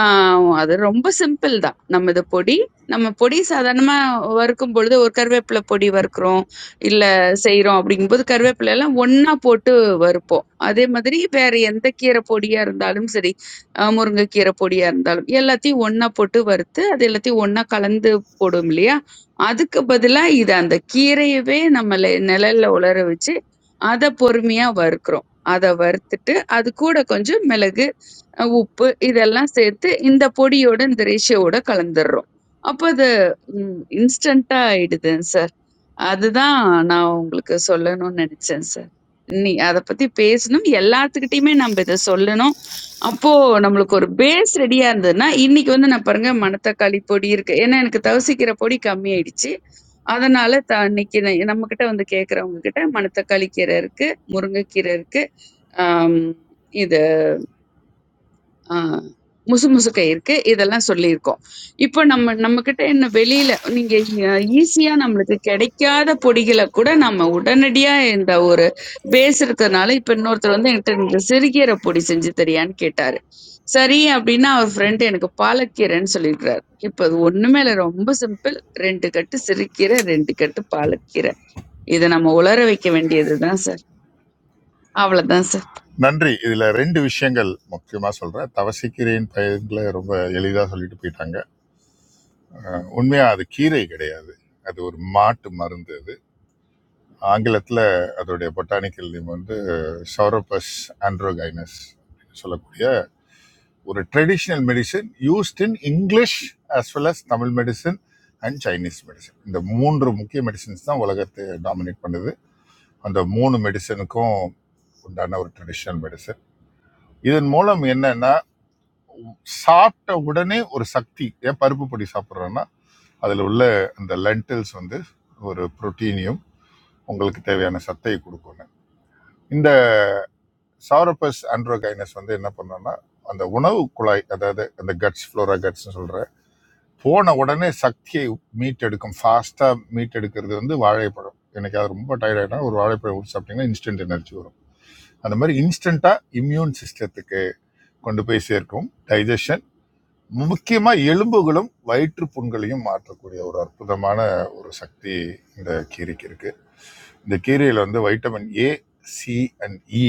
[SPEAKER 14] ஆ அது ரொம்ப சிம்பிள் தான். நம்ம இது பொடி, நம்ம பொடி சாதாரணமா வறுக்கும் பொழுது ஒரு கருவேப்பில பொடி வறுக்குறோம், இல்ல செய்றோம் அப்படிங்கும்போது கருவேப்பில எல்லாம் ஒண்ணா போட்டு வறுப்போம். அதே மாதிரி வேற எந்த கீரை பொடியா இருந்தாலும் சரி. அ முருங்கைக்கீரை பொடியா இருந்தாலும். எல்லாத்தையும் ஒண்ணா போட்டு வறுத்து, அது எல்லாத்தையும் ஒண்ணா கலந்து போடுவோம் இல்லையா? அதுக்கு பதிலா இத அந்த கீரையவே நம்ம லெ நிழல்ல உலர வச்சு, அத பொறுமையா வறுக்கிறோம். அத வறுத்துட்டு, அது கூட கொஞ்சம் மிளகு, அ உப்பு இதெல்லாம் சேர்த்து இந்த பொடியோட, இந்த ரேஷியோட கலந்துர்றோம். அப்ப அது ம் இன்ஸ்டன்ட்டா ஆயிடுதுங்க சார். அதுதான் நான் உங்களுக்கு சொல்லணும்னு நினைச்சேன் சார். நீ அத பத்தி பேசணும். எல்லாத்துக்கிட்டயுமே நம்ம இத சொல்லணும். அப்போ நம்மளுக்கு ஒரு பேஸ் ரெடியா இருந்ததுன்னா, இன்னைக்கு வந்து நான் பாருங்க மணத்தக்காளி பொடி இருக்கு. ஏன்னா எனக்கு தவசிக்கிற பொடி கம்மி ஆயிடுச்சு. அதனால த இன்னைக்கு ந- நம்மகிட்ட வந்து கேக்குறவங்க கிட்ட மணத்தக்காளி கீரை இருக்கு, முருங்கைக்கீரை இருக்கு, ஆம், இது ஆ, முசுமுசுக்க இருக்கு இதெல்லாம் சொல்லியிருக்கோம் இப்போ நம்ம நம்ம கிட்ட என்ன வெளியில நீங்க ஈஸியா நம்மளுக்கு கிடைக்காத பொடிகளை கூட நம்ம உடனடியா இந்த ஒரு பேஸ் இருக்கிறதுனால இப்ப இன்னொருத்தர் வந்து என்கிட்ட இந்த சிறுகீரை பொடி செஞ்சு தெரியான்னு கேட்டாரு சரி அப்படின்னா அவர் ஃப்ரெண்டு எனக்கு பாலக்கீரைன்னு சொல்லிடுறாரு இப்போ அது ஒண்ணுமே இல்லை ரொம்ப சிம்பிள் ரெண்டு கட்டு சிறுகீரை ரெண்டு கட்டு பாலக்கீரை இதை நம்ம உலர வைக்க வேண்டியதுதான் சார் அவ்வளவுதான் சார்
[SPEAKER 7] நன்றி இதுல ரெண்டு விஷயங்கள் முக்கியமா சொல்றேன் தவசிக்கீரையின் பயன்களை ரொம்ப எளிதா சொல்லிட்டு போயிட்டாங்க அஹ், உண்மையா அது கீரை கிடையாது அது ஒரு மாட்டு மருந்து அது ஆங்கிலத்துல அதோடைய பொட்டானிக்கல் நேம் வந்து சௌரோபஸ் ஆண்ட்ரோகைனஸ் சொல்லக்கூடிய ஒரு traditional medicine used in English as well as Tamil medicine and Chinese medicine இந்த மூன்று முக்கிய மெடிசன்ஸ் தான் உலகத்தை டாமினேட் பண்ணுது அந்த மூணு மெடிசனுக்கும் உண்டான ஒரு ட்ரெடிஷ்னல் மெடிசன் இதன் மூலம் என்னன்னா சாப்பிட்ட உடனே ஒரு சக்தி ஏன் பருப்பு பொடி சாப்பிட்றோன்னா அதில் உள்ள அந்த லென்டில்ஸ் வந்து ஒரு புரோட்டீனியும் உங்களுக்கு தேவையான சத்தை கொடுக்கணும் இந்த சாரப்பஸ் ஆண்ட்ரோகைனஸ் வந்து என்ன பண்ணோம்னா அந்த உணவு குழாய் அதாவது அந்த கட்ஸ் ஃப்ளோரா கட்ஸ்னு சொல்கிற போன உடனே சக்தியை மீட்டெடுக்கும் ஃபாஸ்ட்டாக மீட்டெடுக்கிறது வந்து வாழைப்பழம் எனக்கு அது ரொம்ப டயர்டாயிட்டா ஒரு வாழைப்பழம் ஊற்றி சாப்பிட்டீங்கன்னா இன்ஸ்டன்ட் எனர்ஜி வரும் அந்த மாதிரி இன்ஸ்டண்ட்டாக இம்யூன் சிஸ்டத்துக்கு கொண்டு போய் சேர்க்கும் டைஜஷன் முக்கியமாக எலும்புகளும் வயிற்று புண்களையும் மாற்றக்கூடிய ஒரு அற்புதமான ஒரு சக்தி இந்த கீரைக்கு இருக்கு இந்த கீரையில் வந்து vitamin A C and E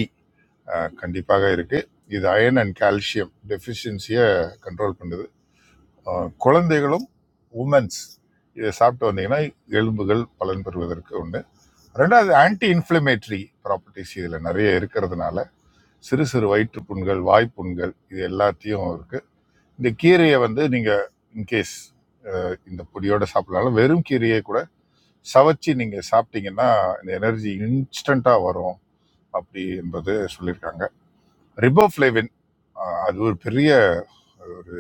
[SPEAKER 7] கண்டிப்பாக இருக்கு இது அயன் அண்ட் கால்சியம் டெஃபிஷியன்சியை கண்ட்ரோல் பண்ணுது அஹ், குழந்தைகளும் உமன்ஸ் இதை சாப்பிட்டு வந்தீங்கன்னா எலும்புகள் பலன் பெறுவதற்கு ஒன்று ரெண்டாவது ஆன்டி இன்ஃப்ளமேட்டரி ப்ராப்பர்ட்டிஸ் இதில் நிறைய இருக்கிறதுனால சிறு சிறு வயிற்றுப்புண்கள் வாய்ப்புண்கள் இது எல்லாத்தையும் இருக்குது இந்த கீரையை வந்து நீங்கள் இன்கேஸ் இந்த பொடியோட சாப்பிடலாம் வெறும் கீரையை கூட சவைச்சு நீங்கள் சாப்பிட்டீங்கன்னா இந்த எனர்ஜி இன்ஸ்டண்ட்டாக வரும் அப்படி என்பது சொல்லியிருக்காங்க ரிபோஃப்ளேவின் அது ஒரு பெரிய ஒரு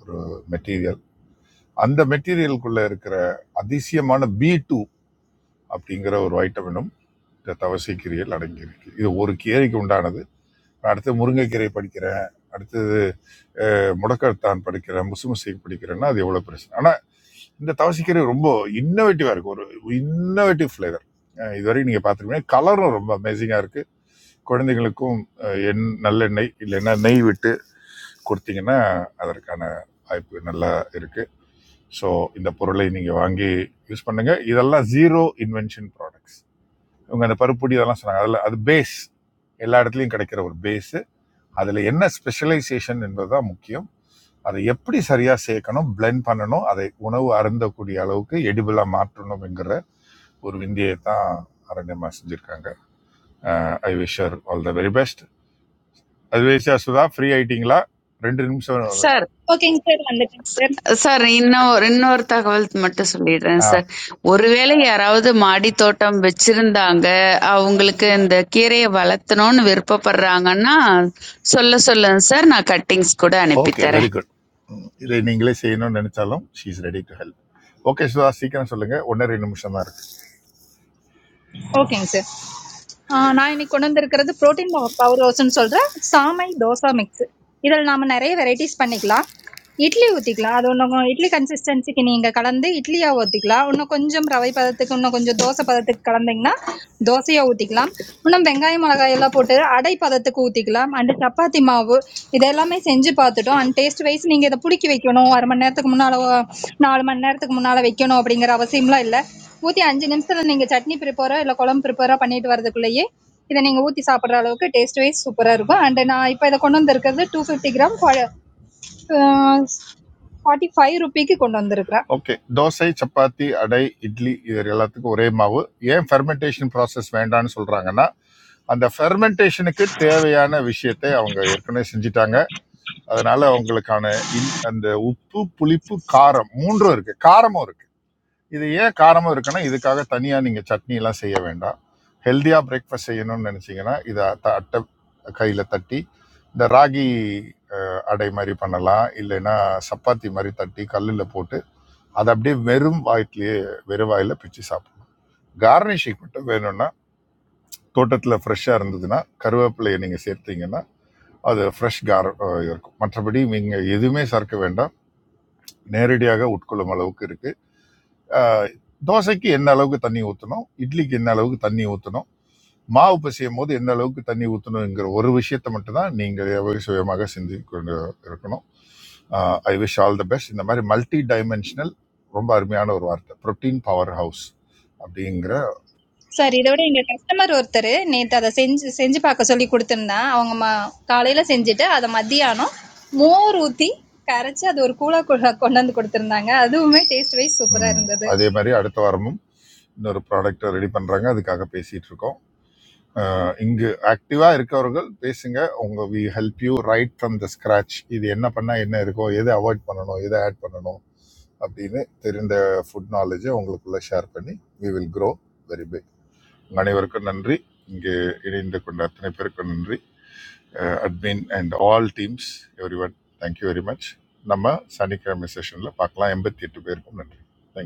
[SPEAKER 7] ஒரு மெட்டீரியல் அந்த மெட்டீரியலுக்குள்ளே இருக்கிற அதிசயமான பி டூ அப்படிங்கிற ஒரு வைட்டமினும் இந்த தவசை கீரையில் அடங்கியிருக்கு இது ஒரு கீரைக்கு உண்டானது அடுத்து முருங்கைக்கீரை படிக்கிறேன் அடுத்தது அஹ், முடக்கத்தான் படிக்கிறேன் முசுமுசை படிக்கிறேன்னா அது எவ்வளோ பிரச்சனை ஆனால் இந்த தவசிக்கீரை ரொம்ப இன்னோவேட்டிவாக இருக்குது ஒரு இன்னோவேட்டிவ் ஃப்ளேவர் இதுவரைக்கும் நீங்கள் பார்த்துருப்பீங்க கலரும் ரொம்ப அமேசிங்காக இருக்குது குழந்தைங்களுக்கும் அஹ், எண் நல்லெண்ணெய் இல்லைன்னா நெய் விட்டு கொடுத்தீங்கன்னா அதற்கான வாய்ப்பு நல்லா இருக்குது ஸோ இந்த பொருளை நீங்கள் வாங்கி யூஸ் பண்ணுங்கள் இதெல்லாம் ஜீரோ இன்வென்ஷன் ப்ராடக்ட்ஸ் இவங்க அந்த பருப்புடி இதெல்லாம் சொன்னாங்க அதில் அது பேஸ் எல்லா இடத்துலையும் கிடைக்கிற ஒரு பேஸ் அதில் என்ன ஸ்பெஷலைசேஷன் என்பதுதான் முக்கியம் அதை எப்படி சரியாக சேர்க்கணும் blend பண்ணணும் அதை உணவு அருந்தக்கூடிய அளவுக்கு எடிபிளாக மாற்றணுங்கிற ஒரு விந்தியை தான் அரண்யமா செஞ்சுருக்காங்க I wish all the very best அதுவேஷா சுதா ஃப்ரீ ஆயிட்டீங்களா ரெண்டு நிமிஷம் வருது.
[SPEAKER 14] Sir
[SPEAKER 18] I'm going to talk to
[SPEAKER 14] sir இன்னொரு இன்னொரு தகவல் மட்டும் சொல்லிடுறேன்
[SPEAKER 7] ஆ
[SPEAKER 14] சார். ஒருவேளை யாராவது மாடித் தோட்டம் வச்சிருந்தாங்க, அவங்களுக்கு இந்த கீரைய வளர்த்தணும்னு விருப்பப்படுறாங்கன்னா, சொல்ல சொல்லுங்க சார். நான் கட்டிங்ஸ் கூட
[SPEAKER 7] ஓகே
[SPEAKER 14] அனுப்பித் தரேன்.
[SPEAKER 7] வெரி குட் இதை நீங்களே செய்யணும்னு நினைச்சாலும் she is ready to help okay Sudha சீக்கிரம் சொல்லுங்க ஒன்றரை நிமிஷம் தான் இருக்கு
[SPEAKER 18] you. Okay, sir. ஆஹ் நான் இன்னைக்கு கொண்டு வந்திருக்கிறது புரோட்டீன் பவர் ரோஸ்ன்னு சொல்ற சாமை தோசை மிக்ஸ் இதில் நாம நிறைய வெரைட்டிஸ் பண்ணிக்கலாம் இட்லி ஊற்றிக்கலாம் அது ஒன்று இட்லி கன்சிஸ்டன்சிக்கு நீங்கள் கலந்து இட்லியா ஊற்றிக்கலாம் இன்னும் கொஞ்சம் ரவை பதத்துக்கு இன்னும் கொஞ்சம் தோசை பதத்துக்கு கலந்தீங்கன்னா தோசையா ஊற்றிக்கலாம் இன்னும் வெங்காயம் மிளகாய் எல்லாம் போட்டு அடை பதத்துக்கு ஊற்றிக்கலாம் அண்டு சப்பாத்தி மாவு இது எல்லாமே செஞ்சு பார்த்துட்டோம் அண்ட் டேஸ்ட் வைஸ் நீங்கள் இதை பிடிக்கி வைக்கணும் அரை மணி நேரத்துக்கு முன்னால் நாலு மணி நேரத்துக்கு முன்னால் வைக்கணும் அப்படிங்கிற அவசியம்லாம் இல்லை ஊத்தி அஞ்சு நிமிஷத்துல நீங்க சட்னி ப்ரிப்பேரோ இல்ல குழம்பு ப்ரிப்பேரோ பண்ணிட்டு வரதுக்குள்ளேயே இதை நீங்க ஊத்தி சாப்பிடுற அளவுக்கு டேஸ்ட் வைஸ் சூப்பரா இருக்கும் அண்ட் நான் இப்ப இதை கொண்டு வந்திருக்கிறது two fifty gram forty five ருபிக்கு கொண்டு வந்திருக்கிறேன்
[SPEAKER 7] ஓகே தோசை சப்பாத்தி அடை இட்லி இது எல்லாத்துக்கும் ஒரே மாவு ஏன் ஃபெர்மெண்டேஷன் ப்ராசஸ் வேண்டாம்னு சொல்றாங்கன்னா அந்த ஃபெர்மெண்டேஷனுக்கு தேவையான விஷயத்தை அவங்க ஏற்கனவே செஞ்சிட்டாங்க அதனால அவங்களுக்கான இன் அந்த உப்பு புளிப்பு காரம் மூன்றும் இருக்கு காரமும் இருக்கு இது ஏன் காரமும் இருக்குன்னா இதுக்காக தனியா நீங்க சட்னி எல்லாம் செய்ய வேண்டாம் ஹெல்தியா பிரேக்ஃபாஸ்ட் செய்யணும்னு நினைச்சீங்கன்னா இதை அட்ட- அட்டை கையில தட்டி இந்த ராகி அஹ், அடை மாதிரி பண்ணலாம் இல்லைன்னா சப்பாத்தி மாதிரி தட்டி கல்லில் போட்டு அதை அப்படியே வெறும் வாயிலேயே வெறும் வாயில பிச்சு சாப்பிடணும் கார்னிஷிங் மட்டும் வேணும்னா தோட்டத்தில் ஃப்ரெஷ்ஷாக இருந்ததுன்னா கருவேப்பிலையை நீங்கள் சேர்த்தீங்கன்னா அது ஃப்ரெஷ் கார் அஹ், இருக்கும் மற்றபடி நீங்கள் எதுவுமே சேர்க்க வேண்டாம் நேரடியாக உட்கொள்ளும் அளவுக்கு இருக்குது தோசைக்கு என்ன அளவுக்கு தண்ணி ஊற்றணும் இட்லிக்கு என்ன அளவுக்கு தண்ணி ஊற்றணும் மாவு பிசையும் போது என்ன அளவுக்கு தண்ணி ஊற்றணுங்கிற ஒரு விஷயத்தை மட்டும்தான் நீங்கள் எவ்வளவு சுயமாக சிந்தி கொண்டு இருக்கணும் I wish all the best இந்த மாதிரி மல்டி டைமென்ஷனல் ரொம்ப அருமையான ஒரு வார்த்தை புரோட்டீன் பவர் ஹவுஸ் அப்படிங்கிற
[SPEAKER 18] சார் இதோட எங்க கஸ்டமர் ஒருத்தர் நேத்து அதை செஞ்சு செஞ்சு பார்க்க சொல்லி கொடுத்திருந்தேன் அவங்க ம- காலையில செஞ்சுட்டு அதை மத்தியானம் மோர் ஊத்தி கரைச்சு அது ஒரு கூழா கொ- கொண்டு அதுவுமே டேஸ்ட் வைஸ் சூப்பரா
[SPEAKER 7] ம்,
[SPEAKER 18] இருந்தது
[SPEAKER 7] அதே மாதிரி அடுத்த வாரமும் இன்னொரு ப்ராடக்ட்டை ரெடி பண்ணுறாங்க அதுக்காக பேசிகிட்டு இருக்கோம் அஹ், இங்கு ஆக்டிவாக இருக்கவர்கள் பேசுங்க உங்கள் we help you right from the scratch இது என்ன பண்ணால் என்ன இருக்கும் எதை அவாய்ட் பண்ணணும் எதை ஆட் பண்ணணும் அப்படின்னு தெரிந்த ஃபுட் நாலேஜை உங்களுக்குள்ளே ஷேர் பண்ணி we will grow very big அனைவருக்கும் நன்றி இங்கே இணைந்து கொண்ட அத்தனை பேருக்கும் நன்றி admin and all teams every one thank you very much நம்ம சனிக்கிழமை செஷனில் பார்க்கலாம் எண்பத்தி எட்டு பேருக்கும் நன்றி Thank you.